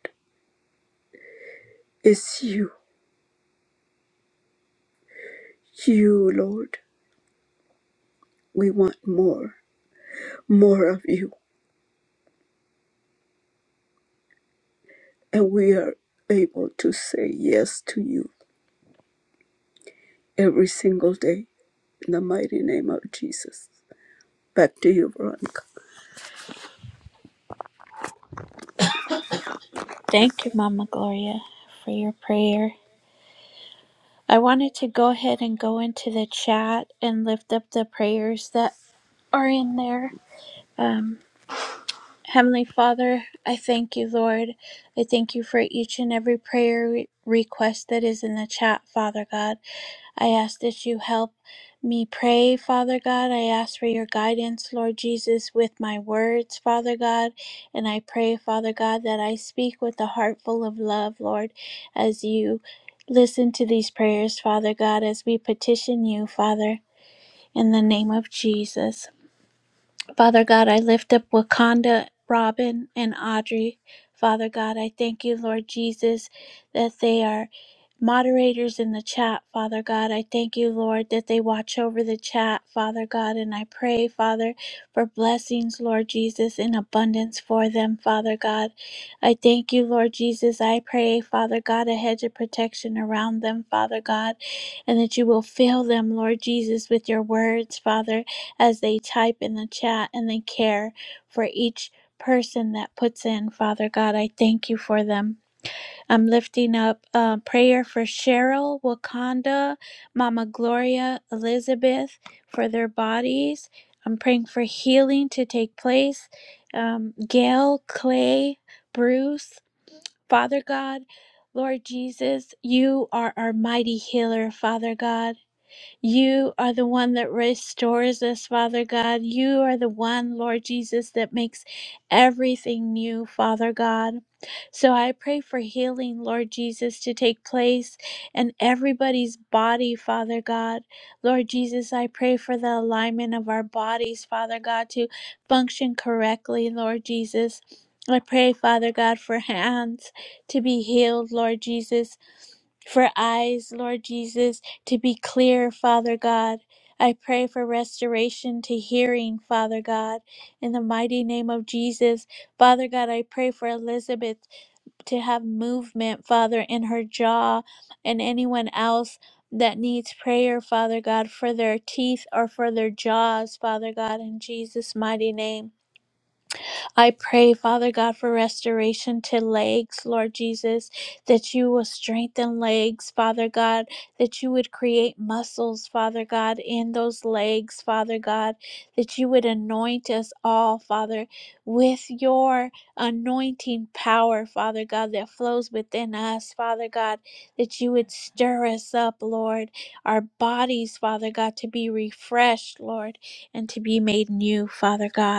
It's you, you, Lord. We want more, more of you, and we are able to say yes to you every single day in the mighty name of Jesus. Back to you, Veronica. Thank you, Mama Gloria, for your prayer. I wanted to go ahead and go into the chat and lift up the prayers that are in there. Um. Heavenly Father, I thank you, Lord. I thank you for each and every prayer re- request that is in the chat, Father God. I ask that you help me pray, Father God. I ask for your guidance, Lord Jesus, with my words, Father God. And I pray, Father God, that I speak with a heart full of love, Lord, as you listen to these prayers, Father God, as we petition you, Father, in the name of Jesus. Father God, I lift up Wakanda, Robin, and Audrey. Father God, I thank you, Lord Jesus, that they are moderators in the chat. Father God, I thank you, Lord, that they watch over the chat. Father God, and I pray, Father, for blessings, Lord Jesus, in abundance for them, Father God. I thank you, Lord Jesus. I pray, Father God, a hedge of protection around them, Father God, and that you will fill them, Lord Jesus, with your words, Father as they type in the chat and they care for each person that puts in. Father God, I thank you for them. I'm lifting up uh, prayer for Cheryl, Wakanda, Mama Gloria, Elizabeth, for their bodies. I'm praying for healing to take place. Um, Gail, Clay, Bruce, Father God, Lord Jesus, you are our mighty healer, Father God. You are the one that restores us, Father God. You are the one, Lord Jesus, that makes everything new, Father God. So I pray for healing, Lord Jesus, to take place in everybody's body, Father God. Lord Jesus, I pray for the alignment of our bodies, Father God, to function correctly, Lord Jesus. I pray, Father God, for hands to be healed, Lord Jesus, for eyes, Lord Jesus to be clear, Father God. I pray for restoration to hearing, Father God, in the mighty name of Jesus. Father God, I pray for Elizabeth to have movement, Father, in her jaw and anyone else that needs prayer, Father God, for their teeth or for their jaws, Father God, in Jesus' mighty name. I pray, Father God, for restoration to legs, Lord Jesus, that you will strengthen legs, Father God, that you would create muscles, Father God, in those legs, Father God, that you would anoint us all, Father, with your anointing power, Father God, that flows within us, Father God, that you would stir us up, Lord, our bodies, Father God, to be refreshed, Lord, and to be made new, Father God.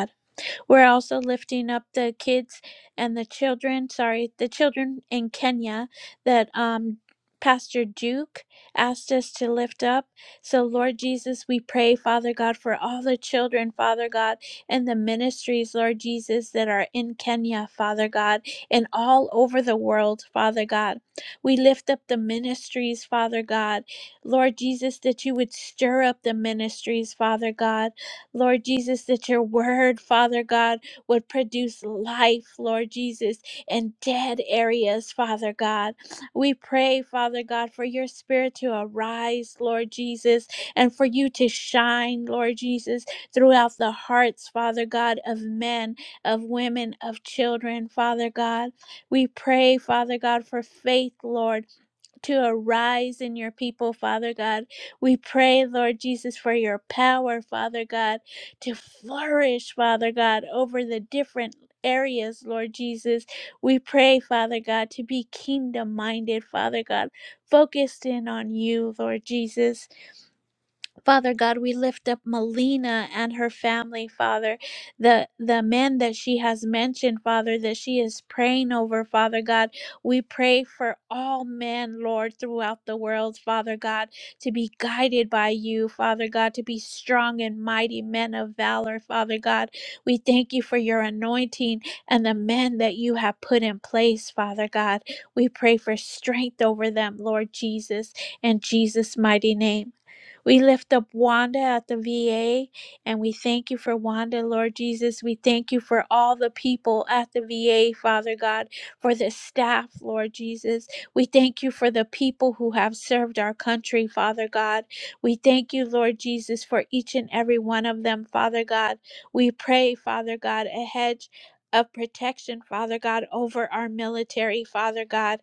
We're also lifting up the kids and the children, sorry, the children in Kenya that um, Pastor Duke asked us to lift up. So, Lord Jesus, we pray, Father God, for all the children, Father God, and the ministries, Lord Jesus, that are in Kenya, Father God, and all over the world, Father God. We lift up the ministries, Father God. Lord Jesus, that you would stir up the ministries, Father God Lord Jesus, that your word, Father God, would produce life, Lord Jesus, in dead areas, Father God. We pray, Father God, for your spirit to arise, Lord Jesus, and for you to shine, Lord Jesus, throughout the hearts, Father God, of men, of women, of children, Father God. We pray, Father God, for faith, Lord to arise in your people, Father God. We pray, Lord Jesus, for your power, Father God, to flourish, Father God, over the different areas, Lord Jesus. We pray, Father God, to be kingdom minded, Father God, focused in on you, Lord Jesus. Father God, we lift up Melina and her family, Father, the the men that she has mentioned, Father, that she is praying over, Father God. We pray for all men, Lord, throughout the world, Father God, to be guided by you, Father God, to be strong and mighty men of valor, Father God. We thank you for your anointing and the men that you have put in place, Father God. We pray for strength over them, Lord Jesus, in Jesus' mighty name. We lift up Wanda at the VA and we thank you for Wanda, Lord Jesus. We thank you for all the people at the VA, Father God, for the staff, Lord Jesus. We thank you for the people who have served our country, Father God. We thank you, Lord Jesus, for each and every one of them, Father God. We pray, Father God, a hedge of protection, Father God, over our military, Father God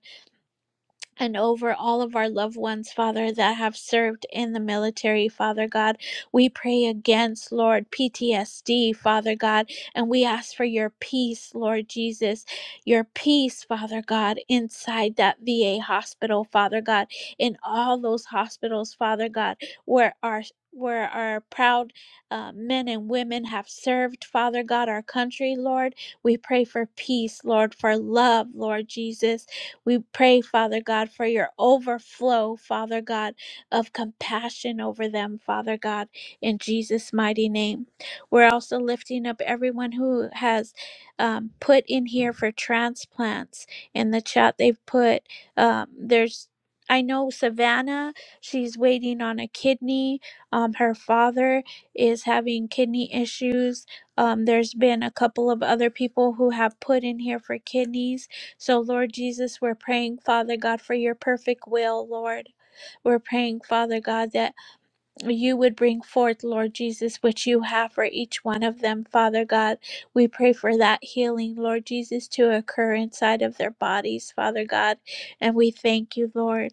and over all of our loved ones, Father, that have served in the military, Father God. We pray against, Lord, PTSD, Father God, and we ask for your peace, Lord Jesus, your peace, Father God, inside that VA hospital, Father God, in all those hospitals, Father God, where our where our proud uh, men and women have served, Father God, our country, Lord. We pray for peace, Lord, for love, Lord Jesus. We pray, Father God, for your overflow, Father God, of compassion over them, Father God, in Jesus' mighty name. We're also lifting up everyone who has um, put in here for transplants. In the chat, they've put, um, there's I know Savannah, she's waiting on a kidney. Um, her father is having kidney issues. Um, there's been a couple of other people who have put in here for kidneys so, Lord Jesus, we're praying, Father God, for your perfect will, Lord. We're praying, Father God, that you would bring forth, Lord Jesus, which you have for each one of them, Father God. We pray for that healing, Lord Jesus, to occur inside of their bodies, Father God. And we thank you, Lord.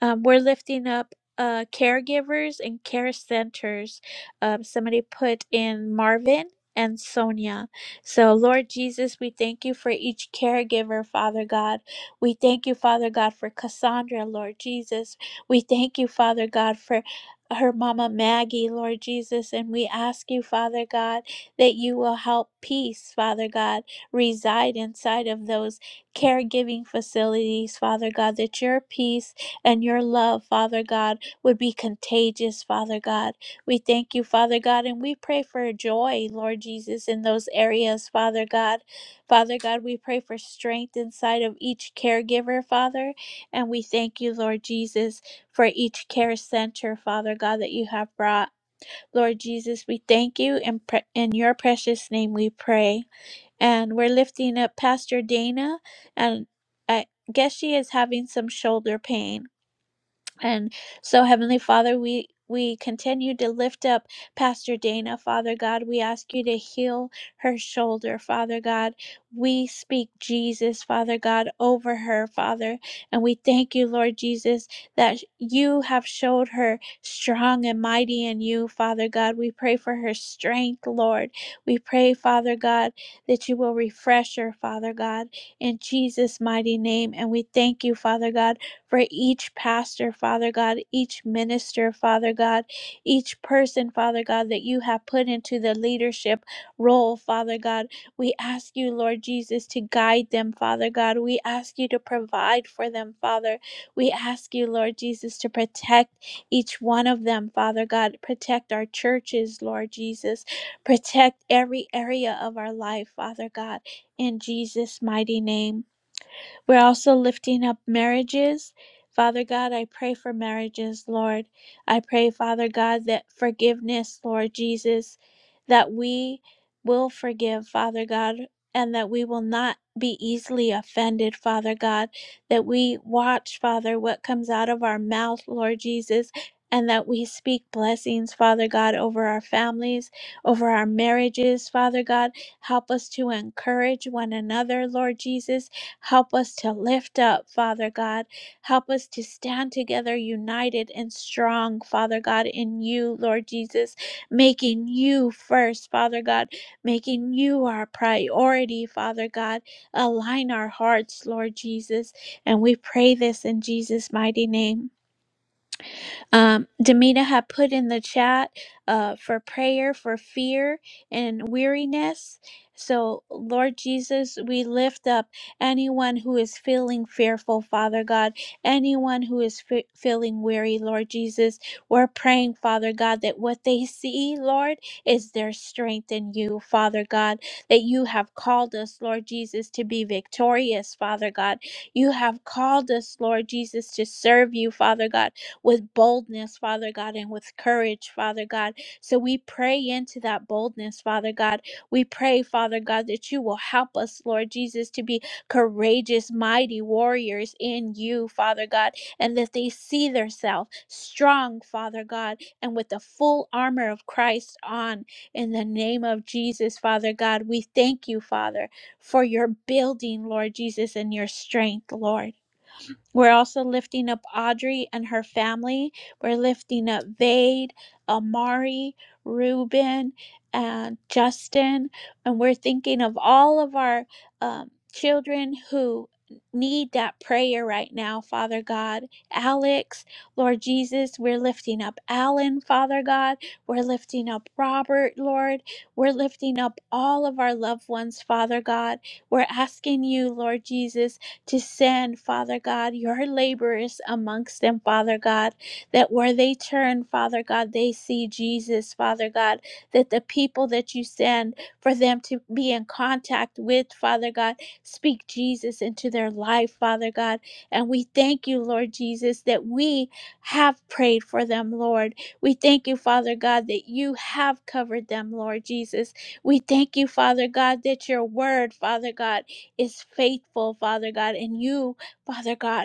Um, we're lifting up uh, caregivers and care centers. Um, somebody put in Marvin and Sonia. So, Lord Jesus, we thank you for each caregiver, Father God. We thank you, Father God, for Cassandra, Lord Jesus. We thank you, Father God, for her mama Maggie, Lord Jesus. And we ask you, Father God, that you will help peace, Father God, reside inside of those caregiving facilities, Father God, that your peace and your love, Father God, would be contagious, Father God. We thank you, Father God, and we pray for joy, Lord Jesus, in those areas, Father God. Father God, we pray for strength inside of each caregiver, Father, and we thank you, Lord Jesus, for each care center, Father God, that you have brought. Lord Jesus, we thank you, and pre- in your precious name we pray. And we're lifting up Pastor Dana, and I guess she is having some shoulder pain. And so, Heavenly Father, we we continue to lift up Pastor Dana, Father God. We ask you to heal her shoulder, Father God. We speak Jesus, Father God, over her, Father. And we thank you, Lord Jesus, that you have showed her strong and mighty in you, Father God. We pray for her strength, Lord. We pray, Father God, that you will refresh her, Father God, in Jesus' mighty name. And we thank you, Father God for each pastor, Father God, each minister, Father God, each person, Father God, that you have put into the leadership role, Father God. We ask you, Lord Jesus, to guide them, Father God. We ask you to provide for them, Father. We ask you, Lord Jesus, to protect each one of them, Father God. Protect our churches, Lord Jesus. Protect every area of our life, Father God, in Jesus' mighty name. We're also lifting up marriages. Father God, I pray for marriages, Lord. I pray, Father God, that forgiveness, Lord Jesus, that we will forgive, Father God, and that we will not be easily offended, Father God, that we watch, Father, what comes out of our mouth, Lord Jesus. And that we speak blessings, Father God, over our families, over our marriages, Father God. Help us to encourage one another, Lord Jesus Help us to lift up, Father God. Help us to stand together, united and strong, Father God, in you, Lord Jesus, making you first, Father God, making you our priority, Father God. Align our hearts, Lord Jesus. And we pray this in Jesus' mighty name. Um, Demita had put in the chat uh, for prayer for fear and weariness. So, Lord Jesus, we lift up anyone who is feeling fearful, Father God, anyone who is fe- feeling weary, Lord Jesus. We're praying, Father God, that what they see, Lord, is their strength in you, Father God, that you have called us, Lord Jesus, to be victorious, Father God. You have called us, Lord Jesus, to serve you, Father God with boldness, Father God, and with courage, Father God. So we pray into that boldness, Father God. We pray, Father God, that you will help us, Lord Jesus, to be courageous, mighty warriors in you, Father God, and that they see themselves strong, Father God, and with the full armor of Christ on. In the name of Jesus, Father God, we thank you, Father, for your building, Lord Jesus, and your strength, Lord. We're also lifting up Audrey and her family. We're lifting up Vade, Amari, Ruben, and Justin. And we're thinking of all of our um, children who need that prayer right now, Father God. Alex, Lord Jesus, we're lifting up Alan, Father God. We're lifting up Robert, Lord. We're lifting up all of our loved ones, Father God. We're asking you, Lord Jesus to send, Father God, your laborers amongst them, Father God, that where they turn, Father God, they see Jesus, Father God, that the people that you send for them to be in contact with, Father God, speak Jesus into their life, Father God. And we thank you, Lord Jesus, that we have prayed for them, Lord. We thank you, Father God, that you have covered them, Lord Jesus. We thank you, Father God, that your word, Father God, is faithful, Father God, and you, Father God,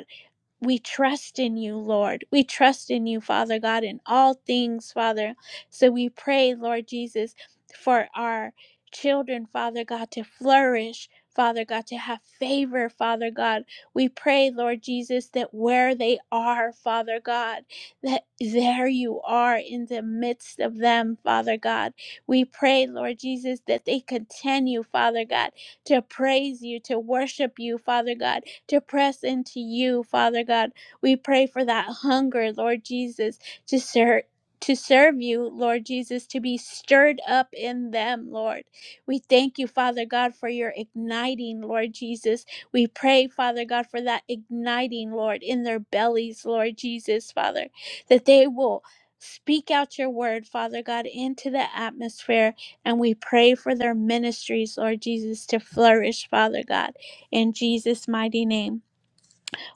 we trust in you, Lord. We trust in you, Father God, in all things, Father. So we pray, Lord Jesus, for our children, Father God, to flourish, Father God, to have favor, Father God. We pray, Lord Jesus, that where they are, Father God, that there you are in the midst of them, Father God. We pray, Lord Jesus, that they continue, Father God, to praise you, to worship you, Father God to press into you, Father God. We pray for that hunger, Lord Jesus, to serve. To serve you, Lord Jesus, to be stirred up in them, Lord. We thank you, Father God, for your igniting, Lord Jesus. We pray, Father God, for that igniting, Lord, in their bellies, Lord Jesus, Father, that they will speak out your word, Father God, into the atmosphere. And we pray for their ministries, Lord Jesus, to flourish, Father God in Jesus' mighty name.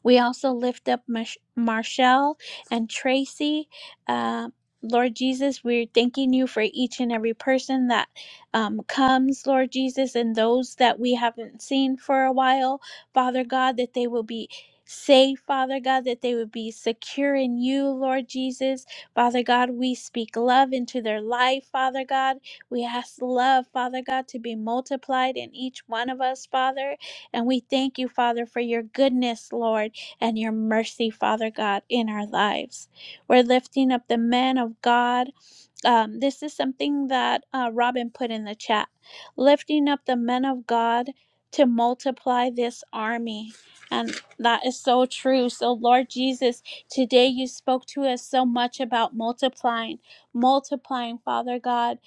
We also lift up Mich- Marshall and Tracy. Uh, Lord Jesus, we're thanking you for each and every person that um, comes, Lord Jesus, and those that we haven't seen for a while, Father God, that they will be safe, Father God, that they would be secure in you, Lord Jesus. Father God, we speak love into their life, Father God. We ask love, Father God, to be multiplied in each one of us, Father. And we thank you, Father, for your goodness, Lord and your mercy, Father God, in our lives. We're lifting up the men of God um, this is something that uh, Robin put in the chat lifting up the men of God to multiply this army. And that is so true. So, Lord Jesus, today you spoke to us so much about multiplying, multiplying, Father God.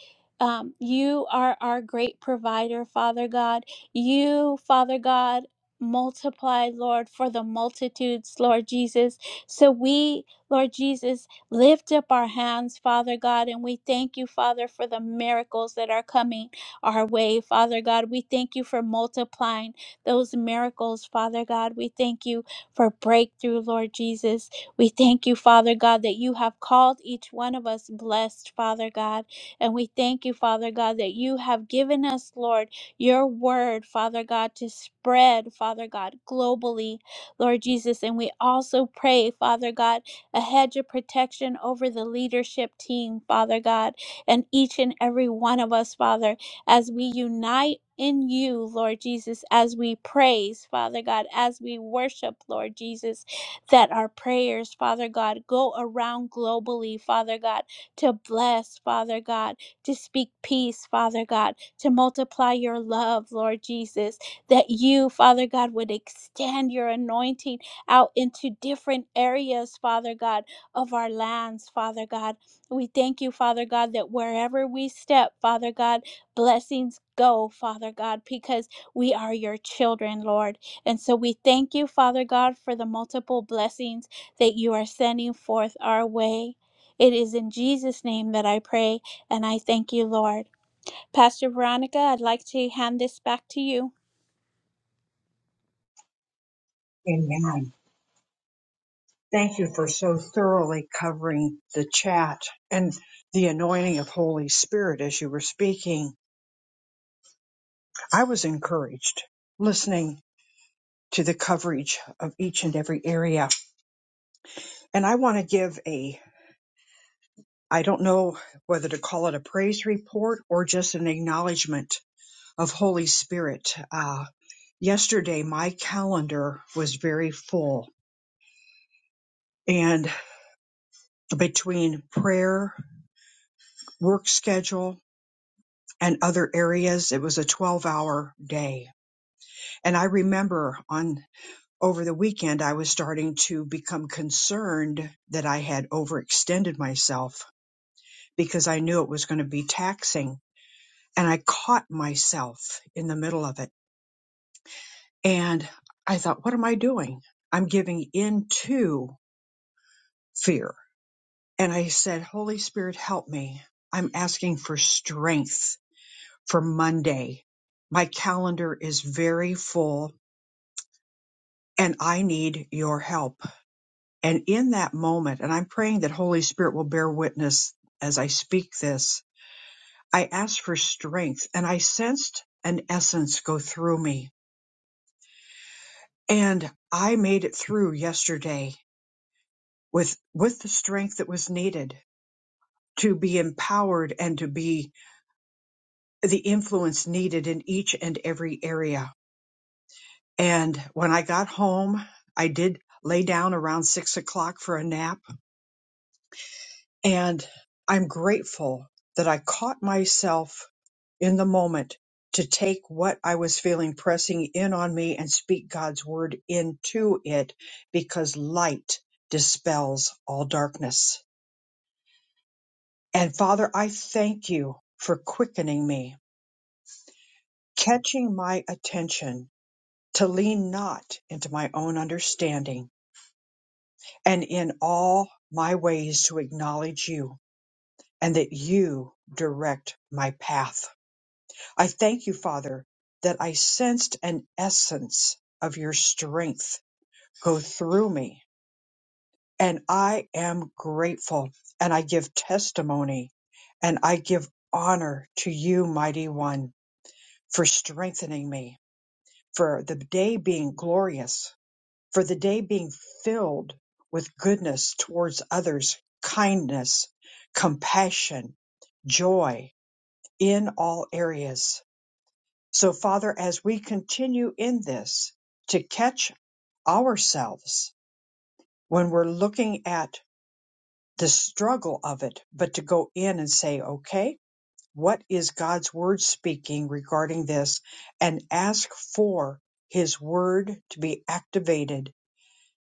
Um, you are our great provider, Father God. You, Father God, multiply, Lord, for the multitudes, Lord Jesus. So, we, Lord Jesus, lift up our hands, Father God, and we thank you, Father, for the miracles that are coming our way, Father God. We thank you for multiplying those miracles, Father God. We thank you for breakthrough, Lord Jesus. We thank you, Father God, that you have called each one of us blessed, Father God. And we thank you, Father God, that you have given us, Lord, your word, Father God, to spread, Father God, globally, Lord Jesus. And we also pray, Father God a hedge of protection over the leadership team, Father God, and each and every one of us, Father, as we unite in you, Lord Jesus, as we praise, Father God, as we worship, Lord Jesus, that our prayers, Father God, go around globally, Father God, to bless, Father God, to speak peace, Father God, to multiply your love, Lord Jesus, that you, Father God, would extend your anointing out into different areas, Father God, of our lands, Father God. We thank you, Father God, that wherever we step, Father God, blessings go, Father God, because we are your children, Lord. And so we thank you, Father God, for the multiple blessings that you are sending forth our way. It is in Jesus' name that I pray, and I thank you, Lord. Pastor Veronica, I'd like to hand this back to you. Amen. Thank you for so thoroughly covering the chat and the anointing of Holy Spirit as you were speaking. I was encouraged listening to the coverage of each and every area. And I want to give a, I don't know whether to call it a praise report or just an acknowledgement of Holy Spirit. Uh, yesterday, my calendar was very full. and. between prayer, work schedule, and other areas. It was a 12 hour day. And I remember on over the weekend, I was starting to become concerned that I had overextended myself because I knew it was going to be taxing. And I caught myself in the middle of it. And I thought, what am I doing? I'm giving in to fear. And I said, Holy Spirit, help me. I'm asking for strength for Monday. My calendar is very full and I need your help. And in that moment, and I'm praying that Holy Spirit will bear witness as I speak this, I asked for strength and I sensed an essence go through me. And I made it through yesterday with, with the strength that was needed to be empowered and to be the influence needed in each and every area. And when I got home, I did lay down around six o'clock for a nap. And I'm grateful that I caught myself in the moment to take what I was feeling pressing in on me and speak God's word into it because light dispels all darkness. And Father, I thank you for quickening me, catching my attention to lean not into my own understanding and in all my ways to acknowledge you, and that you direct my path. I thank you, Father, that I sensed an essence of your strength go through me, and I am grateful, and I give testimony, and I give honor to you, Mighty One, for strengthening me, for the day being glorious for the day being filled with goodness towards others, kindness, compassion, joy in all areas. So, Father, as we continue in this to catch ourselves when we're looking at the struggle of it, but to go in and say, okay, what is God's word speaking regarding this? And ask for his word to be activated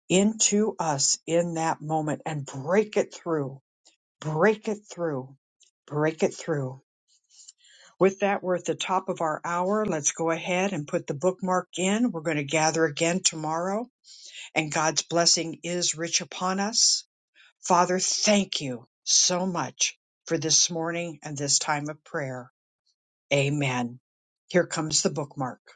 into us in that moment and break it through, break it through, break it through. With that, we're at the top of our hour. Let's go ahead and put the bookmark in. We're going to gather again tomorrow, and God's blessing is rich upon us. Father, thank you so much for this morning and this time of prayer. Amen. Here comes the bookmark.